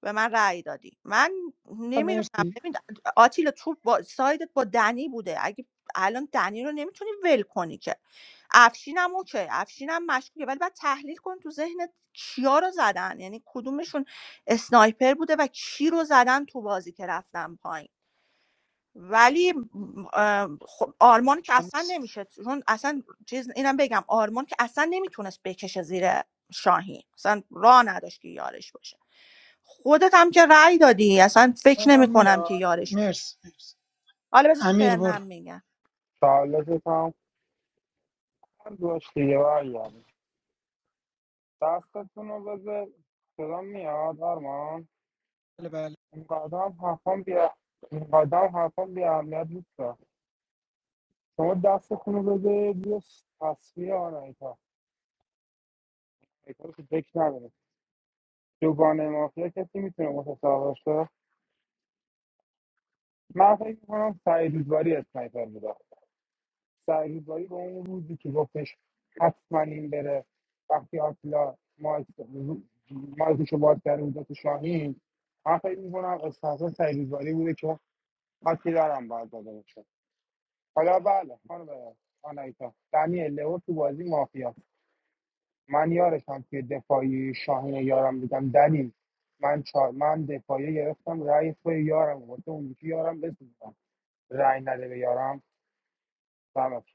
به من رأی دادی من نمیدونم مرسی ببین آتیل تو با سایدت با دنی بوده اگه الان دنی رو نمیتونی ول کنی که افشینم اوکی افشینم مشکوکه ولی باید تحلیل کن تو ذهنت کیا رو زدن یعنی کدومشون اسنایپر بوده و کی رو زدن تو بازی که رفتن پایین ولی ام، خب آرمان که اصلا نمیشه چون اصلا چیز اینم بگم آرمان که اصلا نمیتونست بکشه زیر شاهین اصلا راه نداشت که یارش باشه خودت هم که رأی دادی اصلا فکر من نمی کنم میاد که یارش بود. مرسی مرسی حالا بذار تو امیر برو ترنم میگم سوالات هم داشت دیگه برگرد دستتون رو بذار صدا میاد آرمان بله بله این قدم حرفان بیا این قدم حرفان بیا اهمیت نیست شما دستتون رو بذار روی تصویر آن ایتا ایتا رو که دک نداره دوگانه مافیا کسی میتونه متساوی شه من فکر میکنم سعید رودباری اسنایپر بوده سرهیبایی با اون روزی که گفتش حتما این بره وقتی آتلا مایک مایکشو باز کرده بود واسه شاهین من فکر میکنم استاسا سرهیبایی بوده که حتی دارم باید داده باشه حالا بله خانم آنایتا دنیل لئو تو بازی مافیا من یارشم که دفاعی شاهین یارم بودم دلیل من چار من دفاعی گرفتم رأی تو یارم واسه اون یکی یارم رسیدم رأی نده به یارم فهمت؟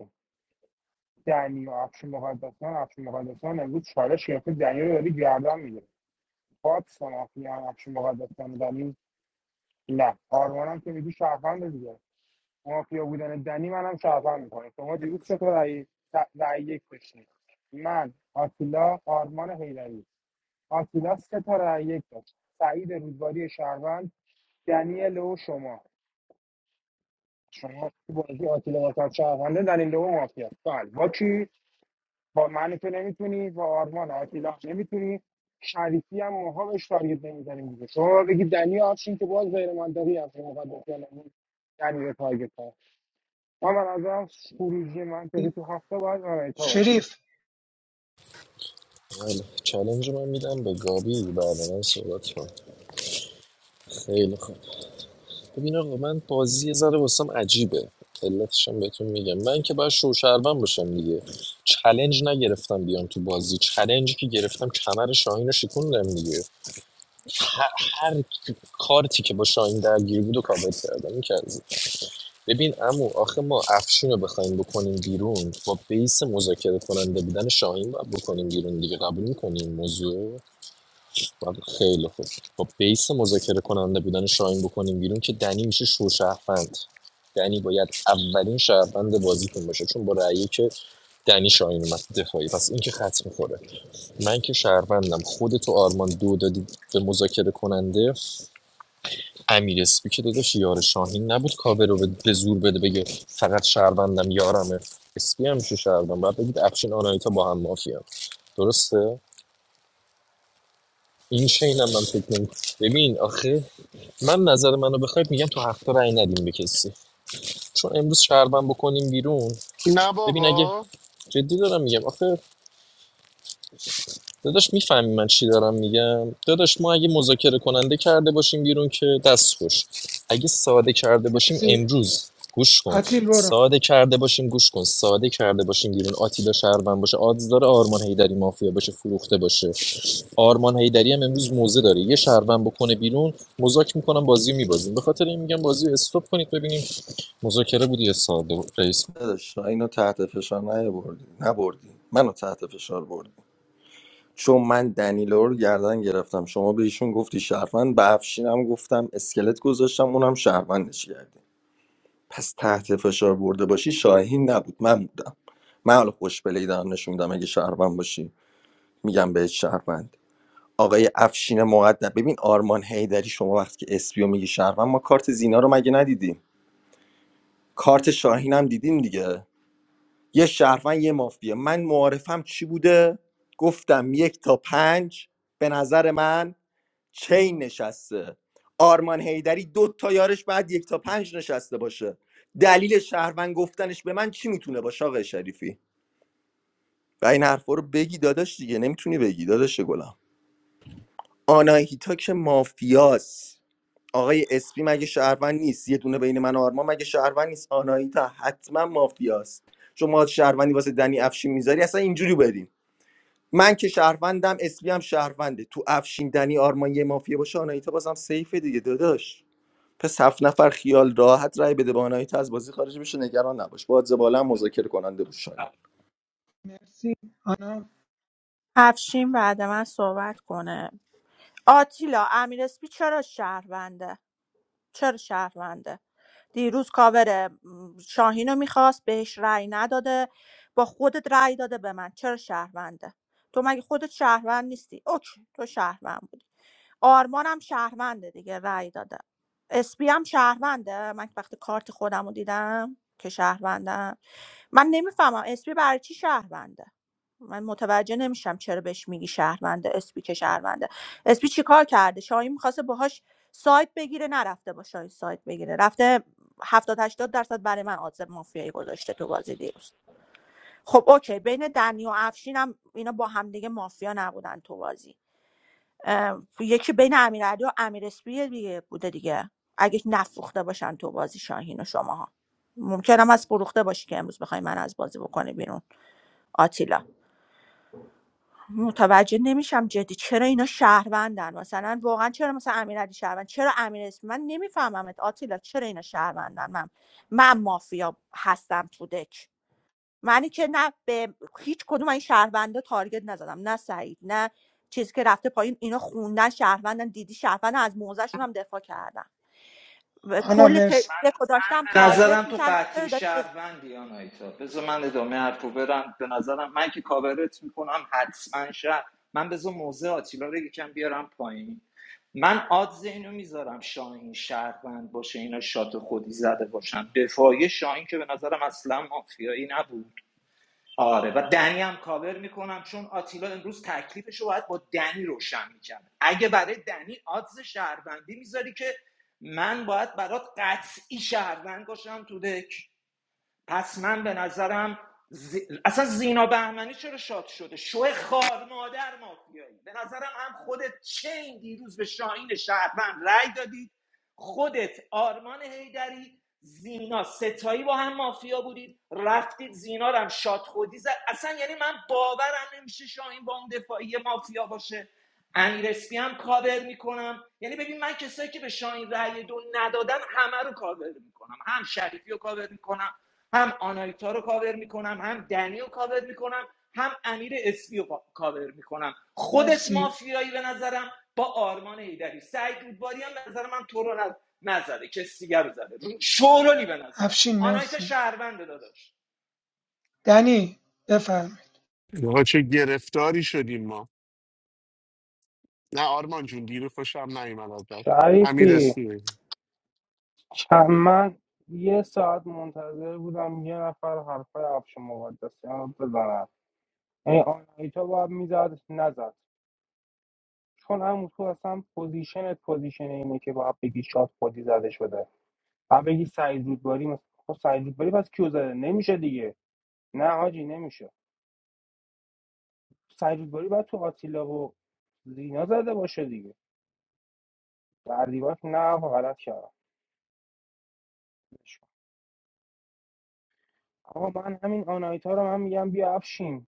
دنی و افشین مقدسیان افشین مقدسیان امروز چالش گرفته دنی رو داره گردن میگیره پاد سنافیان افشین مقدسیان دنی نه آرمان هم که میگی شهروند دیگه مافیا بودن دنی منم شهروند میکنه شما دیروز چطور رأی ت- رأی یک کشید من آتیلا آرمان حیدری آتیلا سه تا رأی یک داشت سعید رودباری شهروند دنی لو شما شما تو بازی آتیلا واسه شهرونده دنی لو مافیا بله با کی؟ با من تو نمیتونی با آرمان آتیلا نمیتونی شریفی هم ماها بهش تارگت نمیزنیم دیگه شما بگید دنی آفشین که باز غیر منطقی هم شما مقدس علمون دنی رو تارگت کنم ما من از هم خروجی منطقی تو هفته باید آنایتا باشه شریف بله چالنج من میدم به گابی بعد من صحبت کنم خیلی خوب ببین آقا من بازی یه ذره واسم عجیبه علتش هم بهتون میگم من که باید شوشربن باشم دیگه چلنج نگرفتم بیام تو بازی چلنجی که گرفتم کمر شاهین رو شکوندم دیگه هر, هر کارتی که با شاهین درگیر بود و کاور کردم کردی ببین امو آخه ما افشین رو بخوایم بکنیم بیرون با بیس مذاکره کننده بودن شاهین باید بکنیم بیرون دیگه قبول میکنیم موضوع باید خیلی خوب با بیس مذاکره کننده بودن شاهین بکنیم بیرون که دنی میشه شوشهفند دنی باید اولین شهروند بازیتون باشه چون با رأیی که دنی شاهین اومد دفاعی پس این که خط میخوره من که شهروندم خودتو آرمان دو دادی به مذاکره کننده امیر اسپی که داداش یار شاهین نبود کاور رو به زور بده بگه فقط شهروندم یارمه اسپی هم میشه شهروند باید بگید افشین آنایتا با هم مافیا درسته این شین هم من فکر نمی ببین آخه من نظر منو بخواید میگم تو هفته رأی ندیم به کسی چون امروز شهروند بکنیم بیرون نه ببین اگه بابا جدی دارم میگم آخه داداش میفهمی من چی دارم میگم داداش ما اگه مذاکره کننده کرده باشیم بیرون که دست خوش اگه ساده کرده باشیم مرسی امروز گوش کن آتیل برو ساده کرده باشیم گوش کن ساده کرده باشیم بیرون آتیلا شهروند باشه آدز داره آرمان هیدری مافیا باشه فروخته باشه آرمان هیدری هم امروز موزه داره یه شهروند بکنه بیرون مذاکره میکنم بازی میبازیم به خاطر این میگم بازیو رو استوب کنید ببینیم مذاکره بود یا ساده بود رئیس نداشت اینو تحت فشار نبردی نبردی منو تحت فشار بردی چون من دنیلو رو گردن گرفتم شما به ایشون گفتی شهروند به افشینم گفتم اسکلت گذاشتم اونم شهروندش کردی پس تحت فشار برده باشی شاهین نبود من بودم من حالا خوش پلیدم نشون میدم اگه شهروند باشی میگم بهت شهروند آقای افشین مقدم ببین آرمان هیدری شما وقتی که اسپیو میگی شهروند ما کارت زینا رو مگه ندیدیم کارت شاهین هم دیدیم دیگه یه شهروند یه مافیا من معارفم چی بوده گفتم یک تا پنج به نظر من چین نشسته آرمان هیدری دو تا یارش بعد یک تا پنج نشسته باشه دلیل شهروند گفتنش به من چی میتونه باشه آقای شریفی و این حرفا رو بگی داداش دیگه نمیتونی بگی داداش گلم آناهیتا که مافیاست آقای اسپی مگه شهروند نیست یه دونه بین من و آرمان مگه شهروند نیست آناهیتا حتما مافیاست شما شهروندی واسه دنی افشین میذاری اصلا اینجوری بریم من که شهروندم اسپی هم شهرونده تو افشین دنی آرمان یه مافیا باشه آناهیتا بازم سیفه دیگه داداش پس هفت نفر خیال راحت رای بده به آناهیتا از بازی خارج بشه نگران نباش باز بالا هم مذاکره کننده رو شاهین مرسی آنا افشین بعد من صحبت کنه آتیلا امیر اسپی چرا شهرونده چرا شهرونده دیروز کاور م، شاهین رو میخواست بهش رأی نداده با خودت رأی داده به من چرا شهرونده تو مگه خودت شهروند نیستی اوکی تو شهروند بودی آرمانم شهرونده دیگه رأی داده اسپی هم شهرونده من که وقتی کارت خودم رو دیدم که شهروندم من نمیفهمم اسپی برای چی شهرونده من متوجه نمیشم چرا بهش میگی شهرونده اسپی که شهرونده اسپی چیکار کرده شاهین میخواسته باهاش سایت بگیره نرفته باشه این سایت بگیره رفته هفتاد هشتاد درصد برای من آدز مافیایی گذاشته تو بازی دیروز خب اوکی بین دنی و افشین هم اینا با هم دیگه مافیا نبودن تو بازی یکی بین امیرعلی و امیر اسپی دیگه بوده دیگه اگه نفروخته باشن تو بازی شاهین و شماها ممکنم از فروخته باشی که امروز بخوای من از بازی بکنی بیرون آتیلا متوجه نمیشم جدی چرا اینا شهروندن مثلا واقعا چرا مثلا امیرعلی شهروند چرا امیر اسم من نمیفهممت آتیلا چرا اینا شهروندن من من مافیا هستم تو دک منی که نه به هیچ کدوم این شهروندا تارگت نزدم نه سعید نه چیزی که رفته پایین اینا خوندن شهروندن دیدی شهروندن از موزهشون هم دفاع کردن و آنا کل ت- مرسی دکو داشتم به تارگت نظرم تو میکردم قطعی چرا داری به- شهروندی آنایتا بذار من ادامه حرفو برم به نظرم من که کاورت میکنم حتما شهر من بذار موزه آتیلا رو یکم بیارم پایین من آدز اینو میذارم شاهین شهروند باشه اینا شات خودی زده باشن دفاعی شاهین که به نظرم اصلا مافیایی نبود آره و دنی هم کاور میکنم چون آتیلا امروز تکلیفش رو باید با دنی روشن میکرد اگه برای دنی آدز شهروندی میذاری که من باید برات قطعی شهروند باشم تو دک پس من به نظرم زی... اصلا زینا بهمنی چرا شاد شده شو خار مادر مافیایی به نظرم هم خودت چین دیروز به شاهین شهروند رای دادید خودت آرمان هیدری زینا ستایی با هم مافیا بودید رفتید زینا رو هم شاد خودی زد اصلا یعنی من باورم نمیشه شاهین با اون دفاعی مافیا باشه امیر اسپی هم کاور میکنم یعنی ببین من کسایی که به شاهین رأی دو ندادن همه رو کاور میکنم هم شریفی رو کاور میکنم هم آناهیتا رو کاور میکنم هم دنی رو کاور میکنم هم امیر اسمی رو کاور میکنم خودت مرسی مافیایی به نظرم با آرمان ایدری سعید رودباری هم به نظر من تو رو نز- نزده کسی دیگر رو زده شورولی به نظرم افشین آناهیتا مرسی شهرونده داداش دنی بفرمایید آقا چه گرفتاری شدیم ما نه آرمان جون دیرو خوشم نیومد ازت امیر شریفی سیر چند من یه ساعت منتظر بودم یه نفر حرفای افش مقدسیان رو بزنه یعنی آنایتا باید میزد نزد چون همون تو اصلا پوزیشنت پوزیشن اینه که باید بگی شاد خودی زده شده و بگی سعید رودباری مثلا خب سعید رودباری بس کیو زده نمیشه دیگه نه حاجی نمیشه سعید رودباری باید تو آتیلا و زینا زده باشه دیگه در دیوار نه آقا غلط کردم آقا من همین آنایتا رو من میگم بیا افشین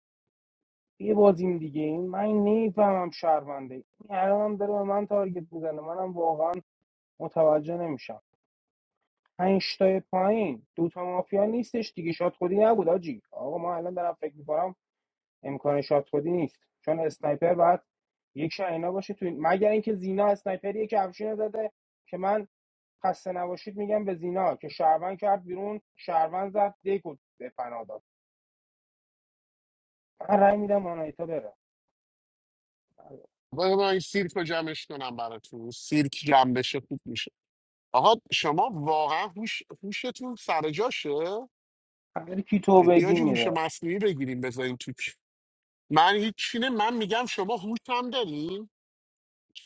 یه بازیم دیگه این من نمیفهمم شرمنده این الان هم داره به من تارگت میزنه منم واقعا متوجه نمیشم پنج تای پایین دوتا مافیا نیستش دیگه شاد خودی نبود آجی آقا ما الان دارم فکر میکنم امکان شاتخودی نیست چون اسنایپر باید یک شاینا باشه تو این- مگر اینکه زینا اسنایپریه که افشین زده که من خسته نباشید میگم به زینا که شهروند کرد بیرون شهروند زد دیگو به فنا داد من رأی میدم آنایتا بره بابا من این سیرک رو جمعش کنم براتون سیرک جمع بشه خوب میشه آقا شما واقعا هوش هوشتون سر جاشه اگر کی تو جدی بگی حاجی هوش میره مصنوعی بگیریم بذاریم تو چ- من هیچ چی نه من میگم شما هوش هم داریم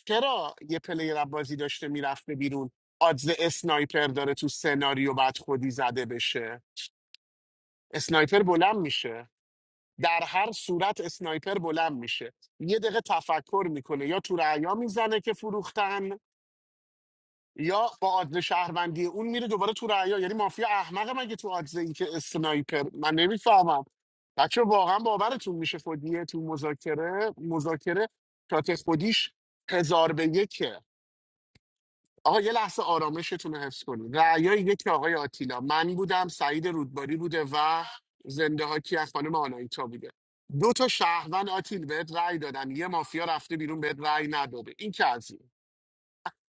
چرا یه پلیر بازی داشته میرفته بیرون آدز اسنایپر داره تو سناریو بعد خودی زده بشه اسنایپر بلند میشه در هر صورت اسنایپر بلند میشه یه دقیقه تفکر میکنه یا تو رعیا میزنه که فروختن یا با آدز شهروندی اون میره دوباره تو رعیا یعنی مافیا احمق مگه تو آدز این که اسنایپر من نمیفهمم بچه واقعا باورتون میشه خودیه تو مذاکره مذاکره شات خودیش هزار به یکه آقا یه لحظه آرامشتون رو حفظ کنید رعیای یک آقای آتیلا من بودم سعید رودباری بوده و زنده ها کی از خانم آنایتا بوده دو تا شهروند آتیل بهت رأی دادن یه مافیا رفته بیرون بهت رأی نداده این که از این.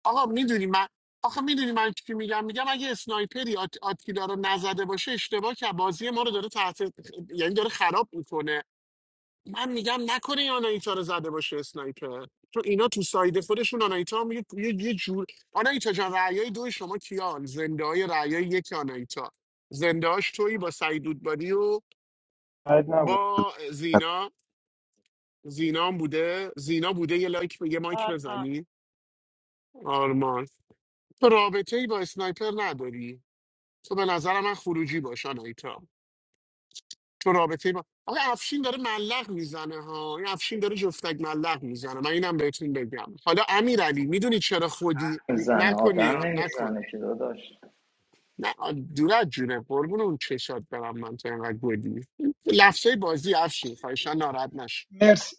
آقا میدونی من آخه میدونی من چی میگم میگم اگه اسنایپری آت... آتیلا رو نزده باشه اشتباه که بازی ما رو داره تحت یعنی داره خراب میکنه من میگم نکنه این آنایتا رو زده باشه اسنایپر چون اینا تو ساید خودشون آنایتا هم یه یه یه جور آنایتا جان رعیای دو شما کیان زنده های رعیای یک آنایتا زنده هاش تویی با سعید دودباری و حد نبود با زینا زینا هم بوده زینا بوده یه لایک یه مایک آرمان. بزنی آرمان تو رابطه ای با اسنایپر نداری تو به نظر من خروجی باش آنایتا تو رابطه با آقا افشین داره ملق میزنه ها این افشین داره جفتک ملق میزنه من اینم بهتون بگم حالا امیرعلی میدونی چرا خودی ن- زن نکنی آدم ها نکن نمیزنه که داداش نه آ، دور از جونه قربون اون چشات برم من تو اینقدر گلی لفظای بازی افشین خواهشان ناراحت نش مرسی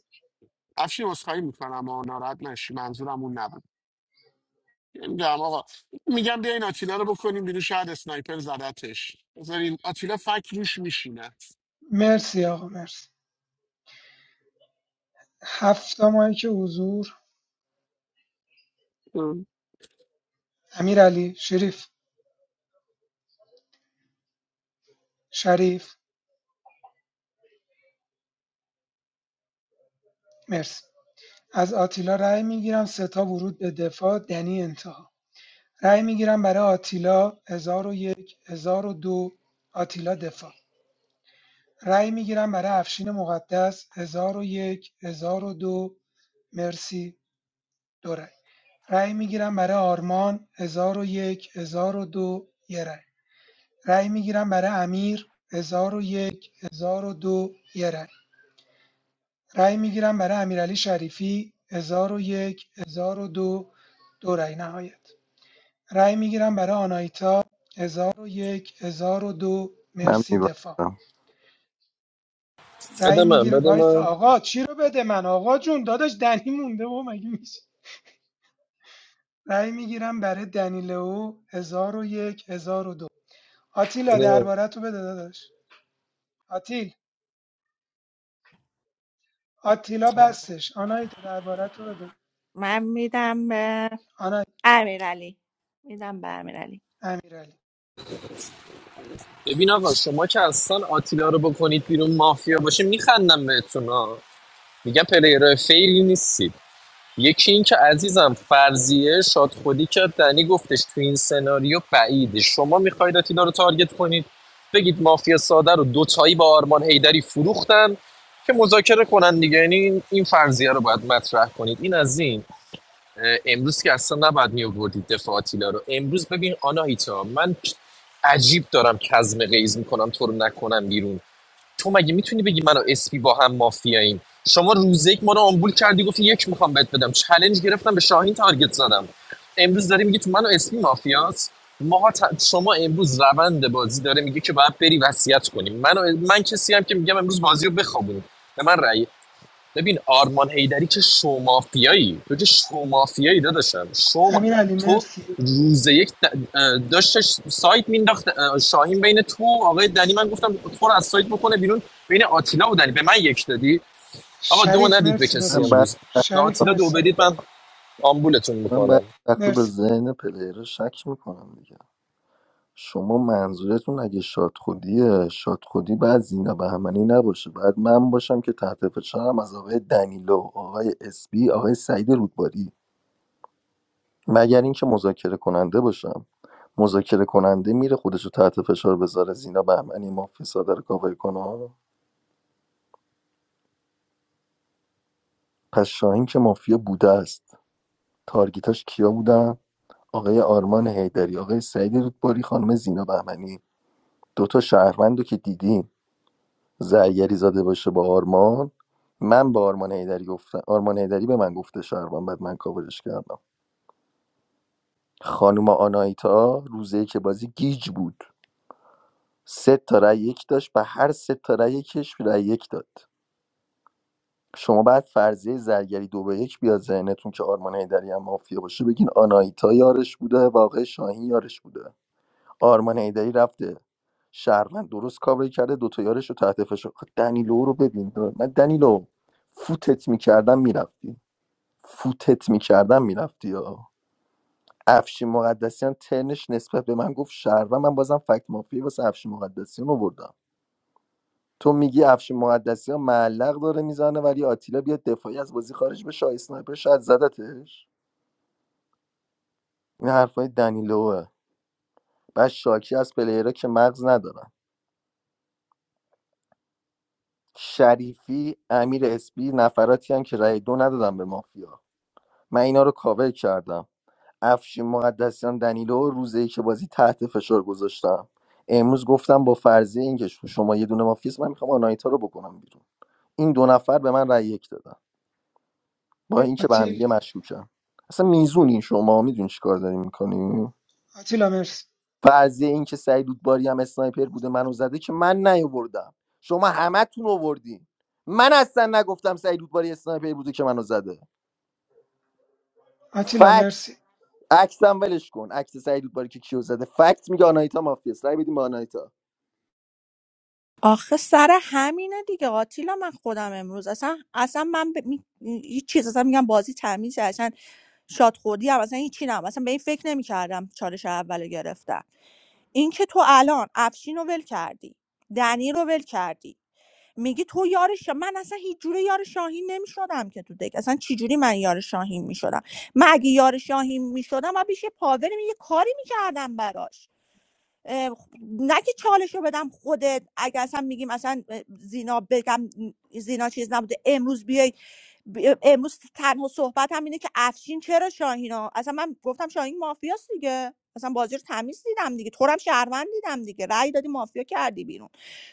افشین اسخایی میکنم و ناراحت نشی منظورم اون نبود میگم آقا میگم بیاین آتیلا رو بکنیم بیرون شاید اسنایپر زدتش بذارین آتیلا فک روش میشینه مرسی آقا مرسی هفت ماهی که حضور امیرعلی شریف شریف مرسی از آتیلا رأی میگیرم سه تا ورود به دفاع دنی انتها رأی میگیرم برای آتیلا هزار و یک هزار و دو آتیلا دفاع رأی میگیرم برای افشین مقدس هزار و یک هزار و دو مرسی دو رأی رأی میگیرم برای آرمان هزار و یک هزار و دو یه رأی رای میگیرم برای امیر 1001 1002 یه رای رای میگیرم برای امیرعلی شریفی 1001 1002 دو دو رای نهایت رای میگیرم برای آنایتا 1001 دو من مرسی دفاع میبندم رای بده من میگیرم بده وایس من آقا چی رو بده من آقا جون داداش دنی مونده و مگه میشه رای میگیرم برای دنیلو 1001 دو. آتیلا بده من درباره تو بده داداش آتیل آتیلا بستش آنایتا درباره تو بده من میدم به آنا امیرعلی میدم به امیرعلی. امیرعلی ببین آقا شما که اصلا آتیلا رو بکنید بیرون مافیا باشه میخندم بهتون ها میگم پلیر فیلی نیستید یکی این که عزیزم فرضیه شاد خودی که دنی گفتش تو این سناریو بعیده شما میخواید آتیلا رو تارگت کنید بگید مافیا ساده رو دوتایی با آرمان هیدری فروختن که مذاکره کنن دیگه یعنی این این فرضیه رو باید مطرح کنید این از این امروز که اصلا نباید می آوردید دفاع آتیلا رو امروز ببین آناهیتا من عجیب دارم کزم قیز میکنم تو رو نکنم بیرون تو مگه میتونی بگی من و اسپی با هم مافیاییم شما روز یک ما رو آمبول کردی گفتی یک میخوام بهت بدم چلنج گرفتم به شاهین تارگت زدم امروز داری میگی تو من و اسپی مافیاست ما ت- شما امروز روند بازی داره میگه که باید بری وصیت کنیم من و... من کسی هم که میگم امروز بازی رو بخوابونیم به من رأی ببین آرمان هیدری که شو مافیایی تو که شو مافیایی داداشم شو امیرعلی تو مرسی روز یک د- سایت مینداخت شاهین بین تو آقای دنی من گفتم تو رو از سایت بکنه بیرون بین آتیلا و دنی به من یک دادی آقا دو شریف ندید به مرسی کسی من داداش بعد امروز به شریف آتیلا دو مرسی بدید من آمبولتون من بعد میکنم وقتی به مرسی ذهن پلیرها شک میکنم دیگه. شما منظورتون اگه شادخودیه شادخودی بعد زینا بهمنی نباشه بعد من باشم که تحت فشارم از آقای دنیلو آقای اسبی آقای سعید رودباری مگر اینکه مذاکره کننده باشم مذاکره کننده میره خودش رو تحت فشار بذاره زینا بهمنی مافیا ساده رو کاور کنه پس شاهین که مافیا بوده است تارگیتاش کیا بودن آقای آرمان هیدری آقای سعید رودباری خانم زینا بهمنی دوتا شهروند رو که دیدیم زرگری زاده باشه با آرمان من به آرمان هیدری گفتم آرمان هیدری به من گفته شهروند بعد من کاورش کردم خانم آنایتا روزه که بازی گیج بود سه تا رای یک داشت به هر سه تا رای یکش رای یک داد شما بعد فرضیه زرگری دو به یک بیاد ذهنتون که آرمان هیدری هم مافیا باشه بگین آنایتا یارش بوده واقع شاهین یارش بوده آرمان ایدری رفته شهروند درست کاوری کرده دوتا یارش رو تحت فشار آخه دنیلو رو ببین من دنیلو فوتت میکردم میرفتی فوتت میکردم میرفتی یا افشین مقدسیان ترنش نسبت به من گفت شهروند من بازم فکت مافی واسه افشین مقدسیان آوردم تو میگی افشین مقدسیان معلق داره میزنه ولی آتیلا بیاد دفاعی از بازی خارج بشه آ، اسنایپر شاید زدتش این حرفای دنیلوه بعد شاکی از پلیرها که مغز ندارن شریفی امیر اسپی نفراتی هم که رای دو ندادم به مافیا من اینا رو کاور کردم افشین مقدسیان دنیلو روزه ای که بازی تحت فشار گذاشتم امروز گفتم با فرضیه اینکه شما یه دونه مافیاست من میخوام آنایتا رو بکنم بیرون این دو نفر به من رای یک دادن با اینکه به هم آتیل دیگه مشکوکم اصلا میزونین شما میدونین چیکار دارین میکنین آتیلا مرسی فرضیه اینکه سعید رودباری هم اسنایپر بوده منو زده که من نیاوردم شما همتون آوردین من اصلا نگفتم سعید رودباری اسنایپر بوده که منو زده آتیلا فکت مرسی عکسم ولش کن عکس سعید رودباری که کیو زده فکت میگه آنایتا مافیاست رای بدیم به آنایتا آخه سر همینه دیگه آتیلا من خودم امروز اصلا اصلا من ب... می... هیچ چیز اصلا میگم بازی تمیزه اصلا شاد خوردی هم اصلا هیچی نم اصلا به این فکر نمیکردم چالش اول رو گرفتم اینکه تو الان افشین رو ول کردی دنی رو ول کردی میگی تو یار شا... من اصلا هیچ جوره یار شاهین نمیشدم که تو دک اصلا چی جوری من یار شاهین میشدم من اگه یار شاهین میشدم و پیش پاور یه کاری میکردم براش اه، نه که چالش رو بدم خودت اگر اصلا میگیم اصلا اه، زینا بگم زینا چیز نبوده امروز بیای ب- امروز تنها صحبت هم اینه که افشین چرا شاهینا اصلا من گفتم شاهین مافیاست دیگه اصلا بازی رو تمیز دیدم دیگه تو رو هم شهروند دیدم دیگه رأی دادی مافیا کردی بیرون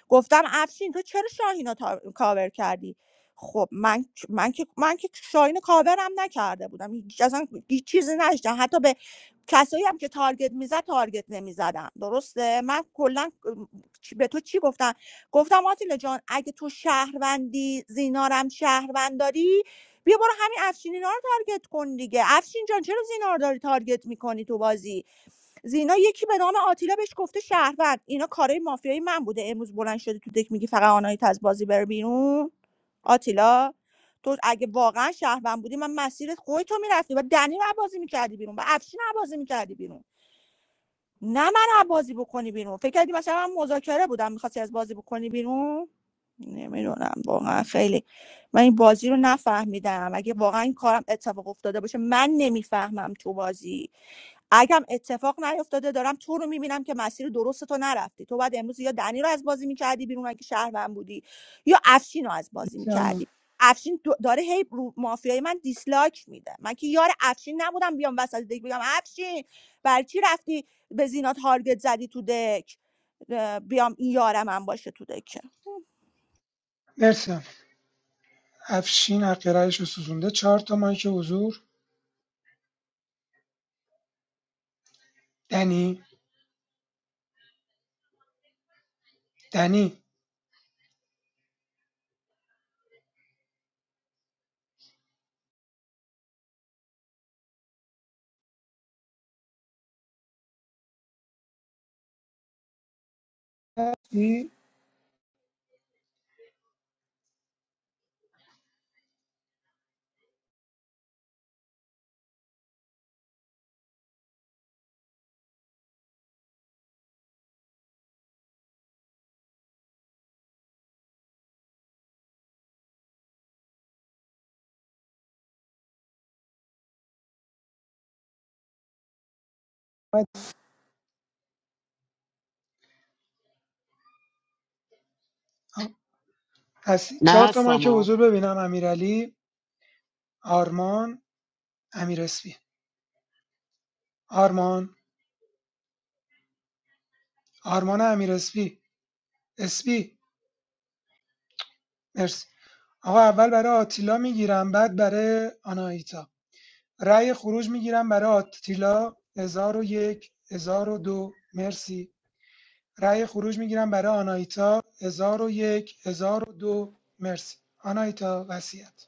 گفتم افشین تو چرا شاهین رو کاور کردی خب من من که من که شاهین رو کاورم نکرده بودم هیچ اصلا هیچ چیزی نشدم حتی به کسایی هم که تارگت میزد تارگت نمیزدم درسته من کلا چی- به تو چی گفتم گفتم آتیل جان اگه تو شهروندی زینارم شهروند داری بیا برو همین افشین اینا رو تارگت کن دیگه افشین جان چرا زینا رو داری تارگت میکنی تو بازی زینا یکی به نام آتیلا بهش گفته شهروند اینا کارای مافیایی من بوده امروز بلند شده تو دک میگی فقط آنایت از بازی بره بیرون آتیلا تو اگه واقعا شهروند بودی من مسیرت خودی تو میرفتی و دنی رو بازی میکردی بیرون و افشین رو بازی میکردی بیرون نه من رو بازی بکنی بیرون فکر کردی مثلا من مذاکره بودم میخواستی از بازی بکنی بیرون نمیدونم واقعا خیلی من این بازی رو نفهمیدم اگه واقعا این کارم اتفاق افتاده باشه من نمیفهمم تو بازی اگم اتفاق نیفتاده دارم تو رو میبینم که مسیر درست تو نرفتی تو بعد امروز یا دنی رو از بازی میکردی بیرون اگه شهروند بودی یا افشین رو از بازی جانم میکردی افشین دو- داره هی رو مافیای من دیسلایک میده من که یار افشین نبودم بیام وسط دک بگم افشین برای چی رفتی به زینا تارگت زدی تو دک اه، بیام این یار من باشه تو دک مرسی افشین حقیقهش رو سوزونده چهار تا مایک حضور دنی دنی کی؟ هستی نه چهار تا هستم مایک ها حضور ببینم امیرعلی آرمان امیر اسپی آرمان آرمان امیر اسپی اسپی مرسی آقا اول برای آتیلا میگیرم بعد برای آناهیتا رای خروج میگیرم برای آتیلا هزار و یک هزار و دو مرسی رای خروج میگیرم برای آنایتا هزار و یک هزار و دو مرسی آنایتا وصیت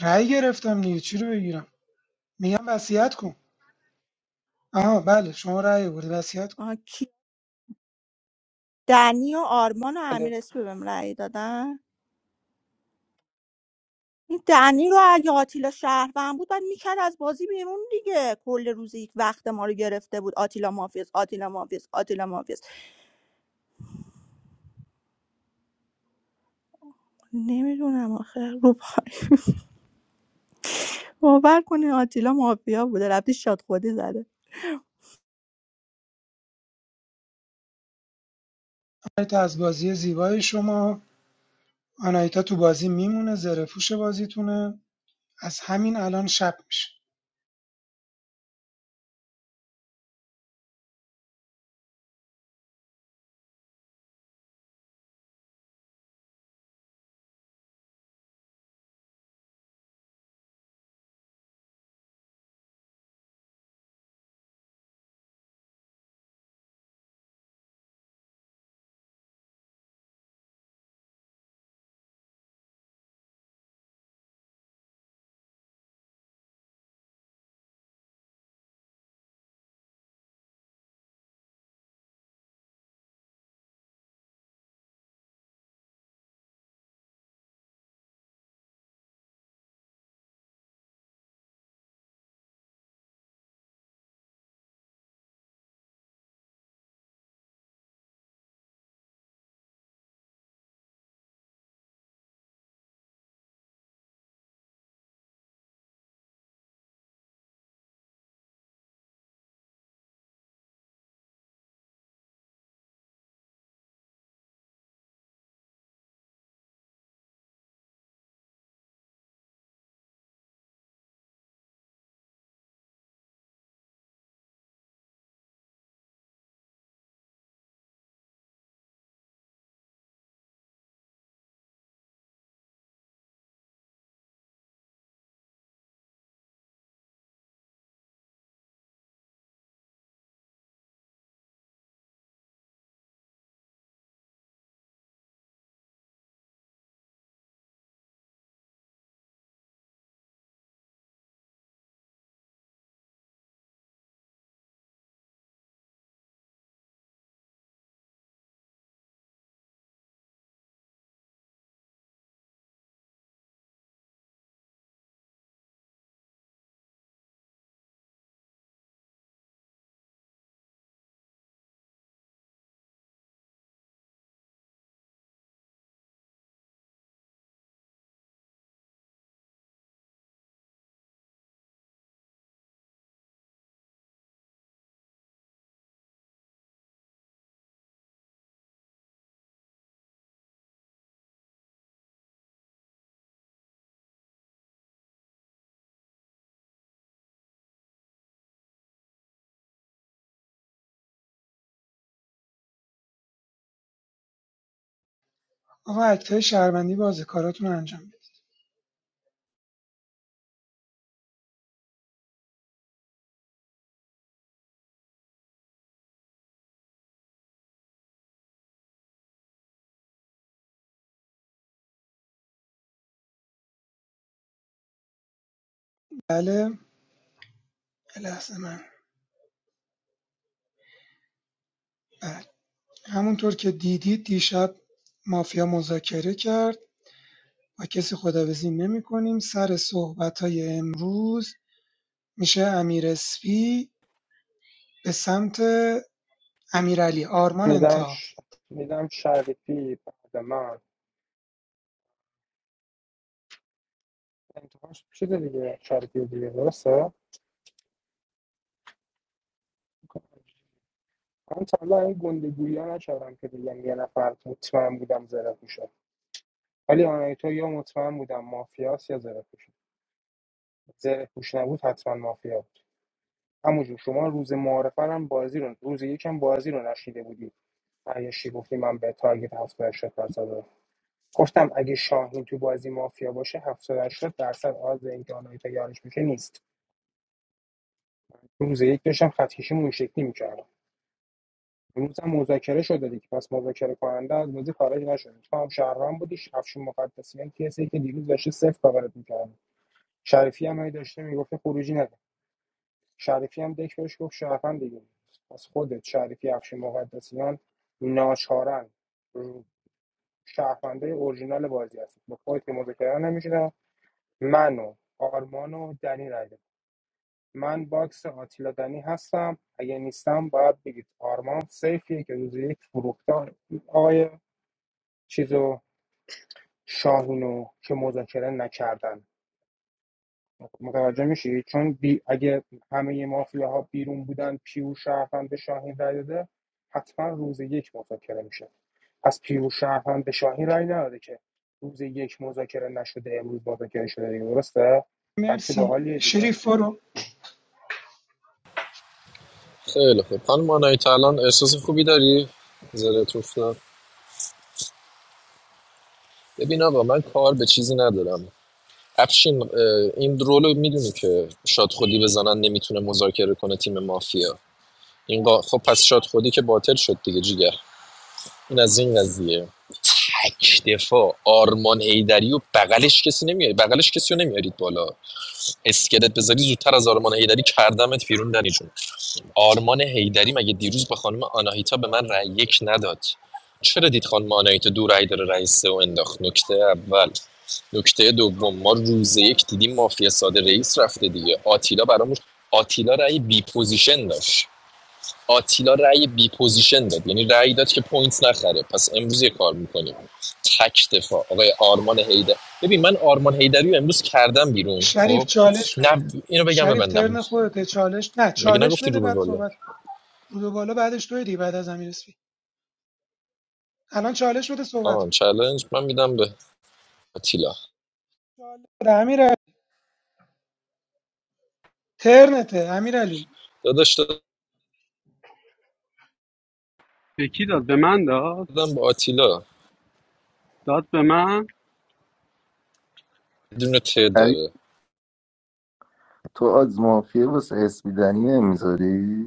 رای گرفتم دیگه چی رو بگیرم میگم وصیت کن آها بله شما رای بردی وصیت کن آه، کی- دنی و آرمان و بله. امیر اسپی بهم رأی دادن این دنی رو اگه آتیلا شهروند بود بعد میکرد از بازی بیرون دیگه کل روز یک وقت ما رو گرفته بود آتیلا مافیاس آتیلا مافیاس آتیلا مافیاس نمیدونم آخه رو پای- باور کنه آتیلا مافیا بوده رفتی شاد خودی زده آنایتا از بازی زیبای شما آنایتا تو بازی میمونه زره پوش بازیتونه از همین الان شب میشه آقا اکتای شهروندی بازی کاراتون انجام بدید بله یه لحظه من بله. همونطور که دیدید دیشب مافیا مذاکره کرد و کسی خداویسی نمی کنیم سر صحبت های امروز میشه امیر اسفی به سمت امیرعلی آرمان میدم انتها ش... میدم شریفی بعد من امتحانش شده دیگه شریفی دیگه درسته من تا حالا این گندگویی ها نکردم که دیگه یه نفر مطمئن بودم زره پوشه. ولی آنایتا یا مطمئن بودم مافیاست یا زره پوش زره پوش نبود حتما مافیا بود همونجور شما روز معارفه هم بازی رو روز یکم بازی رو نشیده بودی عیاشی گفتی من به تارگت 78 درصد دارم. گفتم اگه شاهین تو بازی مافیا باشه 78 درصد آز اینکه آنایتا یارش میشه نیست روز یک داشتم خطکشی اون شکلی میکردم امروز هم مذاکره شده دیگه پس مذاکره کننده از بازی خارج نشده تو هم شهروند بودی افشین مقدسیان کسی که دیروز داشته صفر کاورت میکرد شریفی هم هی داشته میگفته خروجی نده شریفی هم دک بهش گفت شهروند دیگه پس خودت شریفی افشین مقدسیان ناچارن رو- اورجینال بازی هست با خودت که مذاکره نمیشینم من و آرمان و دنی رای دادم. من باکس آتیلا دنی هستم اگه نیستم باید بگید آرمان سیفیه که روز یک فروختار آقای چیزو شاهینو که مذاکره نکردن متوجه میشی چون بی اگه همه مافیاها بیرون بودن پیور شهروند به شاهین رای داده حتما روز یک مذاکره میشه پس پیور شهروند به شاهین رای نداده که روز یک مذاکره نشده امروز مذاکره شده دیگه درسته فکت مرسی باحالیه دیگه شریف برو خیلی خوب خانم آنایتا الان احساس خوبی داری؟ زره توفتم ببین آقا من کار به چیزی ندارم افشین اه، این رولو میدونی که شاد خودی بزنن نمیتونه مذاکره کنه تیم مافیا این قا... خب پس شاد خودی که باطل شد دیگه جیگر این از این قضیه تک دفاع آرمان ایدری و بغلش کسی نمیاری بغلش کسی رو نمیارید بالا اسکلت بذاری زودتر از آرمان ایدری کردمت بیرون دنی جون. آرمان هیدری مگه دیروز به خانم آناهیتا به من رأی یک نداد چرا دید خانم آناهیتا دو رأی داره رأی سه و انداخت نکته اول نکته دوم ما روز یک دیدیم مافیا ساده رئیس رفته دیگه آتیلا برامون آتیلا رأی بی پوزیشن داشت آتیلا رأی بی پوزیشن داد یعنی رأی داد که پوینت نخره پس امروز یه کار میکنیم تک دفاع آقای آرمان هیدر ببین من آرمان هیدری رو امروز کردم بیرون شریف خب چالش نه بده اینو بگم شریف ببندم ترن خودته چالش نه مگه چالش نگفتی بده رو به بعد بالا صحبت کن. رو به بالا بعدش توی دی بعد از امیر اسفی الان چالش بده صحبت کن آن چلنج من میدم به آتیلا امیر ترنته امیرعلی داداش به کی داد به من داد دادم به آتیلا داد به من بدون ته فرید، داره تو از مافیا واسه اسپیدنی نمیذاری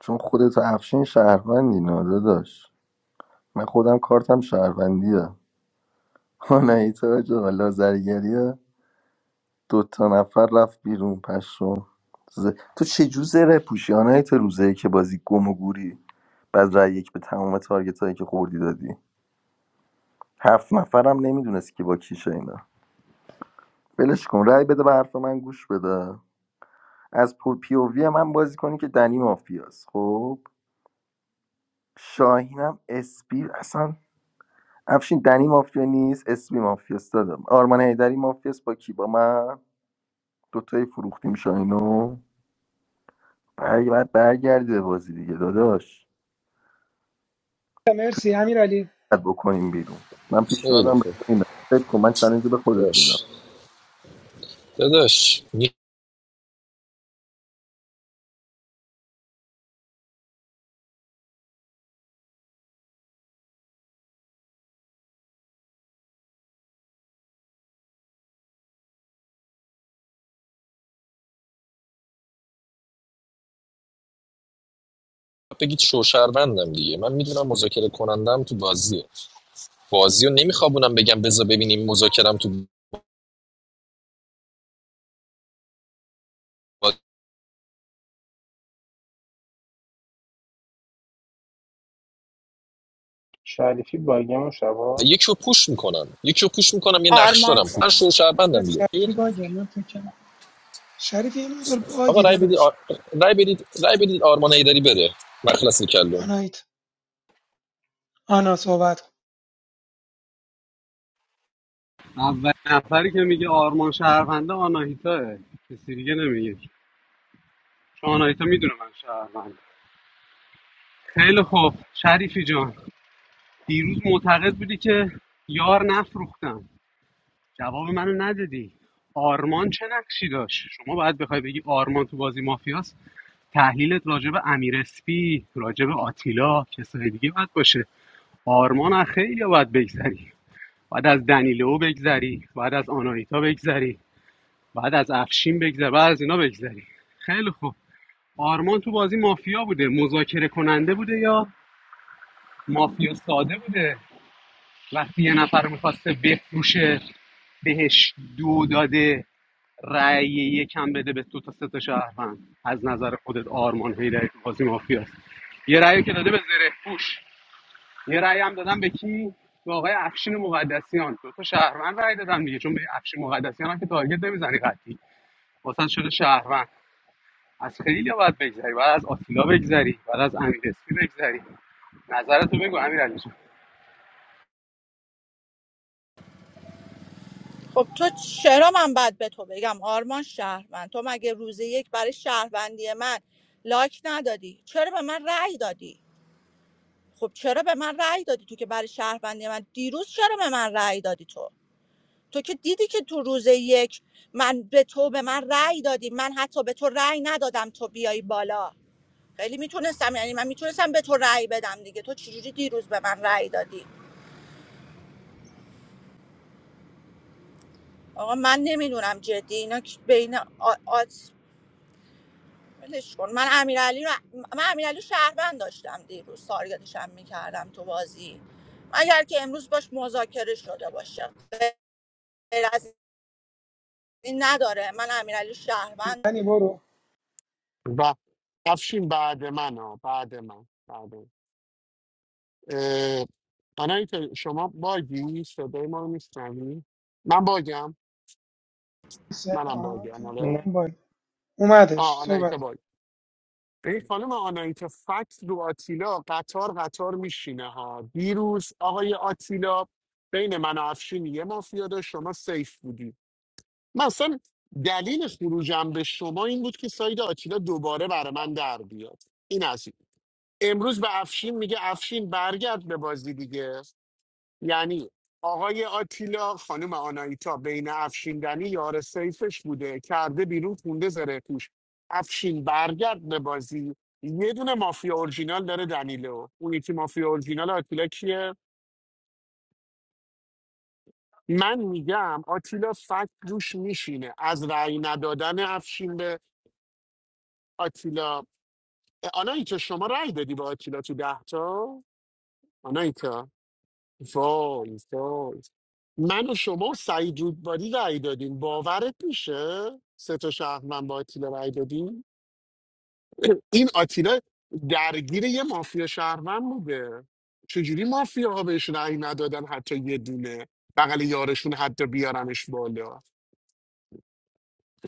چون خودت و افشین شهروندی ناده داشت من خودم کارتم شهروندیه هانایی تا جا لازرگریه دو تا نفر رفت بیرون پشم ز... تو چه جور زره پوشی های تو روزه که بازی گم و گوری بعد رای یک به تمام تارگت هایی که خوردی دادی هفت نفرم نمیدونستی که با کیشه اینا ولش کن رای بده به حرف من گوش بده از پول پی او وی من بازی کنی که دنی مافیاست خب شاهینم اسپی اصلا افشین دنی مافیا نیست اسپی مافیاست دادم آرمان هیدری مافیاست با کی با من دوتایی فروختیم شاهینو برگ- بعد برگردی به بازی دیگه داداش مرسی امیرعلی باید بکنیم بیرون من خیلی پیشنهادم به خوب تو اینه فکر کن من چالنج رو به خودت میدم باش داداش می- بگید شوشروندم دیگه من میدونم مذاکره کنندم تو بازیه بازی رو نمیخوابونم بگم بذار ببینیم مذاکرم تو بازی شریفی باگه ما شبا یکی رو پوش میکنم یکی رو پوش میکنم یه نقش آرمان دارم من صحبت شوشروندم شریفی دیگه باگه من فکر شریف یه مقدار آقا باگی رای بدید آر... داداش رای بدید رای بدید آرمان هیدری بره مخلص کلم آنایت آنا صحبت کن اول نفری که میگه آرمان شهرونده آناهیتاه کسی دیگه نمیگه چون آناهیتا میدونه من شهرونده خیلی خوب شریفی جان دیروز معتقد بودی که یار نفروختم جواب منو ندادی آرمان چه نقشی داشت شما باید بخوای بگی آرمان تو بازی مافیاست تحلیلت راجع به امیر اسپی راجع به آتیلا کسای دیگه باید باشه آرمان از خیلی باید بگذری باید از دنیلو بگذری باید از آنایتا بگذری باید از افشین بگذری باید از اینا بگذری خیلی خوب آرمان تو بازی مافیا بوده مذاکره کننده بوده یا مافیا ساده بوده وقتی یه نفر رو میخواسته بفروشه بهش دو داده رأی یکم بده به تو تا سه تا شهروند از نظر خودت آرمان هیدری تو بازی مافیا است یه رأی که داده به زره پوش یه رأی هم دادم به کی به آقای افشین مقدسیان دو تا شهروند رأی دادم دیگه چون به افشین مقدسیان هم که تارگت نمیزنی قطعی واسه شده شهروند از خیلی باید بگذری بعد از آتیلا بگذری بعد از امیر اسپی بگذری نظرتو بگو امیر علی خب تو چرا من بعد به تو بگم آرمان شهروند تو مگه روز یک برای شهروندی من لایک ندادی چرا به من رأی دادی خب چرا به من رأی دادی تو که برای شهروندی من دیروز چرا به من رأی دادی تو تو که دیدی که تو روز یک من به تو به من رأی دادی من حتی به تو رأی ندادم تو بیای بالا خیلی میتونستم یعنی من میتونستم به تو رأی بدم دیگه تو چجوری دیروز به من رأی دادی آقا من نمیدونم جدی اینا که بین آ- آت ولش کن من امیرعلی رو من امیرعلی رو شهروند داشتم دیروز تارگتشم میکردم تو بازی اگر که امروز باش مذاکره شده باشه غیر از این نداره من امیرعلی شهروند یعنی برو و افشین بعد من ها بعد من بعد من. اه، آنایی که شما باگی صدای ما رو میشنوی من باگم سه منم آنا باگم فکر آره نه کنم باگ آه اومدش آنایتا صحبت باگ این خانم آنایتا فکس رو آتیلا قطار قطار میشینه ها دیروز آقای آتیلا بین من و افشین یه مافیا داشت شما سیف بودی مثلا دلیل خروجم به شما این بود که ساید آتیلا دوباره برای من در بیاد این از این. امروز به افشین میگه افشین برگرد به بازی دیگه یعنی آقای آتیلا خانم آنایتا بین افشین دنی یار سیفش بوده کرده بیرون خونده زره توش افشین برگرد به بازی یه دونه مافیا اورجینال داره دنیلو اون یکی مافیا اورجینال آتیلا کیه من میگم آتیلا فکت روش میشینه از رأی ندادن افشین به آتیلا آنایتا شما رأی دادی به آتیلا تو ده تا آنایتا وای وای من و شما و سعید رودباری رأی دادیم باورت میشه سه تا شهروند با آتیلا رأی دادیم این آتیلا درگیر یه مافیا شهروند بوده چجوری مافیاها بهش رأی ندادن حتی یه دونه بغل یارشون حتی بیارنش بالا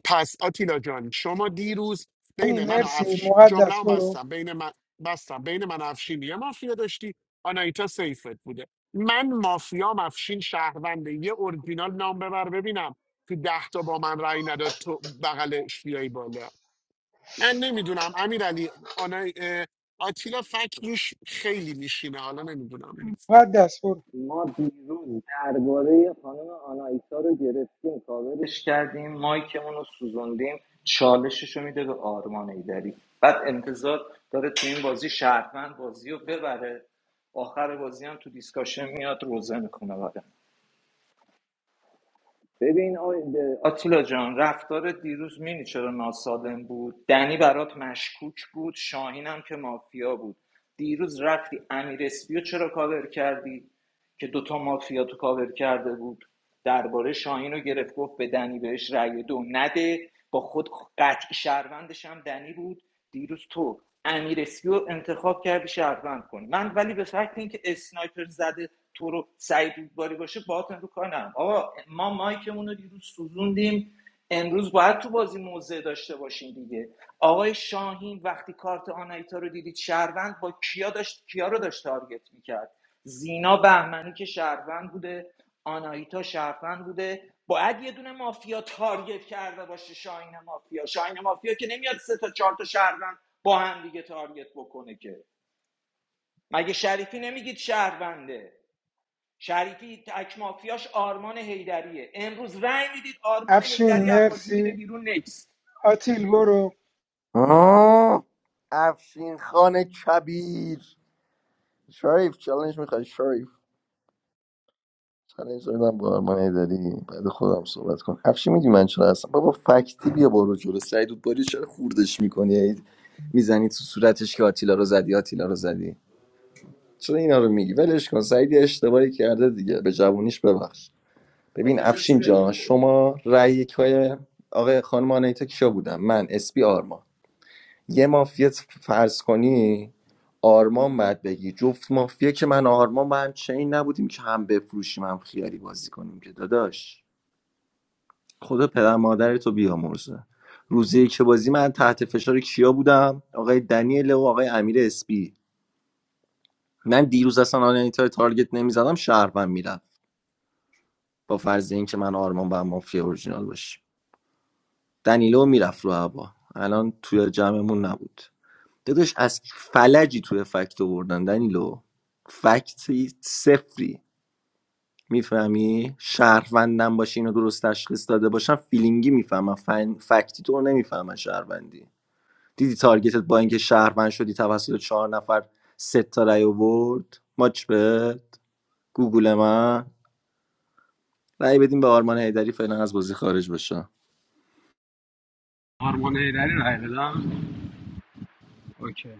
پس آتیلا جان شما دیروز یعنی بین من و مرسی افش... جمله مقدس برو بستم بین من بستم بین من و افشین یه مافیا داشتی آنایتا سیفت بوده من مافیام افشین شهرونده یه اورجینال نام ببر ببینم تو ده تا با من رأی نداد تو بغلش بیای بالا من نمیدونم امیرعلی آنا... اه، آتیلا فکرش خیلی میشینه حالا نمیدونم مقدس برو ما دیروز درباره خانم آنایتا رو گرفتیم کاورش کردیم مایکمون رو سوزوندیم چالشش رو میده به آرمان ایدری بعد انتظار داره تو این بازی شهروند بازی رو ببره آخر بازی هم تو دیسکاشن میاد روزه میخونه بعدم ببین آ- آتیلا جان رفتار دیروز مینی چرا ناسالم بود دنی برات مشکوک بود شاهین هم که مافیا بود دیروز رفتی امیر اسپیو چرا کاور کردی که دوتا مافیا تو کاور کرده بود درباره شاهین رو گرفت گفت به دنی بهش رأی دو نده با خود قطعی شهروندش هم دنی بود دیروز تو امیر اسپیو انتخاب کردی شهروند کنی من ولی به فکر اینکه اسنایپر زده تو رو سعید رودباری باشه باهاتون رو کار ندارم آقا ما مایکمون رو دیروز سوزوندیم امروز باید تو بازی موضع داشته باشیم دیگه آقای شاهین وقتی کارت آنایتا رو دیدید شهروند با کیا داشت کیا رو داشت تارگت میکرد زینا بهمنی که شهروند بوده آنایتا شهروند بوده باید یه دونه مافیا تارگت کرده باشه شاهین مافیا شاهین مافیا که نمیاد سه تا چهار تا شهروند با هم دیگه تارگت بکنه که مگه شریفی نمیگید شهرونده شریفی تک مافیاش آرمان هیدریه امروز رأی میدید آرمان افشین هیدری عباسی میره مرسی بیرون نکس آتیل برو آه، افشین خان کبیر شریف چالنج میخوای شریف چالنج دادم با آرمان داری بعد خودم صحبت کن افشین میدی من چرا هستم بابا فکتی بیا برو جلو سعید باری چرا خوردش میکنی میزنی تو صورتش که آتیلا رو زدی آتیلا رو زدی چرا اینا رو میگی ولش کن سعید یه اشتباهی کرده دیگه به جوونیش ببخش ببین افشین جان شما رأی یکای آقای خانم آنیتا کیا بودم من اسپی آرما یه مافیا فرض کنی آرمان بعد بگی جفت مافیا که من و آرمان من چین نبودیم که هم بفروشیم هم خیالی بازی کنیم که داداش خدا پدر مادر تو بیامرزه روزی که بازی من تحت فشار کیا بودم آقای دنیل و آقای امیر اسپی من دیروز اصلا آنیتا رو تارگت نمیزدم شهروند میرم با فرض اینکه من و آرمان و مافیا اورجینال باشیم دنیلو میرفت رو هوا الان توی جمعمون نبود داداش از فلجی توی فکت آوردن دنیلو فکت صفری میفهمی شهروندم باشه اینو درست تشخیص داده باشم فیلینگی میفهمم فن... فکتی تو رو نمیفهمم شهروندی دیدی تارگتت با اینکه شهروند شدی توسط چهار نفر سه تا رأی آورد ماچ بد گوگل من رأی بدیم به آرمان هیدری فعلا از بازی خارج بشه آرمان هیدری رأی دادم اوکی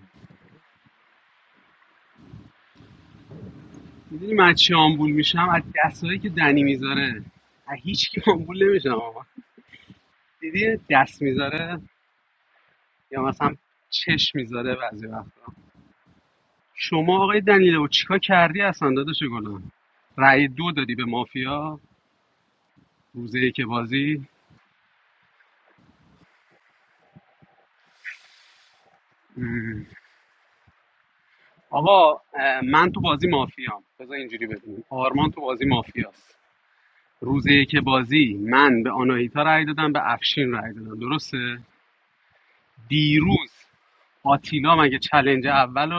میدونی من از چی آمبول میشم از دستایی که دنی میذاره از هیچ کی آمبول نمیشم آقا دیدی دست میذاره یا مثلا چش میذاره بعضی وقتا شما آقای دنیلو چیکار کردی اصلا داداش گلم رأی دو دادی به مافیا روز که بازی مم. آقا اه، من تو بازی مافیام بذار اینجوری بگیم آرمان تو بازی مافیاست روز که بازی من به آناهیتا رأی دادم به افشین رأی دادم درسته دیروز آتیلا مگه چلنج اولو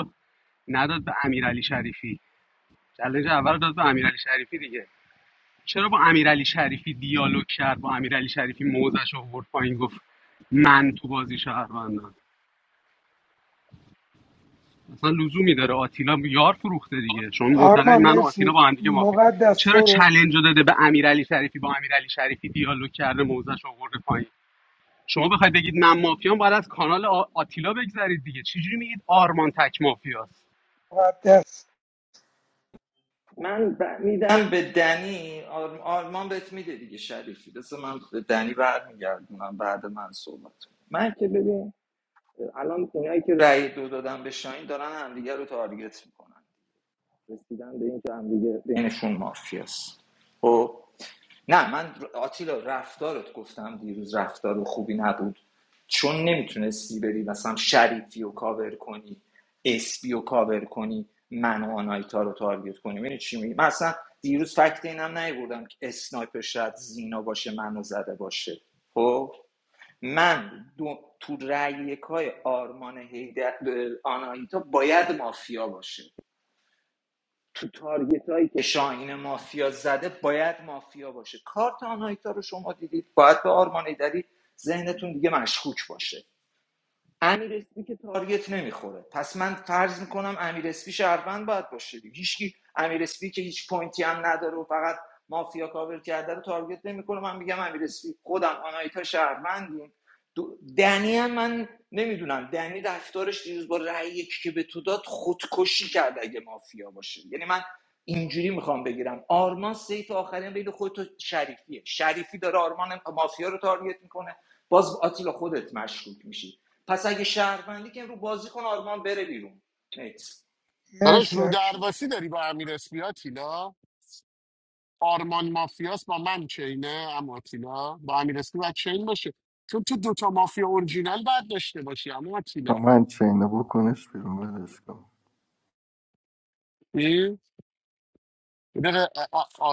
نداد به امیرعلی شریفی چلنج اولو داد به امیرعلی شریفی دیگه چرا با امیرعلی شریفی دیالوگ کرد با امیرعلی شریفی موزش آورد پایین گفت من تو بازی شهروندم اصلا لزومی داره آتیلا یار فروخته دیگه شما معتقد آرمان من و آتیلا مرسی با هم دیگه مافی مقدس چرا برو چلنج رو داده به امیرعلی شریفی با امیرعلی شریفی دیالوگ کرده موزش آورده پایین شما بخواید بگید من مافیام باید از کانال آ- آتیلا بگذرید دیگه چجوری میگید آرمان تک مافیاست مقدس من ب- میدم به دنی آر- آرمان بهت میده دیگه شریفی بسه من به دنی برمیگردونم بعد من صحبت کنم. من که ببین الان اینایی که رأی دو دادن به شاهین دارن همدیگه رو تارگت میکنن رسیدن به اینکه همدیگه بینشون مافیاست خب نه من آتیلا رفتارت گفتم دیروز رفتار خوبی نبود چون نمیتونستی بری مثلا شریفی رو کاور کنی اسپی رو کاور کنی من و آنایتا رو تارگت کنی ببین چی میگی من اصلا دیروز فکت اینم نیوردم که اسنایپر شاید زینا باشه منو زده باشه خب من دو تو رأی یکای آرمان هیدر آنایتا باید مافیا باشه تو تارگت هایی که شاهین مافیا زده باید مافیا باشه کارت آناهیتا رو شما دیدید باید به آرمان ایدری ذهنتون دیگه مشکوک باشه امیر اسپی که تارگت نمیخوره پس من فرض میکنم امیر اسپی شهروند باید باشه دیگه. هیچکی امیر اسپی که هیچ پوینتی هم نداره و فقط مافیا کاور کرده رو تارگت نمیکنه من میگم امیر اسپی خودم آناهیتا شهروندیم دو- دنی هم من نمیدونم دنی رفتارش دیروز با رأی یکی که به تو داد خودکشی کرد اگه مافیا باشه یعنی من اینجوری میخوام بگیرم آرمان سیف آخرین بین خودت و شریفیه شریفی داره آرمان مافیا رو تارگت میکنه باز آتیلا خودت مشکوک میشی پس اگه شهروندی که رو بازی کن آرمان بره بیرون نیت داداش مرسی رو افشین درواسی داری با امیر اسپی آتیلا آرمان مافیاس با من چینه ام آتیلا با امیر اسمی باید چین باشه چون تو دوتا مافیا اورجینال باید داشته باشی ام آتیلا من چینه بکنش بیرون ولش کن این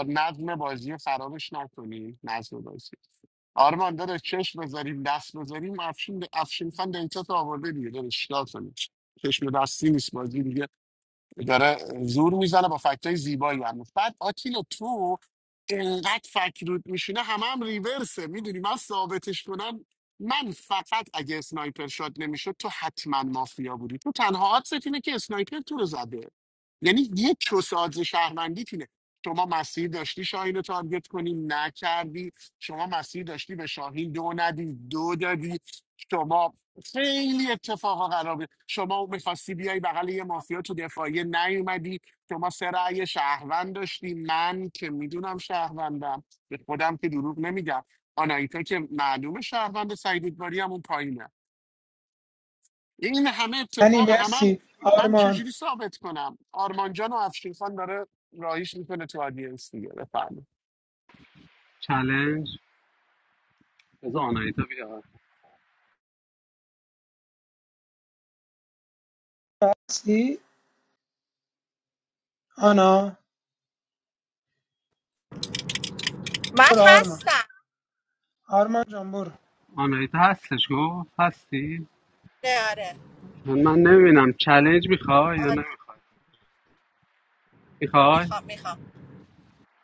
نظم بازی رو خرابش نکنی نظم بازی آرمان داره چشم بذاریم دست بذاریم افشین افشین خان دیتا تو آورده دیگه داره شکار کنیم چشم دستی نیست بازی دیگه داره زور میزنه با فکتای زیبایی هم بعد آتیلا تو انقدر فکر رود میشینه همه هم ریورسه میدونی من ثابتش کنم من فقط اگه اسنایپر شاد نمیشد تو حتما مافیا بودی تو تنها آدست اینه که اسنایپر تو رو زده یعنی یک چوس آدز شهروندی تینه شما مسیر داشتی شاهین رو تارگت کنی نکردی شما مسیر داشتی به شاهین دو ندی دو دادی شما خیلی اتفاقا قرار بود. شما میخواستی بیای بغل یه مافیا تو دفاعیه نیومدی شما سه رأی شهروند داشتی من که میدونم شهروندم به خودم که دروغ نمیگم آنایتا که معلوم شهروند سعیدودباری هم اون پایینه این همه یعنی اتفاق همم مرسی من آرمان چجوری ثابت کنم آرمان جان و افشین خان داره رایش میکنه تو آدینس دیگه بفرمایید چلنج از آنایتا بیا هستی آنا من برو آرمان هستم آرمان جان برو آنایتا هستش گفت هستی آره من نمیبینم چلنج میخوای یا آره. نمیخوای میخوای میخوام میخوام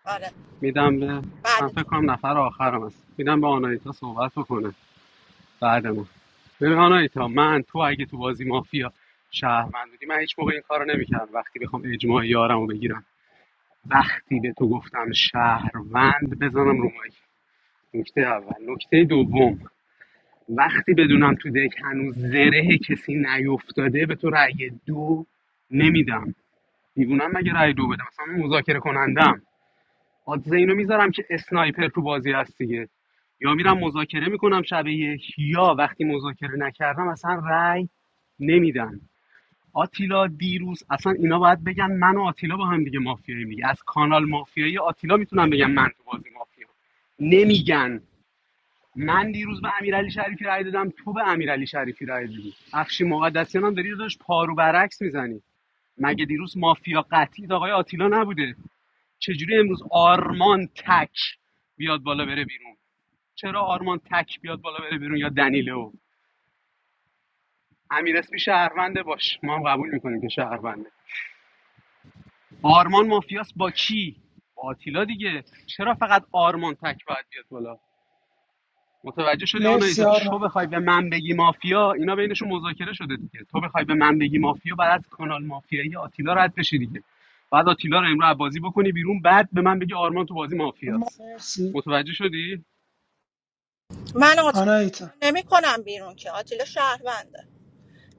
آره میدم به من بعد فکر تو کنم نفر آخرم هست میدم به آنایتا صحبت بکنه بعد ما. ببین آنایتا من تو اگه تو بازی مافیا شهروند بودی من هیچ موقع این کارو نمیکردم وقتی بخوام اجماع یارمو بگیرم وقتی به تو گفتم شهروند بزنم رو مایک نکته اول نکته دوم وقتی بدونم تو دک هنوز زره کسی نیفتاده به تو رأی دو نمیدم دیوونم مگه رأی دو بدم مثلا من مذاکره کنندم آدز اینو میذارم که اسنایپر تو بازی هست دیگه یا میرم مذاکره میکنم شب یک یا وقتی مذاکره نکردم اصلا رأی نمیدم آتیلا دیروز اصلا اینا باید بگن من و آتیلا با هم دیگه مافیاییم دیگه از کانال مافیایی آتیلا میتونم بگم من تو بازی مافیا نمیگن من دیروز به امیرعلی شریفی رای دادم تو به امیرعلی شریفی رای دادی افشین مقدسیان هم داری داشت پارو برعکس میزنی مگه دیروز مافیا قطعی آقای آتیلا نبوده چجوری امروز آرمان تک بیاد بالا بره بیرون چرا آرمان تک بیاد بالا بره بیرون یا دنیلو امیر اسمی شهرونده باش ما هم قبول میکنیم که شهرونده آرمان مافیاس با کی با آتیلا دیگه چرا فقط آرمان تک باید بیاد بالا متوجه شدی مرسی آناهیتا آرمان تو بخوای به من بگی مافیا اینا بینشون مذاکره شده دیگه تو بخوای به من بگی مافیا بعد کانال مافیایی آتیلا رد بشی دیگه بعد آتیلا رو امرو بازی بکنی بیرون بعد به من بگی آرمان تو بازی مافیاست مرسی متوجه شدی من آتیلا آنایتا نمی کنم بیرون که آتیلا شهرونده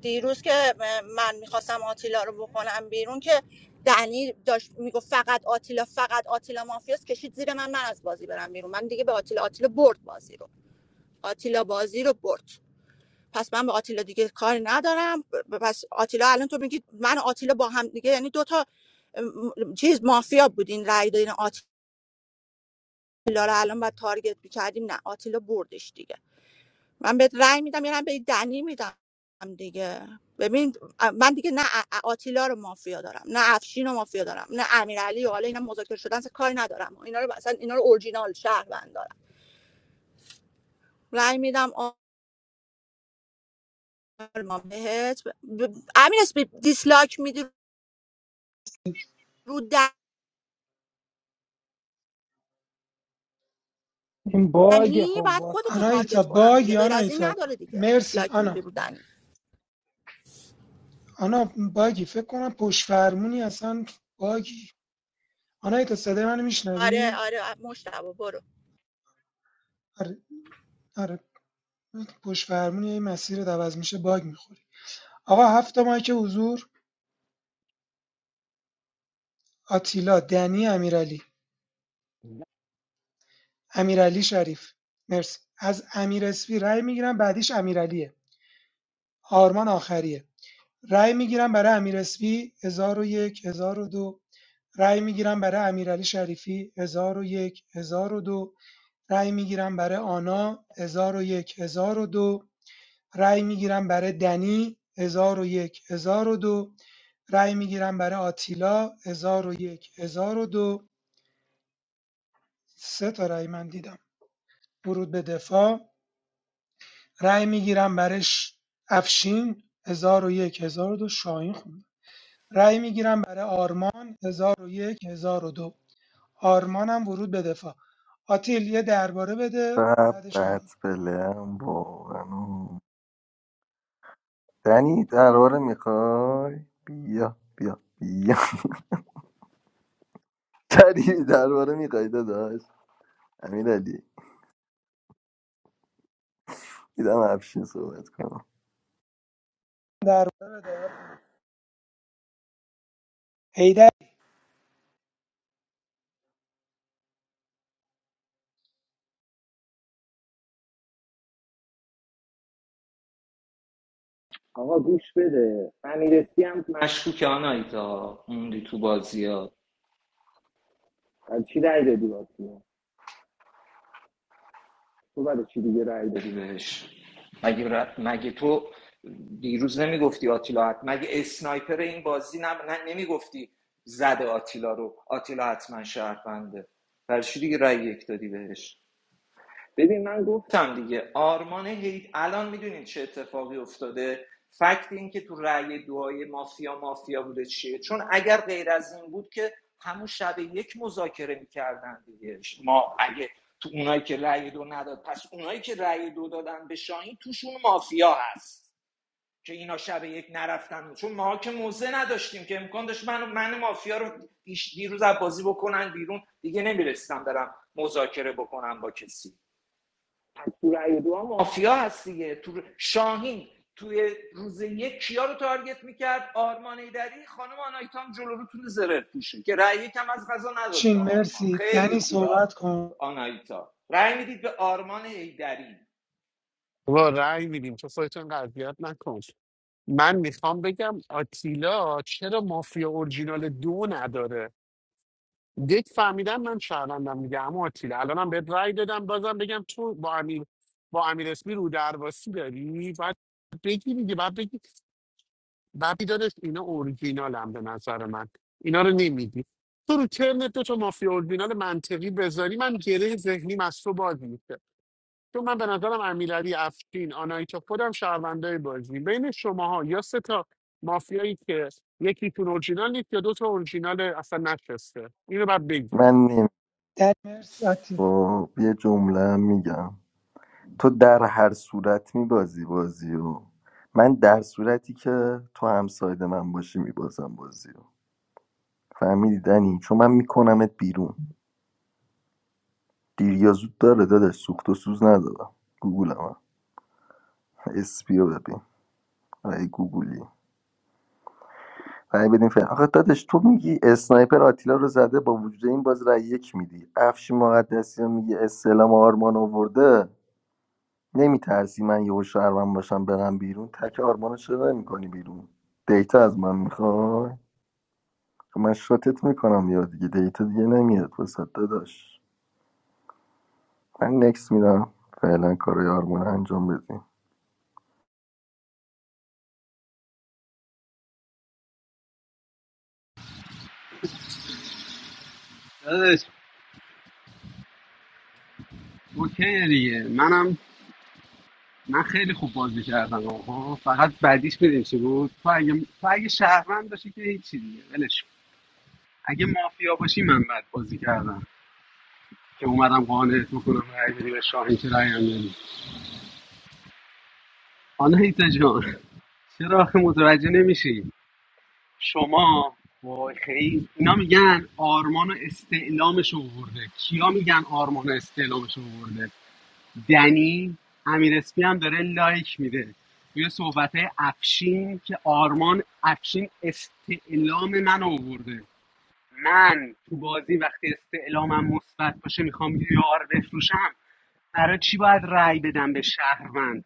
دیروز که من میخواستم آتیلا رو بکنم بیرون که دنی داشت میگفت فقط آتیلا فقط آتیلا مافیاس کشید زیر من من از بازی برم بیرون من دیگه به آتیلا آتیلا برد بازی رو آتیلا بازی رو برد پس من به آتیلا دیگه کاری ندارم ب- پس آتیلا الان تو میگی من و آتیلا با هم دیگه یعنی دوتا م، چیز مافیا بودین رای دادین آتیلا رو الان بعد تارگت میکردیم نه آتیلا بردش دیگه من بهت رأی میدم یعنی به دنی میدم دیگه ببین من دیگه نه ا- آتیلا رو مافیا دارم نه افشین رو مافیا دارم نه امیرعلی و حالا اینا مذاکره شدن اصلا کاری ندارم اینا رو اصلا اینا رو اورجینال شهروند دارم رأی میدم آرما بهت ب- ب- امیر اسپی دیسلایک میدی رو این باگ خب دنی بعد واسه خودتو آناهیتا تارگت کنم دیگه باگی غیر از این آناهیتا نداره دیگه مرسی دیسلایک میدی آنا رو دنی آنا باگی فکر کنم پشت فرمونی اصلا باگی آناهیتا صدای منو آره میشنوی آره مشتبه برو آره آره پشت فرمونی این مسیر عوض میشه باگ میخوری آقا هفت تا مایک حضور آتیلا دنی امیرعلی امیرعلی شریف مرسی از امیر اسفی رأی میگیرم بعدیش امیرعلیه آرمان آخریه رأی میگیرم برای امیر اسفی 1001 1002 رأی میگیرم برای امیرعلی شریفی 1001 1002 رای میگیرم برای آنا 1001 1002 رای میگیرم برای دنی 1001 1002 رای میگیرم برای آتیلا 1001 1002 سه تا رای من دیدم ورود به دفاع رای میگیرم برای ش- افشین 1001 1002 شاهین خوند رای میگیرم برای آرمان 1001 1002 آرمانم ورود به دفاع آتیل یه درباره بده چقدر بعدش بد آرمان پلم واقعا دنی درباره میخوای بیا بیا بیا دنی درباره میخوای داداش امیر علی دیدم افشین صحبت کنم درباره بده آرمان. آقا گوش بده امیرسی هم مشکوک آنایتا موندی تو بازی ها از چی رای دادی باید تو برای چی دیگه رأی دادی بهش مگه, ر- مگه تو دیروز نمیگفتی آتیلا حت... مگه اسنایپر این بازی نم... نه نمیگفتی زده آتیلا رو آتیلا حتما شهرونده برای چی دیگه رأی یک دادی بهش ببین من گفتم دیگه آرمان هیت الان میدونید چه اتفاقی افتاده فکت این که تو رأی دعای مافیا مافیا بوده چیه چون اگر غیر از این بود که همون شب یک مذاکره میکردن دیگه ما اگه تو اونایی که رأی دو نداد پس اونایی که رأی دو دادن به شاهین توشون مافیا هست که اینا شب یک نرفتن چون ما که موزه نداشتیم که امکان داشت من من مافیا رو دیروز از بازی بکنن بیرون دیگه نمیرسیدم برم مذاکره بکنم با کسی تو رأی دو هم مافیا هست دیگه تو شاهین توی روز یک کیا رو تارگت میکرد آرمان ایدری خانم آنایتام جلو رو تونه زره پوشه که رأی یکم از غذا نداد به بشین آرمان مرسی خیلی دنی خوبه صحبت کن آنایتا رأی میدید به آرمان ایدری با رأی میدیم تو خودتون قضیت نکن من میخوام بگم آتیلا چرا مافیا اورجینال دو نداره دک فهمیدم من شهروندم دیگه اما آتیلا الانم بهت رأی دادم بازم بگم تو با امیر با امیر اسمی رو درواسی داری بعد بگی دیگه بعد بگی ببی دادش اینا اورجینال هم به نظر من اینا رو نمیدی تو رو ترن دو تا مافیا اورجینال منطقی بذاری من گره ذهنیم از تو باز میشه چون من به نظرم امیرعلی افشین آنایتا خودم شهروندای بازی بین شماها یا سه تا مافیایی که یکیتون اورجینال نیست یا دو تا اورجینال اصلا نشسته اینو بعد بگی من نمی دنی مرسی آتی. خب، یه جمله هم میگم تو در هر صورت میبازی بازی و من در صورتی که تو همساید من باشی میبازم بازی رو فهمیدی دنی چون من میکنمت بیرون دیر یا زود داره داداش سوخت و سوز ندارم گوگلم هم. اسپیو ببین ای گوگولی آخه دادش سنایپر آتیلا رو زده با وجود این باز رای یک میدی افشی مقدسیان میگه استعلام آرمان آورده نمیترسی من یهو شهروند باشم برم بیرون تک آرمانو چرا نمیکنی بیرون دیتا از من میخوای من یا دیگه دیتا میاد واسه من نکس میدم فعلا کارای آرمان رو انجام بدیم داداش اوکی دیگه منم من خیلی خوب بازی کردم آها فقط بعدیش میدیم چی بود تو اگه تو اگه شهروند باشی که هیچی دیگه ولش اگه مافیا باشی من بعد بازی کردم که اومدم قانعت بکنم رای بدی به شاهین که رای هم نمی‌دی. حالا ایتا جان چرا آخه متوجه نمیشی شما وای خیلی اینا میگن آرمان و استعلامش رو ورده کیا میگن آرمان و استعلامش رو ورده دنی امیر اسپی هم داره لایک میده توی صحبت افشین که آرمان افشین استعلام من آورده من تو بازی وقتی استعلامم مثبت باشه میخوام یار بفروشم برای چی باید رأی بدم به شهروند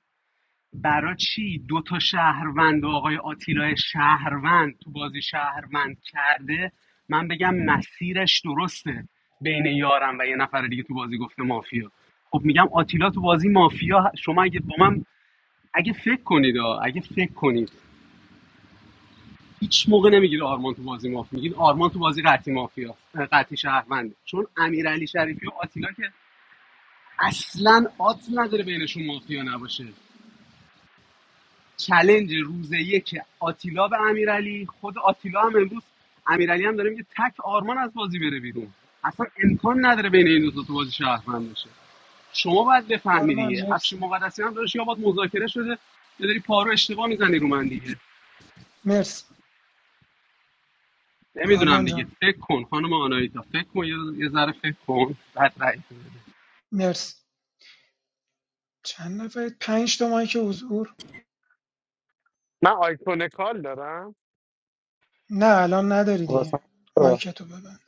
برای چی دو تا شهروند و آقای آتیلا شهروند تو بازی شهروند کرده من بگم مسیرش درسته بین یارم و یه نفر دیگه تو بازی گفته مافیا خب میگم آتیلا تو بازی مافیا شما اگه با من اگه فکر کنید آه، اگه فکر کنید هیچ موقع نمیگید آرمان تو بازی مافیا میگید آرمان تو بازی قطعی مافیا قطعی شهروند چون امیرعلی شریفی و آتیلا که اصلا آدز نداره بینشون مافیا نباشه چلنج روز یک آتیلا به امیرعلی خود آتیلا هم امروز امیرعلی هم داره میگه تک آرمان از بازی بره بیرون اصلا امکان نداره بین این دو تا بازی شهروند باشه شما باید بفهمی آرمان دیگه افشین مرسی مقدسیان هم داشت یا باید مذاکره شده یا داری پارو اشتباه میزنی رو من دیگه مرسی نمیدونم آرمان دیگه جان فکر کن خانم آنایتا فکر کن یه یه ذره فکر کن بعد رأی بده. مرسی چند نفرید پنج تا مایک حضور من آیکون کال دارم نه الان نداری دیگه واسه مایکتو ببند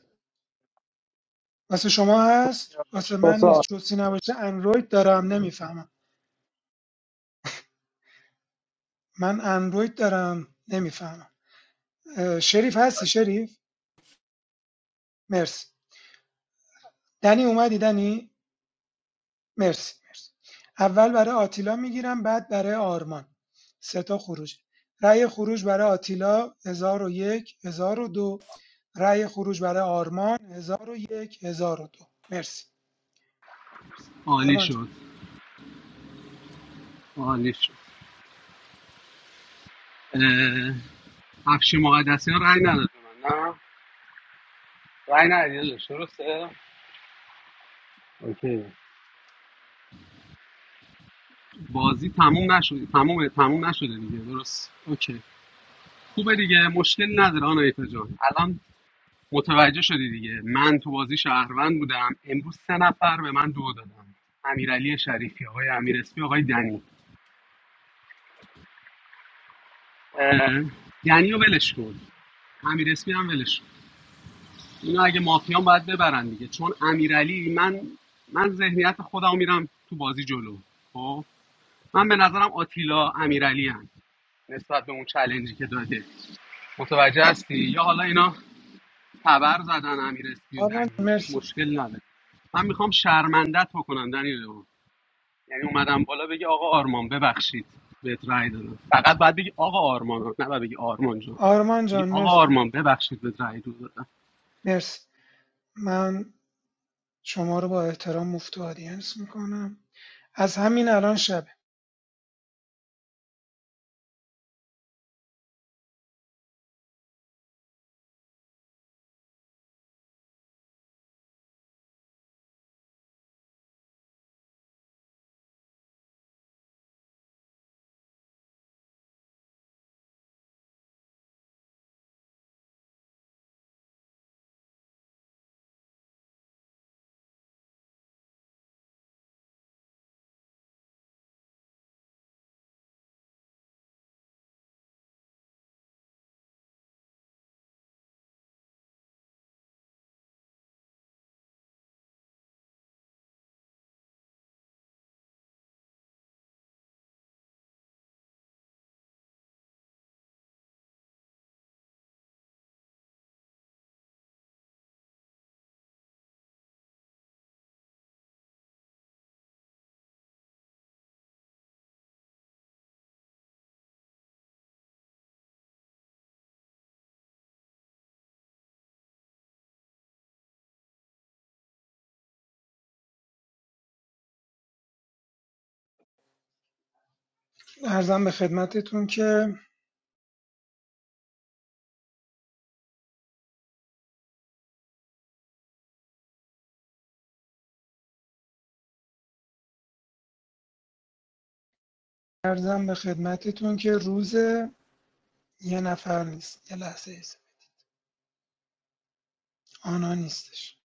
واسه شما هست واسه من واسه نیست چوسی نباشه اندروید دارم نمیفهمم من اندروید دارم نمیفهمم اه، شریف هستی شریف مرسی دنی اومدی دنی مرسی مرسی اول برای آتیلا میگیرم بعد برای آرمان سه تا خروج رأی خروج برای آتیلا 1001 1002 رأی خروج برای آرمان 1001 1002 مرسی عالی آرمان جان شد عالی شد اه، افشین مقدسیان رأی نداد به من نه رأی نداد درسته اوکی. بازی تموم نشده تموم تموم نشده دیگه درست اوکی خوبه دیگه مشکل نداره آنایتا جان الان متوجه شدی دیگه من تو بازی شهروند بودم امروز سه نفر به من دو دادم امیرعلی شریفی آقای امیر اسمی آقای دنی اه، دنی رو ولش کن امیر اسمی هم ولش کن اینا اگه مافیان باید ببرن دیگه چون امیرعلی من من ذهنیت خودم میرم تو بازی جلو خب من به نظرم آتیلا امیرعلی هم نسبت به اون چلنجی که داده متوجه هستی یا حالا اینا تبر زدن امیر اسپی و آرمان جان دنی مرسی مشکل نداره من میخوام شرمندت بکنم دنی رو یعنی اومدم بالا بگی آقا آرمان ببخشید بهت رأی دادم فقط باید بگی آقا آرمان نه باید بگی آرمان جون آرمان بگی جان آقا مرسی آرمان ببخشید بهت رأی دو دادم مرسی من شما رو با احترام مفت آدینس میکنم از همین الان شب ارزم به خدمتتون که ارزم به خدمتتون که روز یه نفر نیست یه لحظه آنا نیستش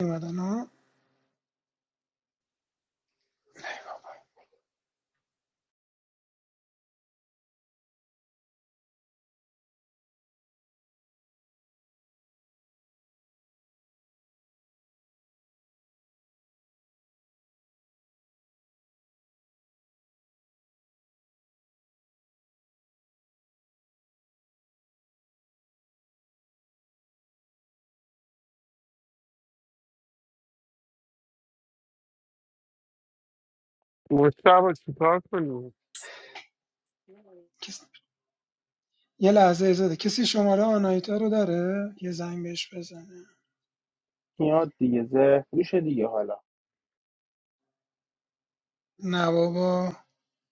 نیومدن ها مشتبه چیکار کنیم کس... یه لحظه اجازه کسی شماره آنایتا رو داره یه زنگ بهش بزنه آنیات دیگه زه میشه دیگه حالا نه بابا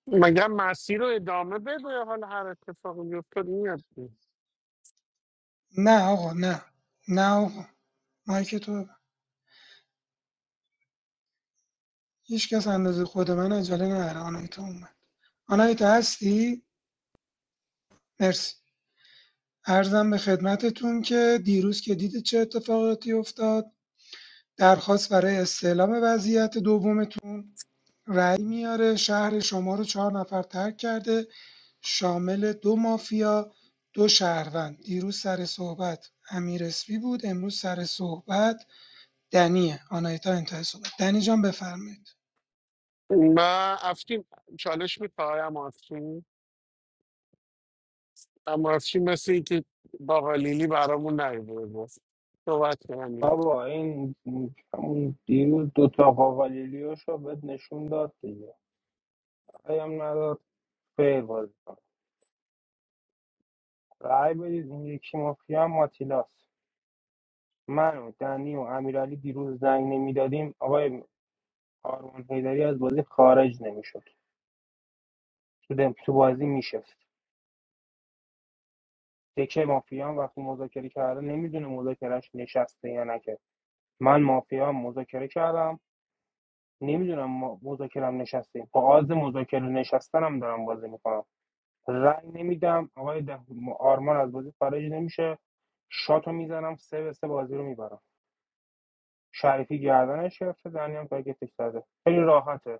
مگه مسیر رو ادامه بده حال هر اتفاقی افتاد میاد نه آقا نه نه آقا مایک تو ببن. هیچ کس اندازه خود من عجله نداره آنایتا اومد آنایتا هستی مرسی ارزم به خدمتتون که دیروز که دیدید چه اتفاقاتی افتاد درخواست برای استعلام وضعیت دومتون رأی میاره شهر شما رو چهار نفر ترک کرده شامل دو مافیا دو شهروند دیروز سر صحبت امیر اسپی بود امروز سر صحبت دنیه آنایتا انتهای صحبت دنی جان بفرمایید من افشین چالش می‌خوای اما افشین اما افشین مثل اینکه با لیلی برامون نیبرده صحبت کنم بابا این همون دیروز دوتا قوالیلیوش رو بهت نشون داد دیگه رأی هم نداد فیر بازی کن رأی بدید اون یکی مافیا هم ماتیلاس من و دنی و امیرعلی دیروز زنگ نمیدادیم آقای آرمان هیدری از بازی خارج نمیشد تو, دم- تو بازی میشست تکه مافیا هم وقتی مذاکره کرده نمیدونه مذاکرهش نشسته یا نه که من مافیا هم مذاکره کردم نمیدونم مذاکرم نشسته با آز مذاکره نشستنم دارم بازی میکنم رأی نمیدم آقای ده- آرمان از بازی خارج نمیشه شاتو میزنم سه به سه بازی رو میبرم شریفی گردنش گرفته دنی هم تارگتش زده خیلی راحته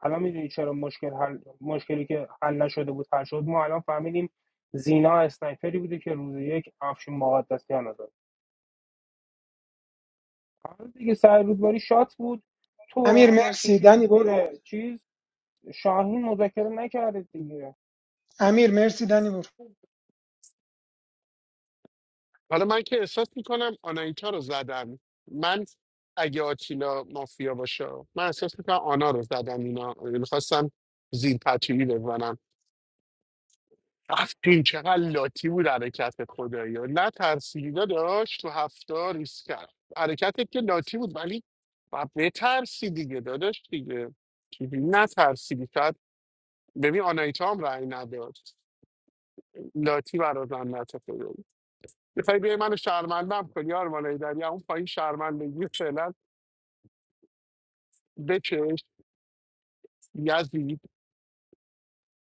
الان میدونی چرا مشکل حل... مشکلی که حل نشده بود حل شد ما الان فهمیدیم زینا اسنایپری بوده که روز یک افشین مقدسیان رو زد حالا دیگه سر رودباری شات بود تو و امیر آرمان مرسی کشیدید دنی برو زیر چیز شاهین مذاکره نکردید دیگه امیر مرسی دنی برو حالا من که احساس میکنم آنایتا رو زدم من اگه آتیلا مافیا باشه من احساس میکنم آنا رو زدم اینا میخواستم زیر پتویی بزنم رفتیم چقدر لاتی بود حرکتت خدایی نه ترسیده داشت تو هفته ریس کرد حرکتت که لاتی بود ولی باید بترسی دیگه داداش دیگه چیزی نترسیدی شاید ببین آنایتا هم رأی نداد لاتی برا زنت خدایی میخوای بیای منو شرمندم کنی آرمان ایدری اون پایین شرمندگی فعلا بچش یزید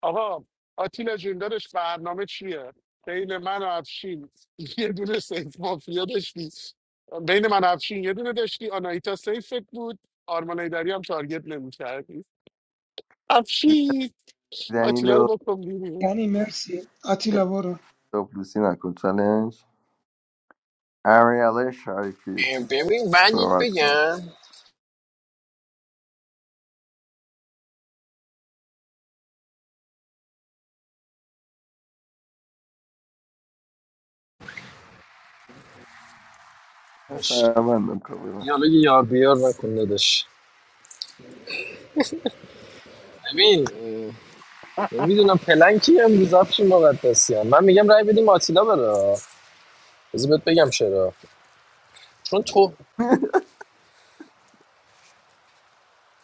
آقا آتیلا جون داداش برنامه چیه بین من و افشین یه دونه سیف مافیا داشتی بین من و افشین یه دونه داشتی آنایتا سیفت بود آرمان ایدری هم تارگت نمی‌کردی افشین آتیلا رو دنیلو بکن بیرون دنی مرسی آتیلا برو استوپنج امیاله شریفی ببین سود من یک کنم بگم من باش شهروندم کاملا دیالوگ یار بیار نکن داداش ببین اه، نمیدونم پلن کی امروز افشین مقدسیان من میگم رای بدیم آتیلا بره بذار بهت بگم چرا چون تو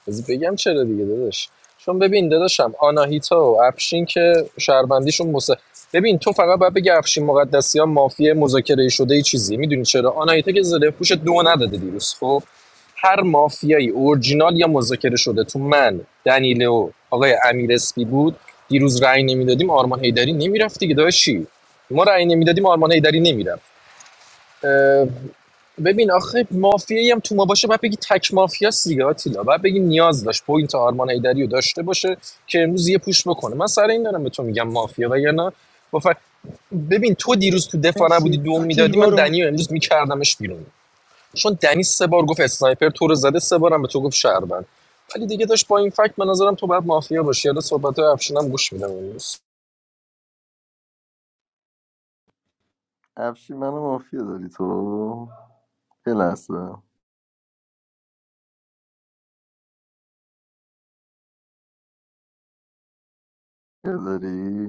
بذار بگم چرا دیگه داداش چون ببین داداشم آناهیتا و افشین که شهروندیشون مسه ببین تو فقط باید بگی افشین مقدسیان مافیا مذاکره شده ای چیزی میدونی چرا آناهیتا که زره پوش دو نداده دیروز خب هر مافیایی اورجینال یا مذاکره شده تو من دنیلو آقای امیر اسپی بود دیروز رأی نمیدادیم آرمان هیدری نمیرفت دیگه داشی ما رأی نمیدادیم آرمان هیدری نمیرفت ببین آخه مافیایی هم تو ما باشه بعد بگی تک مافیاست دیگه آتیلا بعد بگی نیاز داشت پوینت آرمان ایدری رو داشته باشه که امروز یه پوش بکنه من سر این دارم به تو میگم مافیا وگرنه با ببین تو دیروز تو دفاع نبودی مرسی دوم آتیل میدادی من برو دنی رو امروز میکردمش بیرون چون دنی سه بار گفت اسنایپر تو رو زده سه بارم به تو گفت شهروند ولی دیگه داشت با این فکت به نظرم تو بعد مافیا باشی حالا صحبت های افشینم گوش میدم امروز افشی منو مافیا داری تو یه لحظه یه داری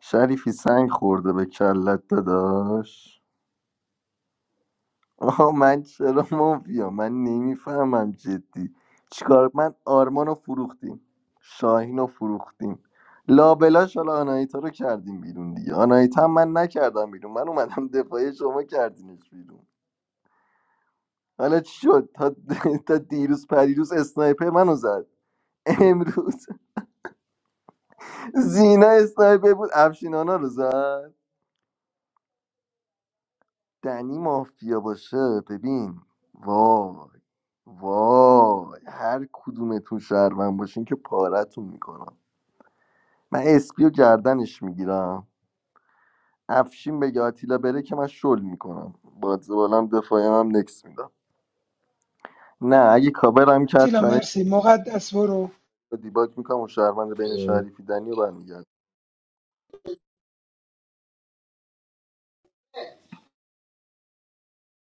شریفی سنگ خورده به کلت داداش آها من چرا مافیا من نمیفهمم جدی چیکار من آرمان رو فروختیم شاهین رو فروختیم لابلاش حالا آنایتا رو کردیم بیرون دیگه آنایتا هم من نکردم بیرون من اومدم دفاعی شما کردینش بیرون حالا چی شد تا, تا دیروز پریروز اسنایپر منو زد امروز زینا اسنایپر بود افشینانا رو زد دنی مافیا باشه ببین واو وای هر کدومتون شهروند باشین که پارتون میکنم من اسپی و گردنش میگیرم افشین بگه آتیلا بره که من شل میکنم بادزبالم دفاعیم هم نکس میدم نه اگه کابرم کرد آتیلا چنه مرسی مقدس برو دیباک میکنم و شهروند بین شریفی دنی و برمیگرد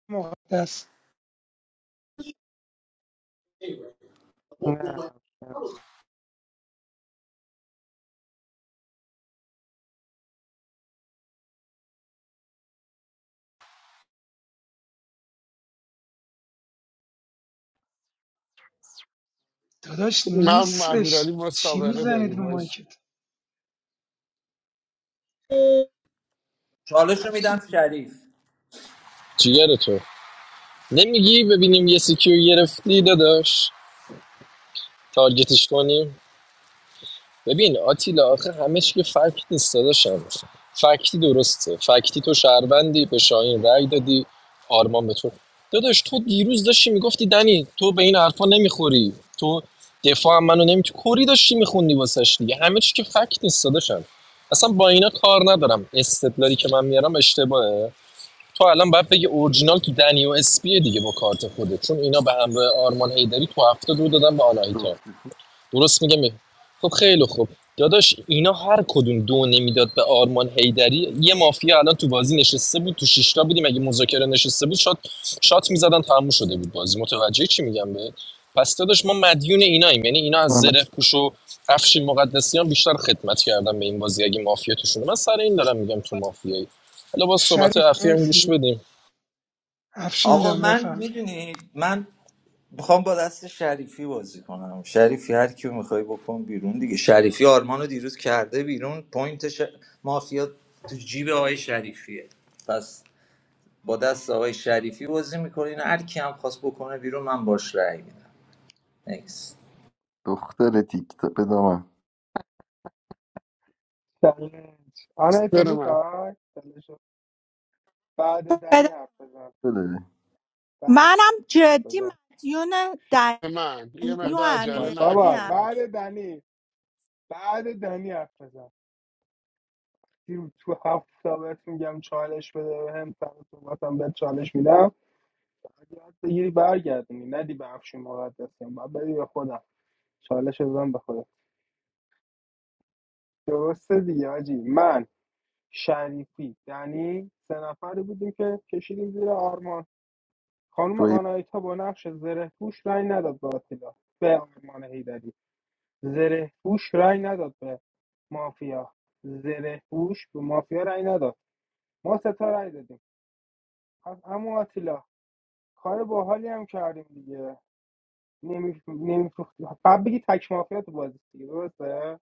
مقدس نه داداش من نیستش مدیرالی ما چی سابقه میزنید داریم رو باش مایکت چالش رو افشین میدم شریف جیگر تو نمیگی ببینیم یه سیکیو گرفتی داداش تارگتش کنیم ببین آتیلا آخه همش که فکت نیست داداشم فکتی درسته فکتی تو شهروندی به شاهین رای دادی آرمان به تو داداش تو دیروز داشتی میگفتی دنی تو به این حرفا نمیخوری تو دفاع هم منو نمیتونی کوری داشتی میخوندی واسش دیگه همه چی که فکت نیست داداشم اصلا با اینا کار ندارم استدلالی که من میارم اشتباهه تو الان باید بگی اورجینال تو دنی و اسپیه دیگه با کارت خوده چون اینا به همراه آرمان هیدری تو هفته دو دادن به آناهیتا گفتی درست میگم خب خیلی خوب داداش اینا هر کدوم دو نمیداد به آرمان هیدری یه مافیا الان تو بازی نشسته بود تو شش شیشتا بودیم اگه مذاکره نشسته بود شات شات میزدن تموم شده بود بازی متوجه چی میگم به پس داداش ما مدیون ایناییم یعنی اینا از فلان زره پوش و افشین مقدسیان بیشتر خدمت کردن به این بازی اگه مافیا توشونه من سر این دارم میگم تو مافیایی حالا با صحبت شریف افی هم گوش مرسی بدیم افشین آقا جان من بفرمایید میدونی من میخوام با دست شریفی بازی کنم شریفی هر کیو میخوای بکن بیرون دیگه شریفی آرمانو دیروز کرده بیرون پوینت ش... مافیا تو جیب آقای شریفیه پس با دست آقای شریفی بازی میکنین هر کی هم خواست بکنه بیرون من باش رأی میدم نکس دختر تیک تا بده من چالش آنایتا بر من میخوای بعد دنی بده. حرف بزن بده بعد منم حرف جدی بزن مدیون من یه نه دنی و مقدار عجله مای بابا امیرعلی نکن بعد دنی بعد دنی حرف بزن دیو تو هفته بهت میگم چالش بده به هم سر صحبتم به چالش میدم اگه یاد بگیری برگردونی ندی به افش مقدسیم باید بری به خودم چالش رو بزن به خودم درسته دیگه آجی من شریفی دنی سه نفری بودیم که کشیدیم زیر آرمان خانم توی آنایتا با نقش زره پوش رنگ نداد به آتیلا به آرمان هیدری زره پوش رأی نداد به مافیا زره پوش به مافیا رای نداد ما ستا رأی دادیم اما آتیلا کار باحالی هم کردیم دیگه نمی نمی‌فروختی. بعد بگی تک مافیا تو بازی دیگه درسته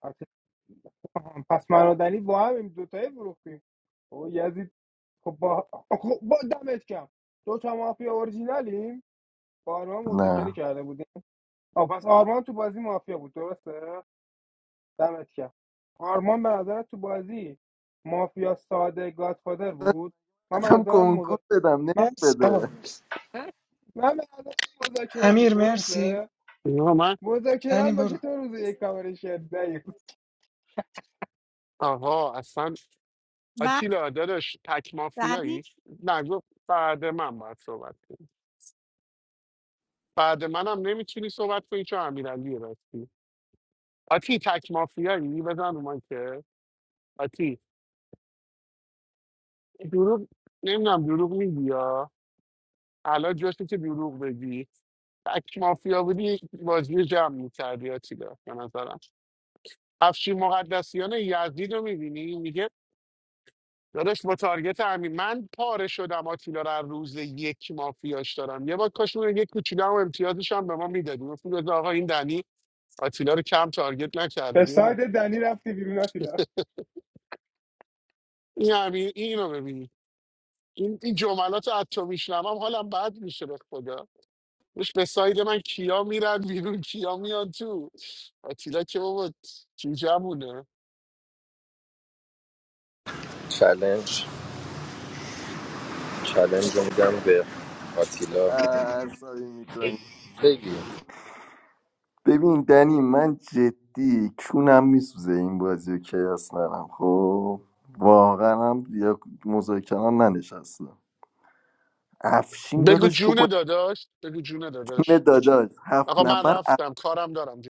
آتیلا جان، پس من و دنی با هم این دوتایی فروختیم او یزید خب با خب با دمت کم دو تا مافیا اورجینالیم با آرمان مذاکره نه کرده بودیم آه پس آرمان تو بازی مافیا بود درسته دمت گرم آرمان به نظرت تو بازی مافیا ساده گادفادر بود من به چون نظرم کنکور مذا... بدم نه من, مرسی آقا بده مرسی من به نظرم مذاکره بود امیر مرسی درسته نه من مذاکره یعنی هم باشه برو تو روز یک کامرش دهی آقا اصلا آتیلا داداش تک مافیایی ولی نه گفت بعد من باید صحبت کنی. بعد منم نمیتونی صحبت کنی چون امیرعلی راستی آتی تک مافیایی بزن اومد که آتی دروغ نمیدونم دروغ میگی یا الان جاشو که دروغ بگی تک مافیا بودی بازی رو جمع میکردی آتی دار به نظرم افشین مقدسیان یزدی رو میبینی میگه داداش با تارگت همین من پاره شدم آتیلا رو هر روز یک مافیاش دارم یه بار کاش اون یک کوچولو هم امتیازش هم به ما میدادیم گفتیم آقا این دنی آتیلا رو کم تارگت به نکرده ساید دنی رفتی بیرون آتیلا این همین اینو ببین این این جملات رو حتی میشنوم حالم بد میشه به خدا مش به ساید من کیا میرن بیرون کیا میان تو آتیلا که بابا جوجمونه چلنج چلنج رو میدم به آتیلا عصبی میکنم بگی ببین دنی من جدی کونم میسوزه این بازی و کیاس نرم خب واقعا هم یا مذاکرم ننشستم افشین بگو داداش تو جونه با داداش بگو جونه تیم داداش داداش هفت آقا من نفر اف... رفتم کارم دارم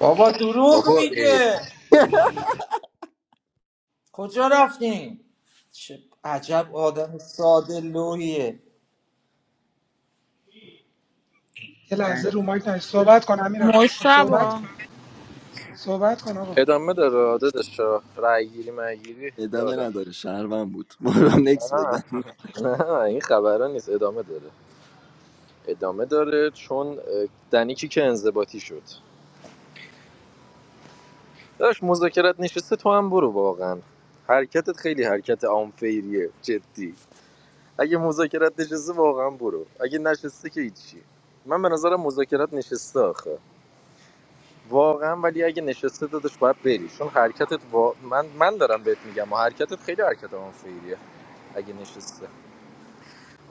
بابا دروغ بابا، ای میگه کجا رفتیم چه عجب آدم ساده لوحیه یه لحظه رو مایک نیست صحبت کن امیرعلی خب صحبت مشتبا کن صحبت کن آقا ادامه داره داداش رای گیری مرگیری ادامه داره نداره شهروند بود برو نکس بدن نه این خبرها نیست ادامه داره ادامه داره چون اه، دنیکی که انضباطی شد داشت مذاکرت نشسته تو هم برو واقعا حرکتت خیلی حرکت آنفیریه جدی اگه مذاکرت نشسته واقعا برو اگه نشسته که هیچی من به نظرم مذاکرت نشسته آخه واقعا ولی اگه نشسته دادش باید بری چون حرکتت وا... من من دارم بهت میگم و حرکتت خیلی حرکت آنفیریه اگه نشسته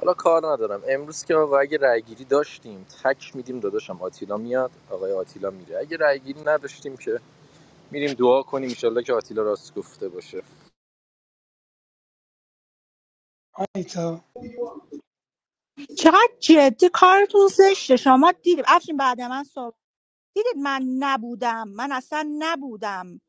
حالا کار ندارم امروز که آقا اگه رأیگیری داشتیم تک میدیم داداشم آتیلا میاد آقای آتیلا میره اگه رأیگیری نداشتیم که میریم دعا کنیم انشالله که آتیلا راست گفته باشه آیتا چقدر جدی کارتون زشته شما دیدید افشین بعد من صحبت دیدید من نبودم من اصلا نبودم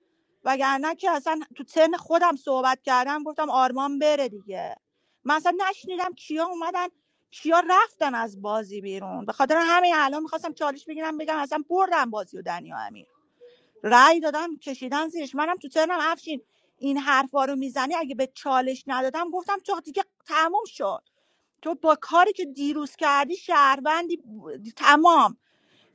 وگرنه که اصلا تو تن خودم صحبت کردم گفتم آرمان بره دیگه من اصلا نشنیدم کیا اومدن کیا رفتن از بازی بیرون به خاطر همین الان میخواستم چالش بگیرم بگم اصلا بردم بازی و دنیا امیر رأی دادم کشیدن زیرش منم تو ترنم افشین این حرفا رو میزنی اگه به چالش ندادم گفتم تو دیگه تموم شد تو با کاری که دیروز کردی شهروندی تمام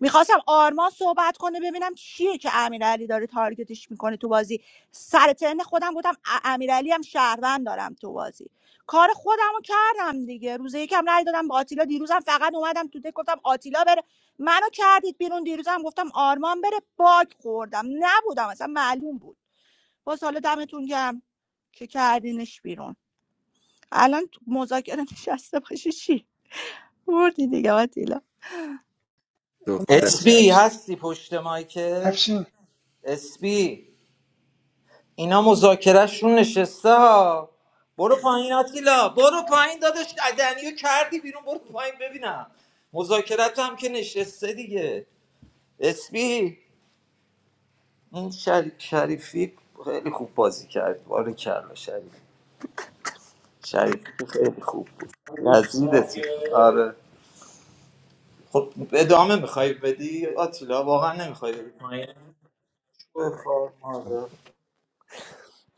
میخواستم آرمان صحبت کنه ببینم چیه که امیرعلی داره تارگتش میکنه تو بازی سر ترن خودم گفتم ا- امیرعلی هم شهروند دارم تو بازی کار خودم رو کردم دیگه روز یکم رأی دادم به آتیلا دیروزم فقط اومدم تو دک گفتم آتیلا بره منو کردید بیرون دیروزم گفتم آرمان بره باگ خوردم نبودم اصلا معلوم بود باز سال دمتون گرم که کردینش بیرون الان تو مذاکره نشسته باشه چی بردی دیگه آتیلا خانم دختر مرسی اسپی افشین هستی پشت مایکت افشین اسپی اینا مذاکرهشون نشسته ها برو پایین آتیلا برو پایین داداش دنیو کردی بیرون برو پایین ببینم مذاکرت هم که نشسته دیگه اسپی این شریف شریفی خیلی خوب بازی کرد باره کلا شریف شریفی که خیلی خوب بود لذیذ تیم آره خب ادامه میخوای بدی آتیلا واقعا نمیخوای بدی پایین؟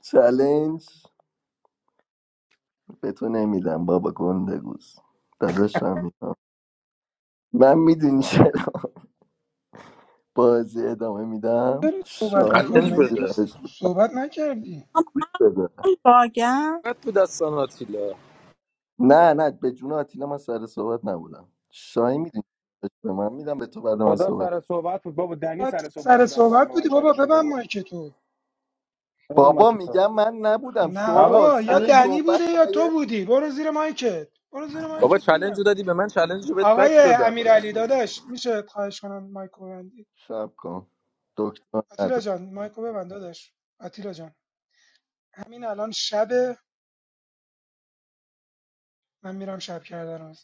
چلنج به تو نمیدم بابا گنده گوز داداشم میدم من میدونی چرا بازی ادامه چرا میدم صحبت شاهی میکنه چالش میدونی من یه جز صحبت نکردی چرا من باگم بد بود دستان آتیلا نه نه به جون آتیلا من سر صحبت نبودم شاهی میدونی به من میدم به تو بعد من خدا صحبت سر صحبت بود بابا دنی بعد سر صحبت سر بود هستم صحبت به من بودی بابا چالش شده ببن بود مایک تو بابا ما بابا که تو میگم من نبودم نه آقا شورول آقا یا سر دنی بود دنی بوده صحبت یا تو آقای بودی برو زیر مایکت برو زیر بابا مایکت چالش بینم دادی به من چالش رو بهت آقای بک دادم امیرعلی یزید. داداش میشه خواهش کنم مایکو ببندی شب کن دکتر آتیلا ندار جان مایکو ببند داداش آتیلا جان همین الان شبه من میرم شب کردن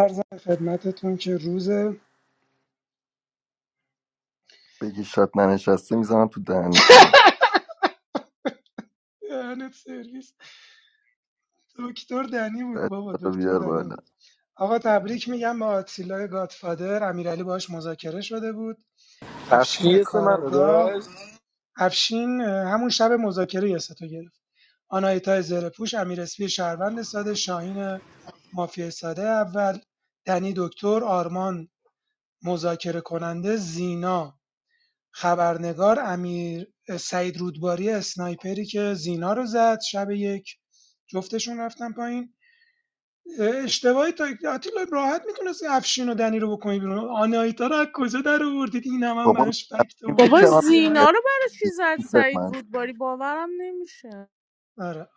ارزم خدمتتون که روز بگی شاد ننشسته میزنم تو دهنت ها دهنت سرویس دکتر دنی بود بچه بابا رو دکتر بیار دنی بالا بود آقا تبریک میگم با آتیلای گادفادر امیرعلی باش مذاکره شده بود افشین تفشیس منو کاراگاه داشت افشین اه، همون شب مذاکره یاستو گرفت آنایتا زرپوش امیر اسپی شهروند ساده شاهین مافیا ساده اول دنی دکتر آرمان مذاکره کننده زینا خبرنگار امیر امیرسعید رودباری اسنایپری که زینا رو زد شب یک جفتشون رفتن پایین اشتباهی تا آتیلا راحت میتونستی افشین و دنی رو بکنی بیرون آنایتا رو از کجا در آوردید این هم, هم بابا من براش فکت این فکر بابا آوردید کردم زینا دهن. رو برای چی زد سعید سوپرمن شد. رودباری باورم نمیشه آره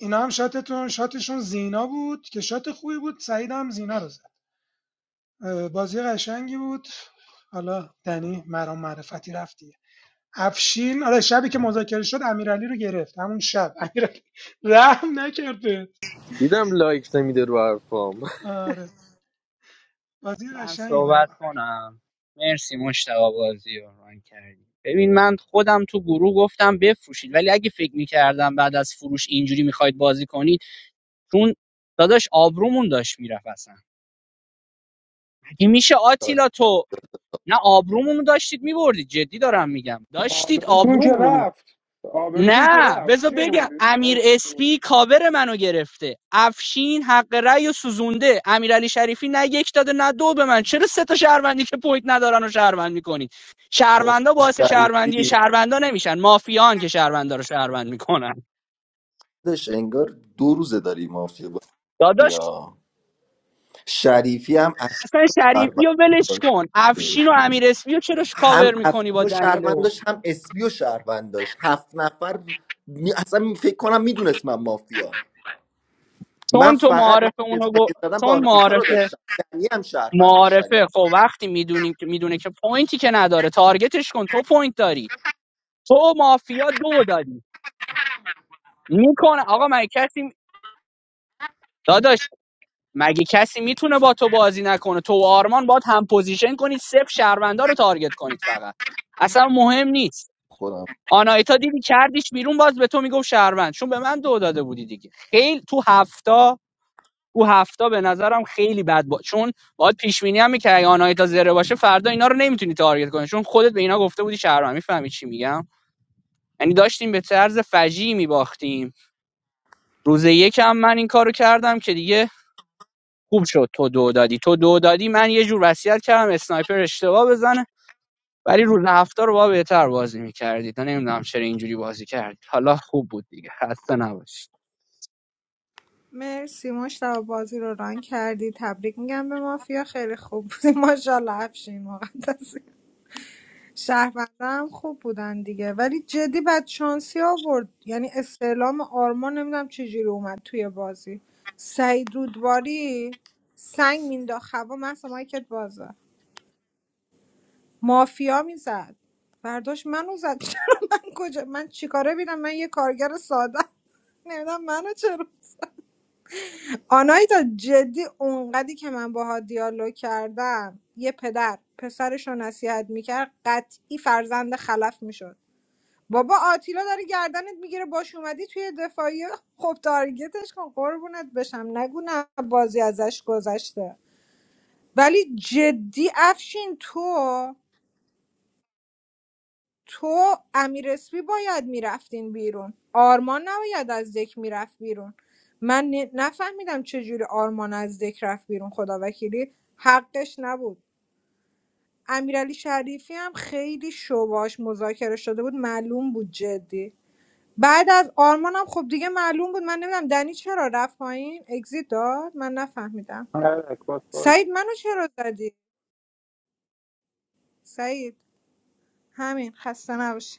اینا هم شاتتون شاتشون زینا بود که شات خوبی بود سعید هم زینا رو زد بازی قشنگی بود حالا دنی مرام معرفتی رفتی افشین آره شبی که مذاکره شد امیرعلی رو گرفت همون شب امیرعلی رحم نکرد بهت دیدم لایک نمیده رو حرفام آره بازی من قشنگی بود صحبت آقا کنم مرسی مشتاق بازی رو ران کردی ببین من خودم تو گروه گفتم بفروشید ولی اگه فکر میکردم بعد از فروش اینجوری میخواید بازی کنید چون داداش آبرومون داشت میرفت اصلا اگه میشه آتیلا تو نه آبرومون رو داشتید میبردید جدی دارم میگم داشتید آبروتون که آبرومون رو رفت آبروتون که نه رفت بذار چی بگم آوردید امیر داشتی اسپی کاور منو گرفته افشین حق رأی و سوزونده امیرعلی شریفی نه یک داده نه دو به من چرا سه تا شهروندی که پوینت ندارن و شهروند میکنید کفت شهروندا باعث شهروندی شریفی شهروندا نمیشن مافیان که شهروندا رو شهروند میکنن داشت انگار دو روزه داری مافیا بکنی داداش ها. شریفی هم افشار اصلا شهروند شریفی رو ولش کن داشت. افشین و امیر اسپی رو چرا هم کاور میکنی افشین با و شهروند دنیلو داشت هم اسبی و شهروند داشت هفت نفر می- اصلا فکر کنم میدونست من مافیا من چون تو فقط معارف مسیر اونو تارگت گف- زدم با چون آنایتا رو معارف داشتم دنی هم شهروند داشت شریف معارفه خب وقتی میدونیم که میدونه که پوینتی که نداره تارگتش کن تو پوینت داری تو مافیا دو داری میکنه آقا مگه کسی داداش مگه کسی میتونه با تو بازی نکنه تو و آرمان باید هم پوزیشن کنید صفر شهروندا رو تارگت کنید فقط اصلا مهم نیست خودم آنایتا دیدی کردیش بیرون باز به تو میگفت شهروند چون به من دو داده بودی دیگه خیلی تو هفته او هفته به نظرم خیلی بد با چون باید پیش بینی هم می‌کردی اگه آناهیتا زره باشه فردا اینا رو نمیتونی تارگت کنی چون خودت به اینا گفته بودی شهروند میفهمی چی میگم یعنی داشتیم به طرز فجیعی میباختیم روز یک هم من این کارو کردم که دیگه خوب شد تو دو دادی تو دو دادی من یه جور وصیت کردم اسنایپر اشتباه بزنه ولی روز هفته رو با بهتر بازی میکردید نمیدونم چرا اینجوری بازی کردید حالا خوب بود دیگه خسته نباشید مرسی مشتاق بازی رو ران کردی تبریک میگم به مافیا خیلی خوب بودی ماشاءالله افشین مقدسی شهرونده هم خوب بودن دیگه ولی جدی بعد شانسی آورد یعنی استعلام آرمان نمیدونم چجوری اومد توی بازی سعید رودباری سنگ مینداخت هوا مثلا مایکت بازه مافیا میزد برداشت منو زد چرا من کجا من چیکاره بیدم من یه کارگر ساده نمیدونم منو چرا آنایتا جدی اونقدی که من باها دیالوگ کردم یه پدر پسرش رو نصیحت میکرد قطعی فرزند خلف میشد بابا آتیلا داره گردنت میگیره باش اومدی توی دفاعی خب تارگتش کن قربونت بشم نگو نه بازی ازش گذشته ولی جدی افشین تو تو امیر اسپی باید میرفتین بیرون آرمان نباید از یک میرفت بیرون من نه- نفهمیدم چجوری آرمان از ذکر رفت بیرون خدا وکیلی حقش نبود امیرعلی شریفی هم خیلی شواش مذاکره شده بود معلوم بود جدی بعد از آرمان هم خب دیگه معلوم بود من نمیدونم دنی چرا رفت پایین اگزیت داد من نفهمیدم آره کس کن سعید منو چرا زدی سعید همین خسته نباشی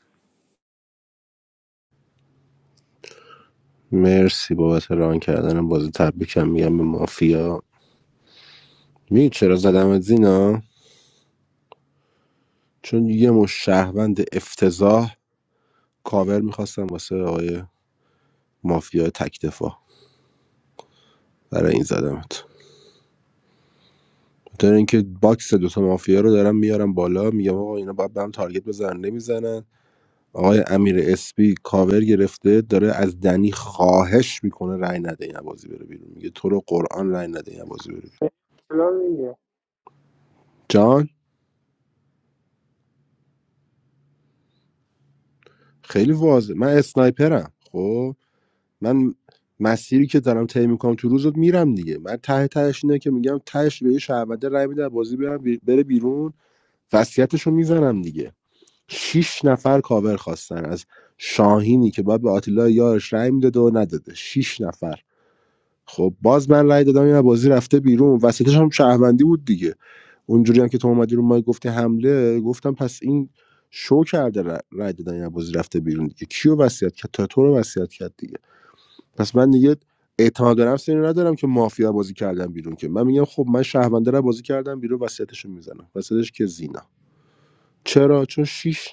مرسی بابت ران کردن بازی تبریکم میگم به مافیا میگی چرا زدم از اینا چون یه مش شهروند افتضاح کاور میخواستم واسه آقای مافیا تک دفاع برای این زدمت بخاطر اینکه باکس دوتا مافیا رو دارم میارم بالا میگم آقا اینا باید به هم تارگت بزنن نمیزنن آقای امیر اسپی کاور گرفته داره از دنی خواهش میکنه رأی نده این بازی بره بیرون میگه تو رو قرآن رأی نده این بازی بره بیرون چرا دیگه جان خیلی واضح من اسنایپرم خب من مسیری که دارم طی میکنم تو روزت میرم دیگه من ته تهش اینه که میگم تهش به یه شهرونده رأی میده بازی برم بی- بره بیرون وصیتشو میزنم دیگه شیش نفر کاور خواستن از شاهینی که باید به آتیلا یارش رأی میداده و نداده شیش نفر خب باز من رأی دادم این بازی رفته بیرون وسطش هم شهروندی بود دیگه اونجوری هم که تو اومدی رو ما گفتی حمله گفتم پس این شو کرده ر- رأی دادن این بازی رفته بیرون دیگه کیو وصیت کرد تا تو رو وصیت کرد دیگه پس من دیگه اعتماد به نفس اینو ندارم که مافیا بازی کردن بیرون که من میگم خب من شهرونده رو بازی کردم بیرون وصیتش میزنم وصیتش که زینا چرا چون شیش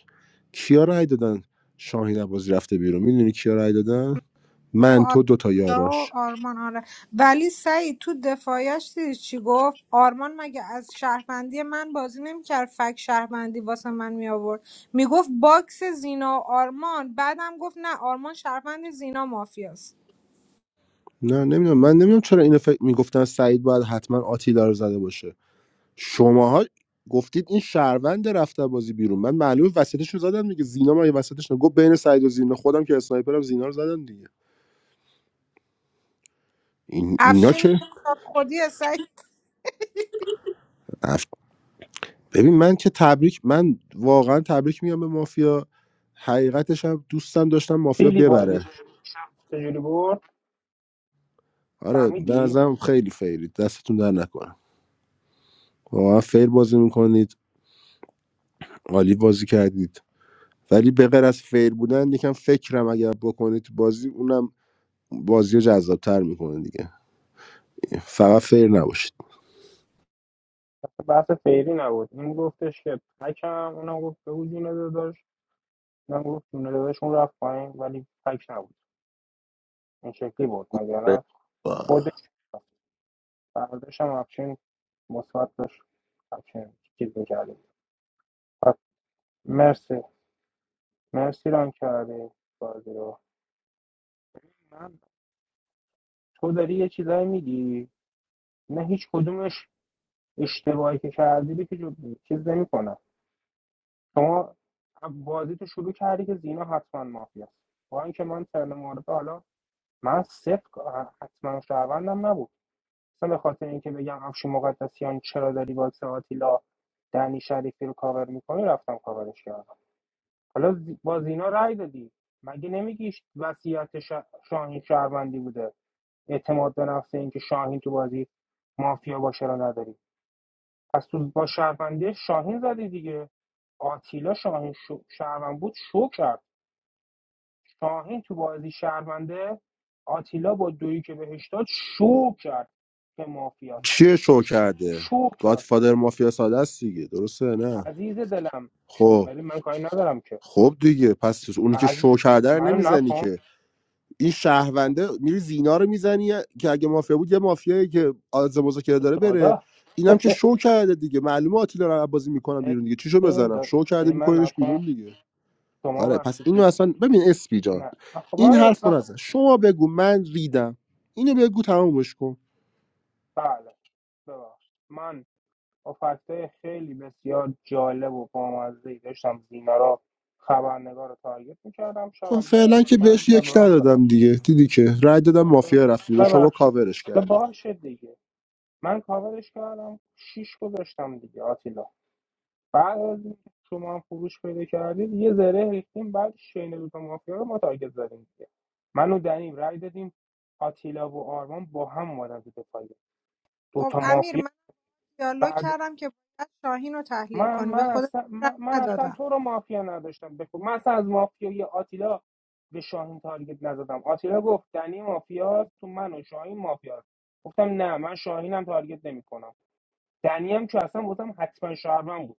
کیا رأی دادن شاهین بازی رفته بیرون میدونی کیا رأی دادن و من تو دوتا آتیلا یاراش و آرمان آره ولی سعید تو دفاعش دیدی چی گفت آرمان مگه از شهروندی من بازی نمیکرد فک شهروندی واسه من می آورد میگفت باکس زینا و آرمان بعدم گفت نه آرمان شهروند زینا مافیاست نه نمیدونم من نمیدونم چرا اینو فکر میگفتن سعید باید حتما آتیلا رو زده باشه شماها گفتید این شهروند رفته بازی بیرون من معلومه وسطش رو زدم دیگه زینا من وسطش نه. گفت بین سعید و زینا خودم که اسنایپرم زینا رو زدم دیگه این اینا افشین که گفت شاد خودی سعید اف- ببین من که تبریک من واقعا تبریک میگم به مافیا حقیقتش هم دوستم داشتم مافیا دیدی بازیش ببره چجوری برد آره به فهمیدی؟ نظرم خیلی فیرید دستتون در نکنم واقعا فیر بازی میکنید عالی بازی کردید ولی به غیر از فیر بودن یکم فکرم اگر بکنی تو بازی اونم بازی رو جذابتر میکنه دیگه فقط فیر نباشید اصلا بحث فیری نبود این گفتش که پکم اونم گفت بگو جونه داداش اونم گفت جونه داداش اون رفت پایین ولی پک نبود این شکلی بود به مگرنه با. خودش فرداش هم افشین مثبت داشت افشین چیز میکردیم پس مرسی مرسی ران کردی بازی رو من تو داری یه چیزایی میگی نه هیچ کدومش اشتباهی که کردی رو که جو- چیز نمیکنم شما بازی تو شروع کردی که زینا حتما مافیاست با اینکه من ترن معارفه حالا من صفر حتما شهروندم نبود مثلا به خاطر اینکه بگم افشین مقدسیان چرا داری باکس آتیلا دنی شریفی رو کاور میکنی رفتم کاورش کردم حالا زی- با زینا رأی دادی مگه نمیگی وصیت ش... شاهین شهروندی بوده اعتماد به نفس اینکه شاهین تو بازی مافیا باشه رو نداری پس تو با شهروندی شاهین زدی دیگه آتیلا شاهین شو... شهروند بود شو کرد. شاهین تو بازی شهرونده آتیلا با دویی که بهش داد شو کرد که مافیا چیه شو کرده شو کرد گادفادر مافیا ساده است دیگه درسته نه عزیز دلم شم... خب ولی من کاری ندارم که خب دیگه پس اونی من که عزیز شو م- کرده رو منو نمیزنی نکن که این تو شهرونده میری زینا رو میزنی که اگه مافیا بود یه مافیایی که آز مذاکره تو داره بره دادا اینم که شو کرده دیگه معلومه آتیلا رو بازی میکنم بیرون دیگه چیشو این بزنم دا- شو کرده ولی من میکنینش نکن بیرون دیگه شما آره پس وقتی اینو دو اصلا ببین اسپی جان نه آخه این من حرف رو آخه نزن شما بگو من ریدم اینو بگو تمومش کن بله ببخش من با فکتای خیلی بسیار جالب و بامزه‌ای داشتم زینا را خبرنگار رو تارگت میکردم خب شبم فعلا که دادمش من بهش به یک من ببخش ندادم دیگه دیدی که رای دادم مافیا رفتی رو شما ببخشید کاورش حالا کردی باشه دیگه من کاورش کردم شیش گذاشتم دیگه آتیلا بعد از اینکه شما هم فروش پیدا کردید یه ذره ریختیم بعد شین دوتا مافیا رو ما تارگت زدیم دیگه من و دنیم رای دادیم آتیلا و آرمان با هم اومدن تو دفاعیه خب دوتا امیر مافیا من دیالوگ بعد کردم که باید شاهین رو تحلیل من کنی به من خودت اصلا رأی من, من اصلا ندادم تو رو مافیا نداشتم بخو من اصلا از مافیای آتیلا به شاهین تارگت نزدم آتیلا گفت دنی مافیا تو من و شاهین مافیا گفتم نه من شاهینم تارگت نمیکنم دنی هم که اصلا گفتم حتما شهروند بود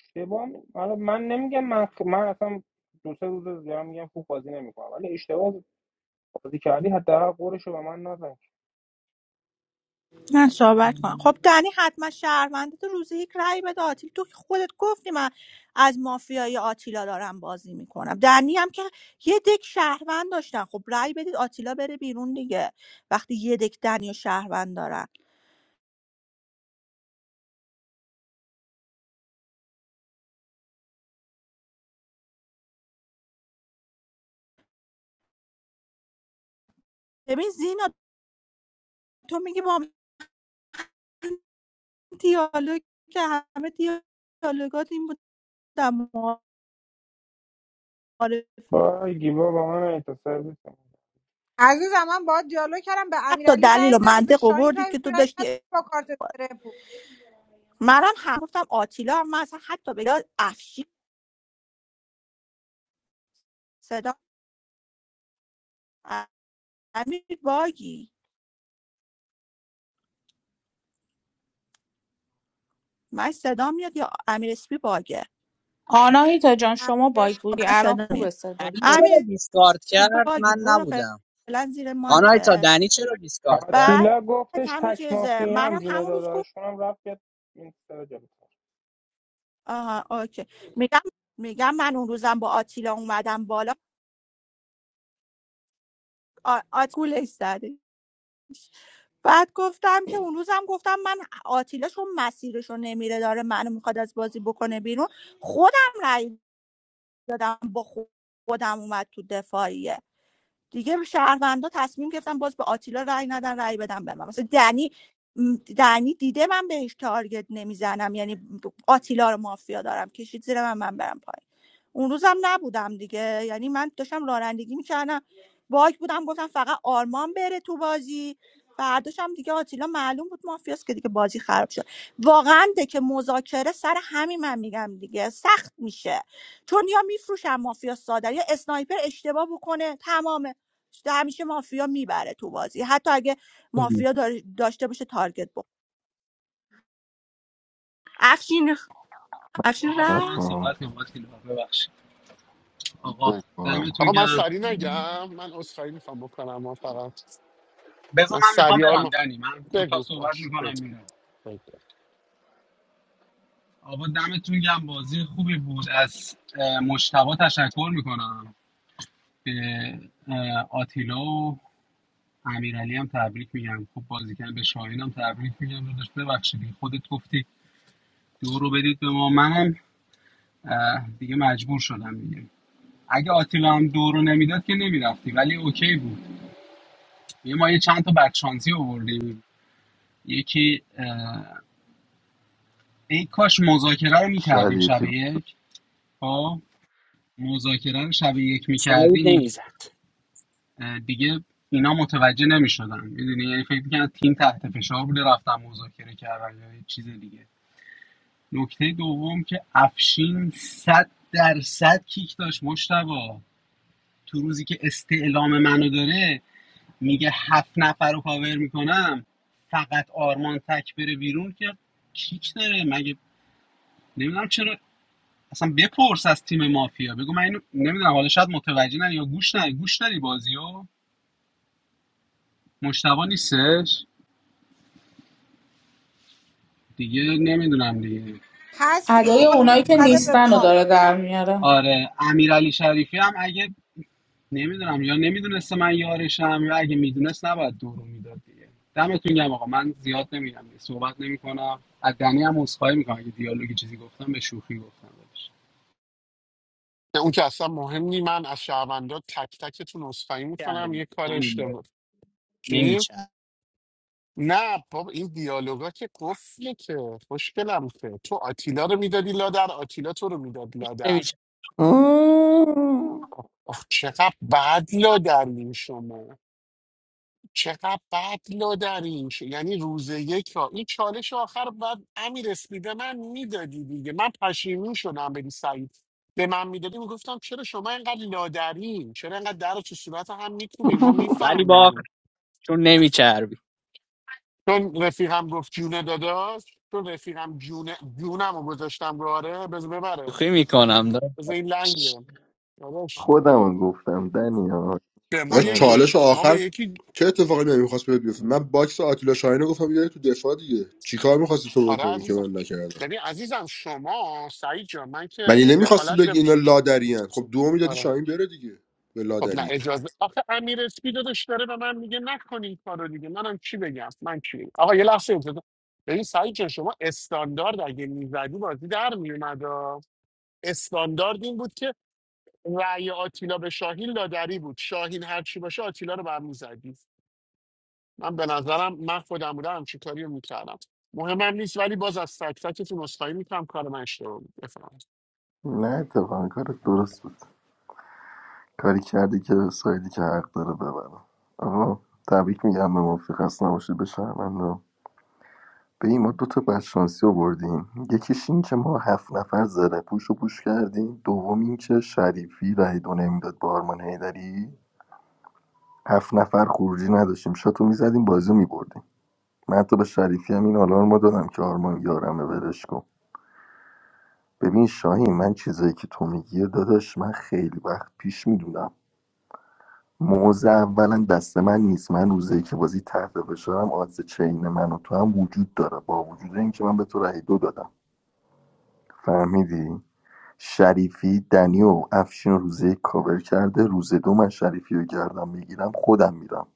اشتباه می- حالا من نمیگم من خ- من اصلا دو سه روز دارم میگم خوب بازی نمیکنم ولی اشتباه بود. بازی کردی حداقل قورشو به من نزن نه صحبت کن خب دنی حتما شهرونده تو روز یک رأی بده آتیل تو که خودت گفتی من از مافیای آتیلا دارم بازی میکنم دنی هم که یه دک شهروند داشتن خب رأی بدید آتیلا بره بیرون دیگه وقتی یه دک دنی و شهروند دارن ببین زینا تو میگی با من دیالوگ که همه دیالوگات این بود در مورد- وای گیبا با من انتصار عزیزم من باید دیالوگ کردم به حتی امیرعلی دلیل رأی و ندی به منطق شاهین آوردید رأی که بدی، تو رأی داشتی ندی با کارت زره منم هم گفتم آتیلا من اصلا حتی به یاد افشی صدا امیر باگی من صدا میاد یا امیر اسپی باگه آناهیتا جان شما بود باگ خب بودی من الان صدا میاد خوبه صدات دنی به- چرا امیر دیسکارد اسپی کرد باگی من برو نبودم فعلا زیر آنایتا مایکت دنی چرا دیسکارد کرد بعد آتیلا گفتش همین تک چیزه مافیا هم منم جونه همون روز گفت داداش اونم رفت یه این سر جلو. آها اوکی میگم میگم من اون روزم با آتیلا اومدم بالا آ- آتیلا زده بعد گفتم که اون روزم گفتم من آتیلا چون مسیرشو نمیره داره منو میخواد از بازی بکنه بیرون خودم رای دادم با خودم اومد تو دفاعیه دیگه شهروندا تصمیم گرفتن باز به آتیلا رای ندن رای بدن به من مثلا دنی دنی دیده من بهش تارگت نمیزنم یعنی ب- آتیلا رو مافیا دارم کشید زیر من من برم پایین اون روزم نبودم دیگه یعنی من داشتم رانندگی میکردم باگ بودم گفتم فقط آرمان بره تو بازی فرداش هم دیگه آتیلا معلوم بود مافیاست که دیگه بازی خراب شد واقعا ده که مذاکره سر همین من میگم دیگه سخت میشه چون یا میفروشن مافیا سادر یا اسنایپر اشتباه بکنه تمام همیشه مافیا میبره تو بازی حتی اگه مافیا دار- داشته باشه تارگت بخوره افشین افشین آقا بذار رفت مت من صحبت کنم کنم باید کلیوار، ببخشید آقا فکر کنم. دمتون آقا من گرم سری نگم من عذرخواهی میخوام بکنم من فقط بذار من من میخوام سریار برم ما دنی من کوتاه بگو صحبت باش بگو. میکنم میرم بگو. آقا دمتون گرم بازی خوبی بود از اه، مجتبی تشکر میکنم به آتیلا و امیرعلی هم تبریک میگم خب بازیکن به شاهین هم تبریک میگم داداش ببخشید دیگه خودت گفتی دو رو بدید به ما منم دیگه مجبور شدم دیگه اگه آتیلا هم دو رو نمیداد که نمیرفتی ولی اوکی بود یه ما یه چند تا بدشانسی آوردیم یکی اه، ای کاش مذاکره رو میکردیم شب شریفی یک خب مذاکره رو شب یک سعید میکردیم نمیزن اه، دیگه اینا متوجه نمیشدن میدونی یعنی فکر میکنن تیم تحت فشار بوده رفتن مذاکره کردن یا یه چیز دیگه نکته دوم که افشین صد درصد کیک داشت مشتبا تو روزی که استعلام منو داره میگه هفت نفر رو کاور میکنم فقط آرمان تک بره بیرون که کیک داره مگه نمیدونم چرا اصلا بپرس از تیم مافیا بگو من اینو نمیدونم حالا شاید متوجه نه یا گوش نه گوش داری بازیو مشتبا نیستش دیگه نمیدونم دیگه هستش ادای خودش اونایی که زده به نیستن رو باگ داره در میاره آره امیرعلی شریفی هم اگه نمیدونم یا نمیدونسته من یارشم یا اگه میدونست نباید دورو میداد دیگه دمتون گم آقا من زیاد نمیگم صحبت نمیکنم از دنی هم عذرخواهی میکنم اگه دیالوگی چیزی گفتم به شوخی گفتم بهش نه، اون که اصلا مهم نی من از شهروندات تک تکتون عذرخواهی میکنم چربی یه کار دنیلو اشتباه چی؟ نمیچرب نه بابا این دیالوگا که قفله که خوشگلم که تو آتیلا رو میدادی لادر آتیلا تو رو میداد لادر نمیچرب مم. آخ چقدر بد لادرین شما چقدر بد لادرین ش... یعنی روز یک ها این چالش آخر بعد امیر اسمی به من میدادی دیگه من پشیمون شدم بری سعید به من میدادی میگفتم چرا شما اینقدر لادرین چرا اینقدر در رو تو صورت هم میکوبین ما ولی میفهمیم باخت چون نمیچربی چون رفیقم گفت جونه داداش چون رفیقم جونه جونم رو گذاشتم رو آره بذار ببره شوخی میکنم بذار این داشت لنگه داداش خودم گفتم دنی ها به تو ما داشت یک نگفت چالش ما به آخر یکی چه اتفاقی نمیخواست بهت بیفته من باکس آتیلا شاهین رو گفتم بیاری تو دفاع دیگه چیکار میخواستی تو آره بکنی که عزیزم من نکردم ببین عزیزم شما سعید جان من که مگه نمیخواستی دخالت بگی به اینا لادرین خب دو میدادی آره شاهین بره دیگه به خب نه لادری اجازه آخه امیر اسپی داداش داره به من میگه نکن این کارو دیگه منم چی بگم من چی آقا یه لحظه اجازه ببین سعید جان شما استاندارد اگه میزدی بازی در میومد استاندارد این بود که رأی آتیلا به شاهین لادری بود شاهین هرچی باشه آتیلا رو برمی زدی من به نظرم من خودم بودم همچین کاری رو میکردم مهمم نیست ولی باز از تک تکتون اصخایی میکنم کار من اشتباه بود بفهم نه اتفاقا کار درست بود کاری کردی که سایدی که حق داره ببرم آقا تبریک میگم به موفق هست نباشید به شهرمند ببین ما دو تا بدشانسی آوردیم یکیش این که ما هفت نفر زره پوش رو پوش کردیم دوم این که شریفی رای دو نمیداد به آرمان هیدری هفت نفر خروجی نداشتیم شاتو میزدیم بازی رو میبردیم من حتی به شریفی هم این آلارم رو دادم که آرمان یارمه ولش کن ببین شاهین من چیزایی که تو میگی داداش من خیلی وقت پیش میدونم موضع اولا دست من نیست من روزی که بازی تحت فشارم آدز چین من و تو هم وجود داره با وجود اینکه من به تو رای دو دادم فهمیدی شریفی دنی و افشین رو روزه یک کاور کرده روز دو من شریفی رو گردم بگیرم خودم میرم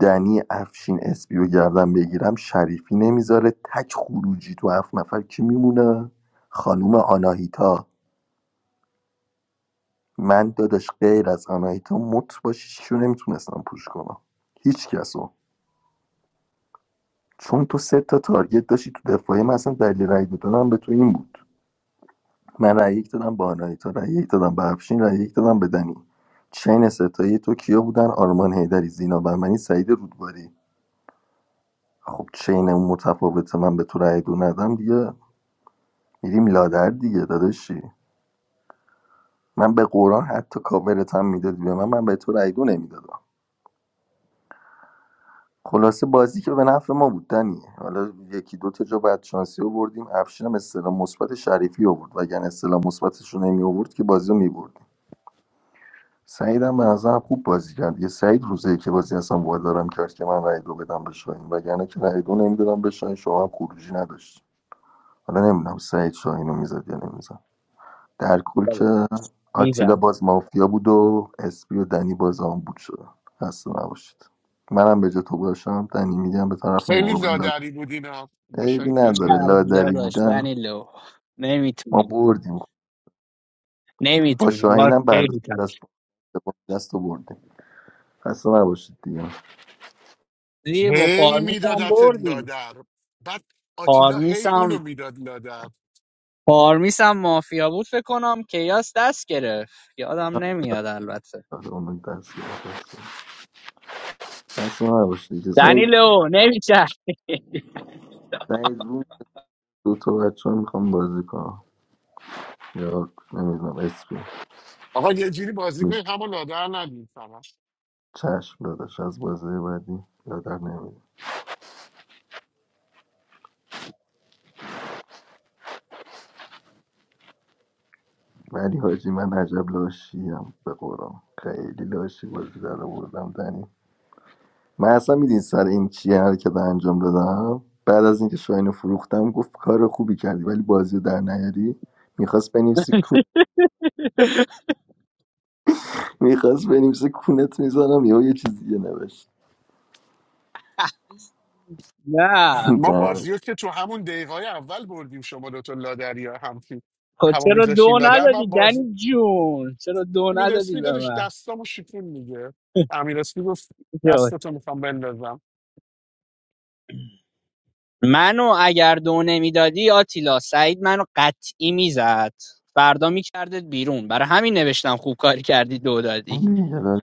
دنی افشین اسپی رو گردم بگیرم شریفی نمیذاره تک خروجی تو هفت نفر کی میمونه خانوم آناهیتا من داداش غیر از آناهیتا مت باشی چیو نمیتونستم پوش کنم هیچ کسو چون تو سه تا تارگت داشتی تو دفاعی من اصلا دلیل رای دادنم به تو این بود من رأی یک دادم به آنایی تو رأی یک دادم به افشین رأی یک دادم به دنی چین ستایی تو کیا بودن آرمان هیدری زینا بهمنی سعید رودباری خب چین اون متفاوته من به تو رأی دو ندم دیگه میریم لادر دیگه داداشی من به قرآن حتی کاورت هم میدادی به من من به تو رأی دو نمیدادم خلاصه بازی که به نفع ما بود دنی حالا یکی دو تا جا بعد شانسی آوردیم افشین هم استلام مثبت شریفی آورد وگرنه استلام مثبتش رو نمی آورد که بازی رو می‌بردیم. سعیدم به نظرم خوب بازی کرد یه سعید روزه که بازی اصلا وادارم کرد که من رای دو بدم به شاهین وگرنه که رای دو نمیدادم به شاهین شما هم خروجی نداشت حالا نمیدونم سعید شاهین رو میزد یا نمیزد در کل که آتیلا میزد باز مافیا بود و اسپی و دنی باز هم بود شدن خسته نباشید منم به جا تو باشم دنی میگم به طرف خیلی مقابل لاد لادری بود اینا با عیبی شاهین خیلی نداره لادری بود. چربی لادری داداش بودن دنیلو ما نمیتونی بردیم با نمیتونی باید شاهینم بعد از خیلی دست تلاش با دست رو بردیم خسته نباشید دیگه زیر با هی پارمیس هم میدادت بردیم لادر بعد آتیلا پارمیس هی اونو هم میداد لادر پارمیس هم مافیا بود فکر کنم کیاس دست گرفت یادم نمیاد البته آره، دست خسته نباشید که سعید دنیلو نمیچرب سعید رو دو تا بچه ها میخوام بازی کنم یا نمیدونم اسپی آقا یه جوری بازی نیست کنید همون لادر ندید فقط. چشم داداش از بازی بعدی یادم نمیدونم ولی حاجی من عجب لاشیم به قرآن خیلی لاشی بازی در آوردم دنی من اصلا میدین سر این چیه حرکت انجام دادم بعد از اینکه شاینو فروختم گفت کار خوبی کردی ولی بازی رو در نیاری میخواست بنویسی کو... میخواست بنویسی کونت میزنم یا یه چیز دیگه نوشت نه ما دهنت. بازی رو که تو همون دقیقه های اول بردیم شما دوتا لادریا هم که خب هوا چرا میذاشین دو لادر من ندادی بازی دنی جون چرا دو امیر ندادی اسمی به دادش من دستامو شکون میگه امیر اسمی گفت یاد. دستتو میخوام بندازم منو اگر دو نمیدادی آتیلا سعید منو قطعی میزد فردا میکردت بیرون برای همین نوشتم خوب کاری کردی دو دادی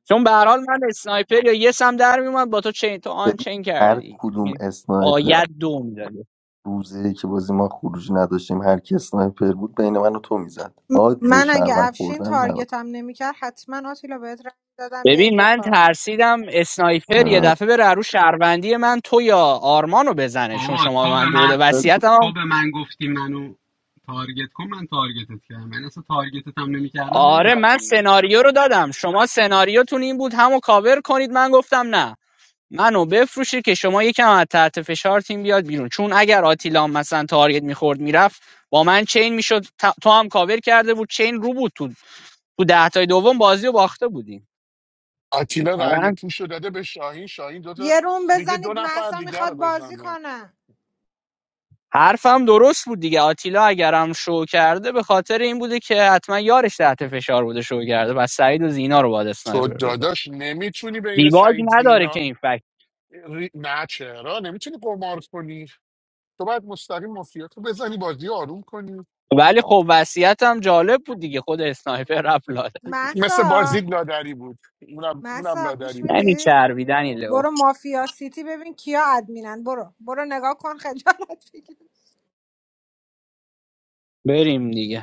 چون به هر حال من اسنایپر یا یه سم در میومد با تو چین تو آن ببین چین هر کردی کدوم یعنی اسنایپر باید دو میدادی روزی که بازی ما خروجی نداشتیم هر کی اسنایپر بود بین من و تو میزد م- آدز من اگه شهروند افشین خوردن نبود تارگتم نمیکرد حتما آتیلا بهت رنگ دادم بیای ببین من دفاع ترسیدم اسنایپر یه دفعه بره رو شهروندی من تو یا آرمانو بزنه چون بابا شما تو به به من دو داد من وصیتم تو به من گفتی منو تارگت کن من تارگتت کردم من اصلا تارگتت هم نمیکردم آره من نمیرفتی اینجا سناریو رو دادم شما سناریوتون این بود همو کاور کنید من گفتم نه منو بفروشه که شما یکم از تحت فشار تیم بیاد بیرون چون اگر آتیلا هم مثلا تارگت میخورد میرفت با من چین میشد تو هم کاور کرده بود چین رو بود تو تو ده تای دوم بازی رو باخته بودیم آتیلا رأی برن. پوش رو داده به شاهین شاهین دوتا یه روم میگه بزنید دو نفر محسا دیگر میخواد رو بازی بزنیم کنه حرفم درست بود دیگه آتیلا اگرم شو کرده به خاطر این بوده که حتما یارش تحت فشار بوده شو کرده و سعید و زینا رو باید تو اسنایپر بزن داداش نمیتونی بین دیباگ سعید نداره که زینا این فکت ری- نه چرا نمیتونی قمار کنی تو باید مستقیم مافیاتو بزنی بازی رو آروم کنی ولی خب وصیتم جالب بود دیگه خود اسنایپر رفت لاده مثل بازی محسا لادری بود اونم, اونم محسا گوش لادری بود یعنی میدی چربیدنی لو برو مافیا سیتی ببین کیا ادمینن برو برو نگاه کن خجالت بکش بریم دیگه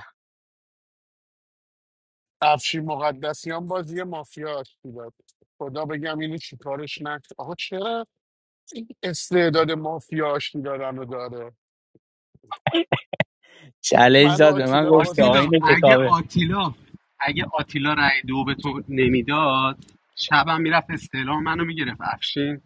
افشین مقدسیان باز یه مافیا آشتی داد خدا بگم اینو چیکارش نکرد آقا چرا استعداد مافیا آشتی دادن رو داره چلنج من و داد به من آتیلا رو گفت باز شاهین آتیلا آشتی داد اگه کاوه آتیلا اگه آتیلا رای دو به تو نمیداد شبم میرفت استعلام منو میگرفت افشین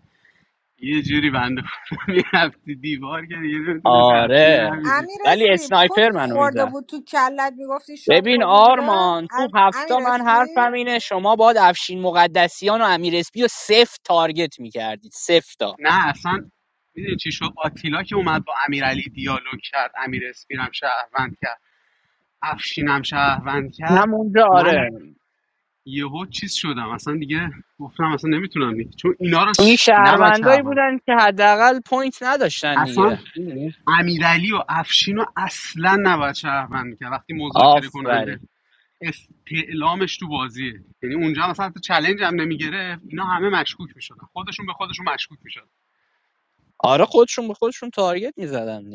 یه جوری بنده خدا میرفتی دیوار که دیگه نمیتونست افشین آره در بیاری. امیر ولی اسمی پت اسنایپر منو خورده میزد بود تو کلت میگفتی شاد ببین خودی بوده آرمان تو ام... هفته امیر من اسمی حرفم اینه شما باید افشین مقدسیان و امیر اسپی و سفت تارگت میکردید سفت تا نه اصلا میدونی چی شد آتیلا که اومد با امیرعلی دیالوگ کرد امیر اسپیرم شهروند کرد افشینم شهروند کرد همونجا من آره یهو چیز شدم اصلا دیگه گفتم اصلا نمیتونم دیگه. چون اینا رو این ش... نباید شهروندایی شهروند بودن که حداقل پوینت نداشتن اصلا دیگه امیرعلی و افشین رو اصلا نباید شهروند کرد وقتی مذاکره کننده آفرین استعلامش تو بازیه یعنی اونجا مثلا حتی چلنج هم نمیگرفت اینا همه مشکوک میشدن خودشون به خودشون مشکوک میشدن آره خودشون به خودشون تارگت میزدن